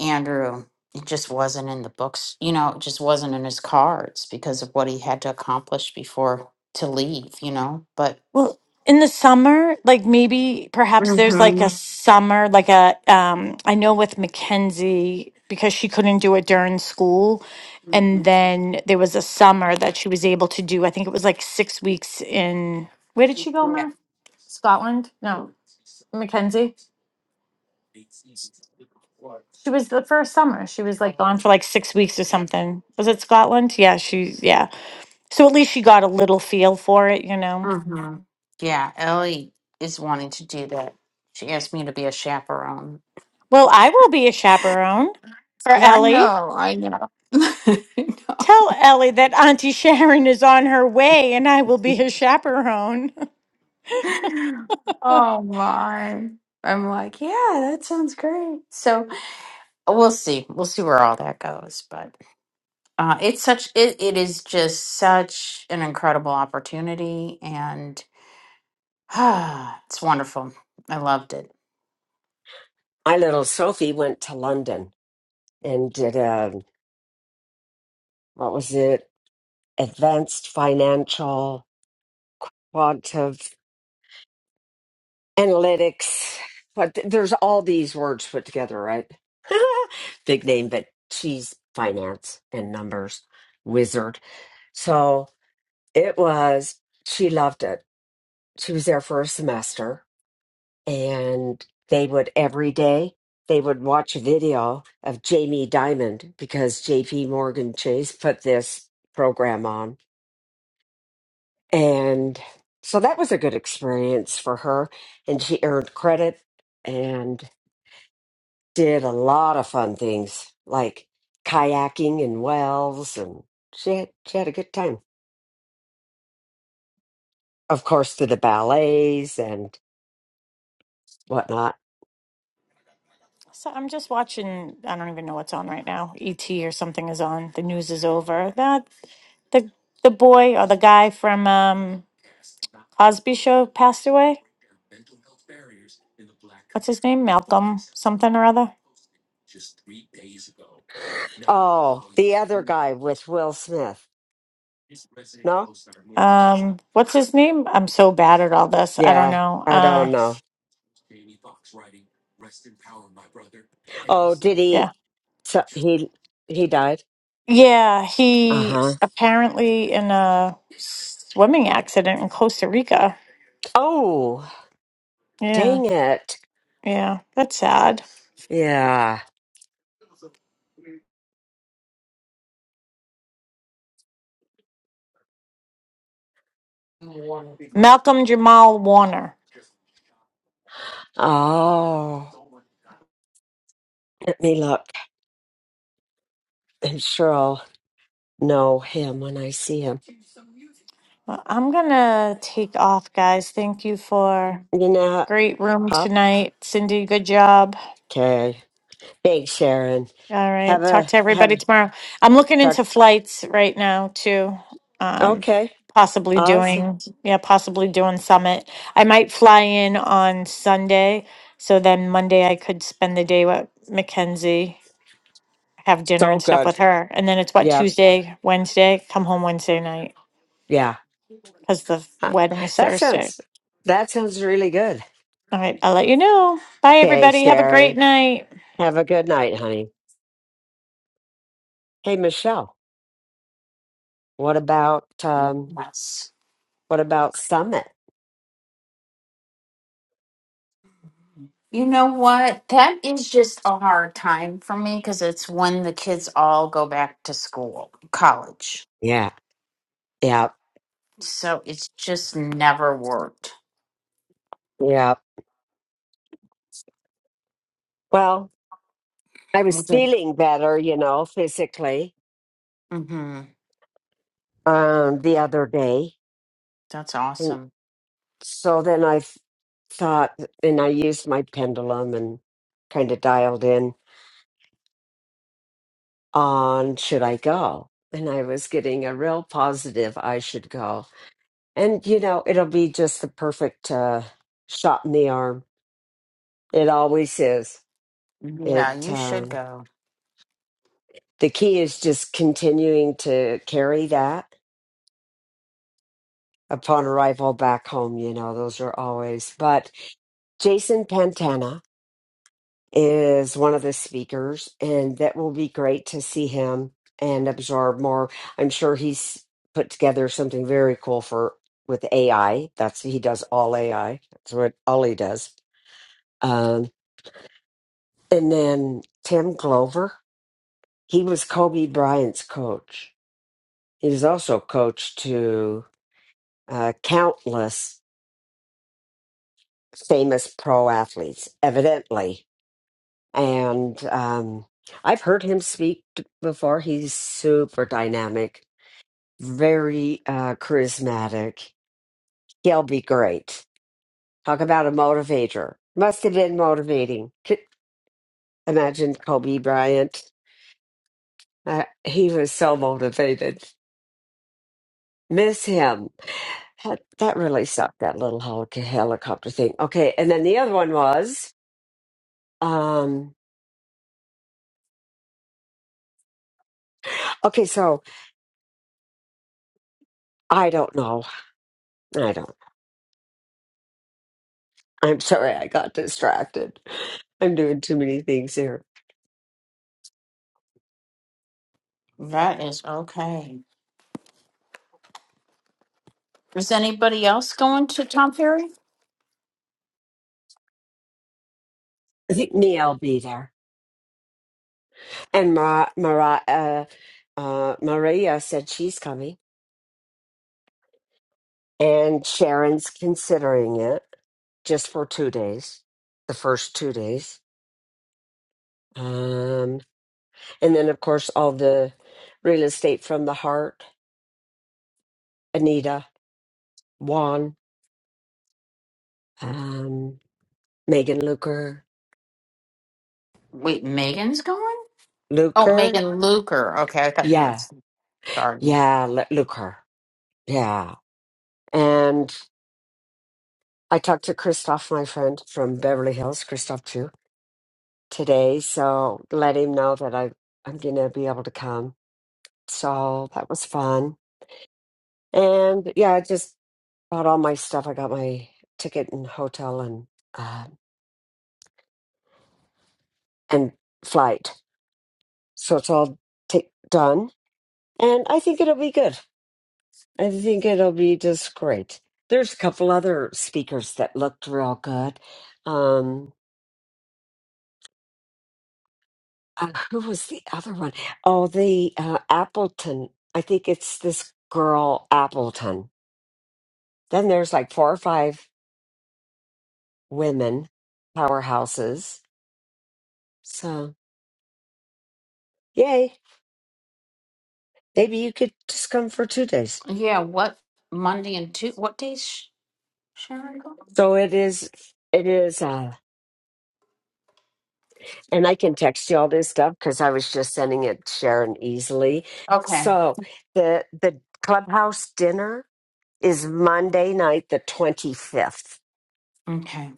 Andrew, it just wasn't in the books, you know, it just wasn't in his cards because of what he had to accomplish before to leave, you know? But,
Well, in the summer, like maybe perhaps there's like a
Mhm.
summer, like a um I know with Mackenzie, because she couldn't do it during school. And then there was a summer that she was able to do, I think it was like six weeks in where did she go,
yeah.
Mar? Scotland? No. Mackenzie. She was the first summer. She was like gone for like six weeks or something. Was it Scotland? Yeah, she yeah. So at least she got a little feel for it, you know.
hmm Yeah, Ellie is wanting to do that. She asked me to be a chaperone
Well, I will be a chaperone for
No, I
Ellie.
know, I know.
Tell Ellie that Auntie Sharon is on her way and I will be a chaperone.
I know. Oh my. I'm like, yeah, that sounds great. So we'll see. We'll see where all that goes. But uh, it's such it, it is just such an incredible opportunity and ah, it's wonderful. I loved it.
my little Sophie went to London and did a what was it? Advanced financial quantitative analytics. But th- there's all these words put together, right? Big name, but she's finance and numbers wizard. So. It was, she loved it. She was there for a semester and they would every day they would watch a video of Jamie Diamond because JP Morgan Chase put this program on. And so that was a good experience for her and she earned credit and did a lot of fun things like kayaking in wells and she had, she had a good time. Of course, to the ballets and whatnot.
So I'm just watching I don't even know what's on right now. ET or something is on. The news is over. That the the boy or the guy from um Cosby show passed away. What's his name? Malcolm something or other.
Oh, the other guy with Will Smith. No?
Um, what's his name? I'm so bad at all this. I don't
Yeah,
know.
I
Uh,
don't know. Oh, did
yeah,
he? So he he died.
yeah.
Uh
He
huh.
apparently in a swimming accident in Costa Rica.
Oh,
Yeah,
dang it.
yeah. That's sad.
Yeah.
Malcolm Jamal Warner.
Oh, let me look. I'm sure I'll know him when I see him.
Well, I'm gonna take off, guys. Thank you for.
You know,
Great room
pop.
tonight, Cindy. Good job.
Okay. Thanks, Sharon.
All
Have
right. Talk
a
to
have
everybody
a
tomorrow. I'm looking
talk.
into flights right now too. Um,
Okay.
possibly
Awesome.
doing, yeah, possibly doing summit. I might fly in on Sunday, so then Monday I could spend the day with Mackenzie, have dinner
So
and stuff
good.
with her, and then it's what
Yep.
Tuesday, Wednesday. Come home Wednesday night
Yeah.
because the
Uh,
wedding is
That
Thursday.
sounds. That sounds really good.
All right. I'll let you know. Bye,
Okay,
everybody. Have a great
Sharon.
night.
Have a good night, honey. Hey, Michelle. What about um
Yes.
what about Summit?
You know what? That is just a hard time for me because it's when the kids all go back to school, college.
Yeah. Yeah.
So it's just never worked.
Yeah. Well, I was feeling better, you know, physically
Mm-hmm.
um the other day.
That's
And
awesome.
so then I th- thought and I used my pendulum and kind of dialed in on should I go? And I was getting a real positive I should go. And you know, it'll be just the perfect uh shot in the arm It always is. It
Yeah, you should
um,
go.
the key is just continuing to carry that upon arrival back home. You know, those are always. But Jason Pantana is one of the speakers, and that will be great to see him and absorb more. I'm sure he's put together something very cool for with AI. That's he does all AI. That's what all he does. Um, and then Tim Glover, he was Kobe Bryant's coach He's also coached to uh, countless famous pro athletes, evidently. And um, I've heard him speak t- before. He's super dynamic, very uh, charismatic. He'll be great. Talk about a motivator. Must have been motivating. Could- Imagine Kobe Bryant. Uh, he was so motivated. Miss him. That, that really sucked, that little hel- helicopter thing. Okay. And then the other one was, um, okay, so I don't know. I don't. I'm sorry I got distracted. I'm doing too many things here.
That is okay. Is anybody else going to Tom Ferry?
I think Nia will be there. And Mara, Mara, uh, uh, Maria said she's coming. And Sharon's considering it just for two days, the first two days. Um, And then, of course, all the real estate from the heart Anita, Juan, um, Megan Luker.
Wait, Megan's going? Oh,
Luker?
Megan Luker. Okay, I thought you were
Yeah.
saying Gardner.
Yeah. L- Luker. Yeah. And I talked to Christoph, my friend from Beverly Hills, Christoph too, today. So let him know that I, I'm going to be able to come. So that was fun. And yeah, I just bought all my stuff. I got my ticket and hotel and, uh, and flight So it's all ta done. And I think it'll be good. I think it'll be just great. There's a couple other speakers that looked real good. Um, uh, who was the other one? Oh, the uh, Appleton. I think it's this girl, Appleton. Then there's like four or five women powerhouses. So, yay. Maybe you could just come for two days.
Yeah, what Monday and two? What days? sh- Sharon go?
So it is, it is. uh, and I can text you all this stuff because I was just sending it to Sharon easily.
Okay.
So the the clubhouse dinner is Monday night, the twenty fifth,
Okay.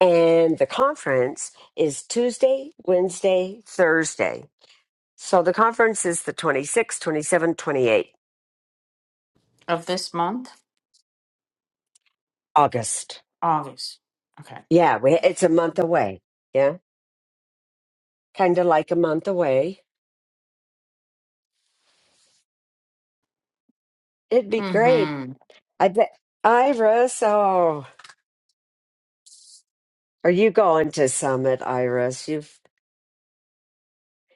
and the conference is Tuesday, Wednesday, Thursday. So the conference is the 26th, 27th, 28th
Of this month,
August.
August. Okay.
Yeah, we, it's a month away. Yeah, kind of like a month away. It'd be great.
Mm-hmm.
I bet Iris. Oh, are you going to Summit, Iris? You've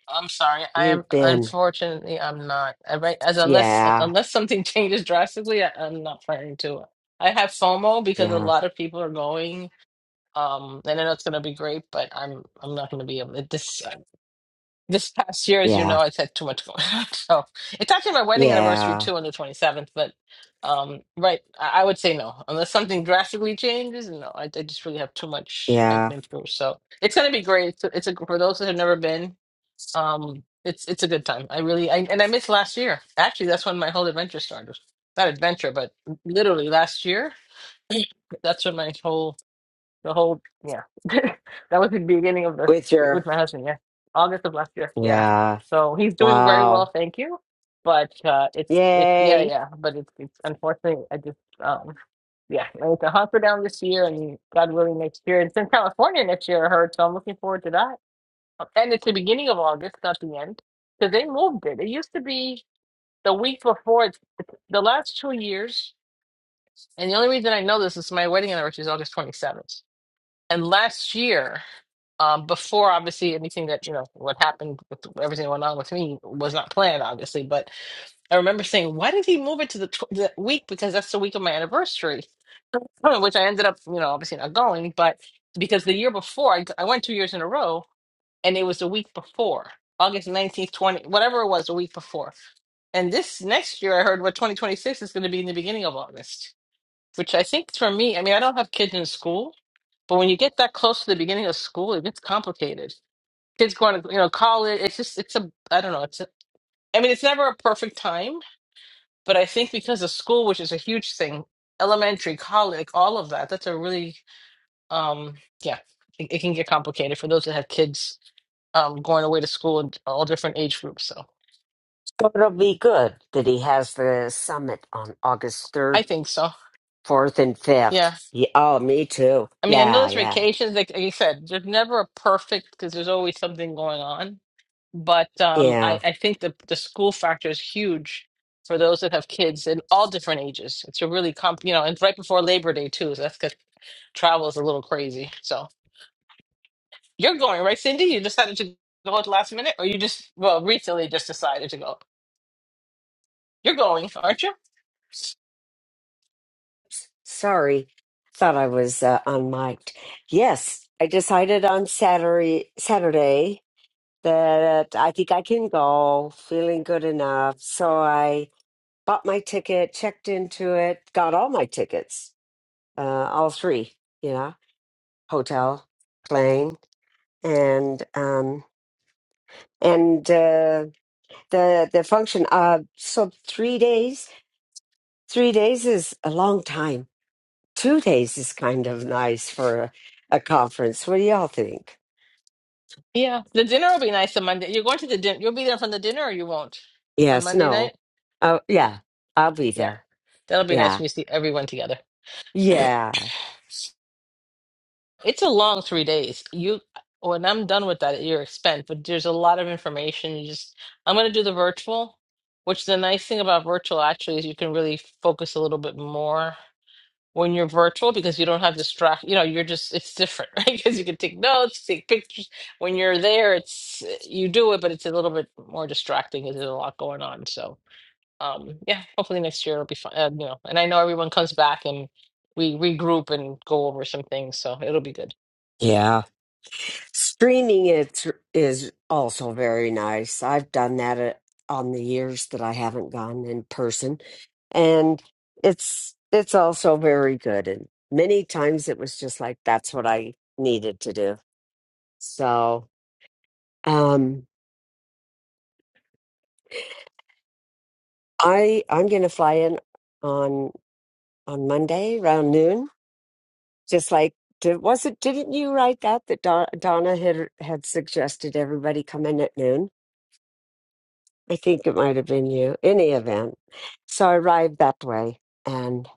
I'm sorry. I am
You've been,
unfortunately I'm not. Uh, Right as unless
yeah,
unless something changes drastically, I, I'm not planning to. I have FOMO because a
yeah,
lot of people are going. Um, and I know it's going to be great, but I'm I'm not going to be able. It- This uh, this past year, as you know,
yeah,
I've had too much going on. So it's actually my wedding anniversary
yeah,
too on the 27th. But um, right, I, I would say no unless something drastically changes. No, I, I just really have too much I've
yeah.
been through. So it's going to be great. It's a, it's a for those that have never been. Um, it's it's a good time. I really I, and I missed last year. Actually, that's when my whole adventure started. Not adventure, but literally last year. That's when my whole the whole yeah. that was the beginning of the
With your,
with my husband. Yeah, August of last year. Yeah,
yeah,
so he's doing very well,
wow,
thank you. But uh, it's it's yeah
yay.
yeah. But it's it's unfortunately I just um yeah, I went to hunker down this year, and God willing, next year. It's in California next year, I heard. So I'm looking forward to that. And it's the beginning of August, not the end, because they moved it. It used to be the week before. It's the last two years, and the only reason I know this is my wedding anniversary is August 27th. And last year, um, before obviously anything that, you know, what happened with everything that went on with me was not planned, obviously. But I remember saying, why did he move it to the, tw- the week? Because that's the week of my anniversary, which I ended up, you know, obviously not going. But because the year before, I, I went two years in a row and it was the week before August 19th, 20, whatever it was, the week before. And this next year, I heard what 2026 is going to be in the beginning of August, which I think for me, I mean, I don't have kids in school, but when you get that close to the beginning of school, it gets complicated. Kids going to, you know, college, it's just, it's a, I don't know, it's a, I mean, it's never a perfect time, but I think because of school, which is a huge thing, elementary, college, all of that, that's a really, um, yeah, it, it can get complicated for those that have kids um, going away to school and all different age groups. So
So it'll be good that he has the summit on August
I
3rd,
think so.
4th, and 5th.
Yeah.
Yeah, oh, me too.
I mean, I know
Yeah,
there's
yeah,
vacations. Like, like you said, there's never a perfect because there's always something going on. But um, I,
yeah.
I think the, the school factor is huge for those that have kids in all different ages. It's a really comp, you know, and right before Labor Day too. So that's because travel is a little crazy. So you're going, right, Cindy? You decided to go at the last minute or you just, well, recently just decided to go. You're going, aren't you?
Sorry, thought I was uh, unmiked. Yes, I decided on Saturday, Saturday that I think I can go, feeling good enough. So I bought my ticket, checked into it, got all my tickets, uh, all three, you know, hotel, plane, and um, and uh, the the function. Uh, so three days, three days is a long time. Two days is kind of nice for a, a conference. What do y'all think?
Yeah, the dinner will be nice on Monday. You're going to the dinner. You'll be there for the dinner, or you won't on
Yes,
Monday night.
no, oh yeah, I'll be
Yeah,
there.
that'll be nice
Yeah,
when you see everyone together.
yeah,
It's a long three days. You, when I'm done with that at your expense, but there's a lot of information. You just, I'm going to do the virtual, which the nice thing about virtual actually is you can really focus a little bit more when you're virtual because you don't have distract. You know, you're just it's different, right? Because you can take notes, take pictures. When you're there, it's you do it, but it's a little bit more distracting because there's a lot going on. So. um yeah hopefully next year it'll be fun uh, you know and i know everyone comes back and we regroup and go over some things so it'll be good
yeah. Streaming it is also very nice. I've done that at, on the years that I haven't gone in person, and it's it's also very good. And many times it was just like that's what I needed to do. So um, I I'm going to fly in on on Monday around noon. Just like did, was it? Didn't you write that that Don, Donna had had suggested everybody come in at noon? I think it might have been you. In the event, so I arrived that way, and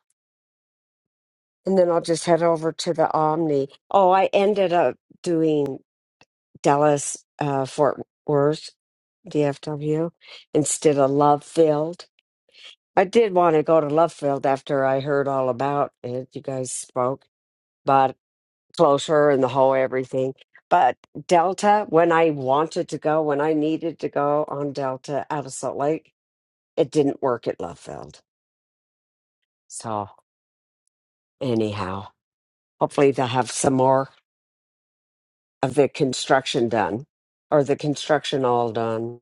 and then I'll just head over to the Omni. Oh, I ended up doing Dallas, uh, Fort Worth, DFW, instead of Love Field. I did want to go to Love Field after I heard all about it. You guys spoke, but closer and the whole everything. But Delta, when I wanted to go, when I needed to go on Delta out of Salt Lake, it didn't work at Love Field So, anyhow, hopefully they'll have some more of the construction done or the construction all done.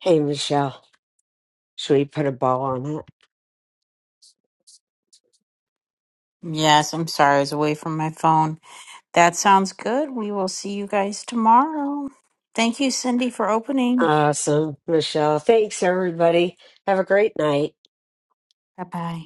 Hey, Michelle, should we put a bow on it?
Yes, I'm sorry. I was away from my phone. That sounds good. We will see you guys tomorrow. Thank you, Cindy, for opening.
Awesome, Michelle. Thanks, everybody. Have a great night.
Bye bye.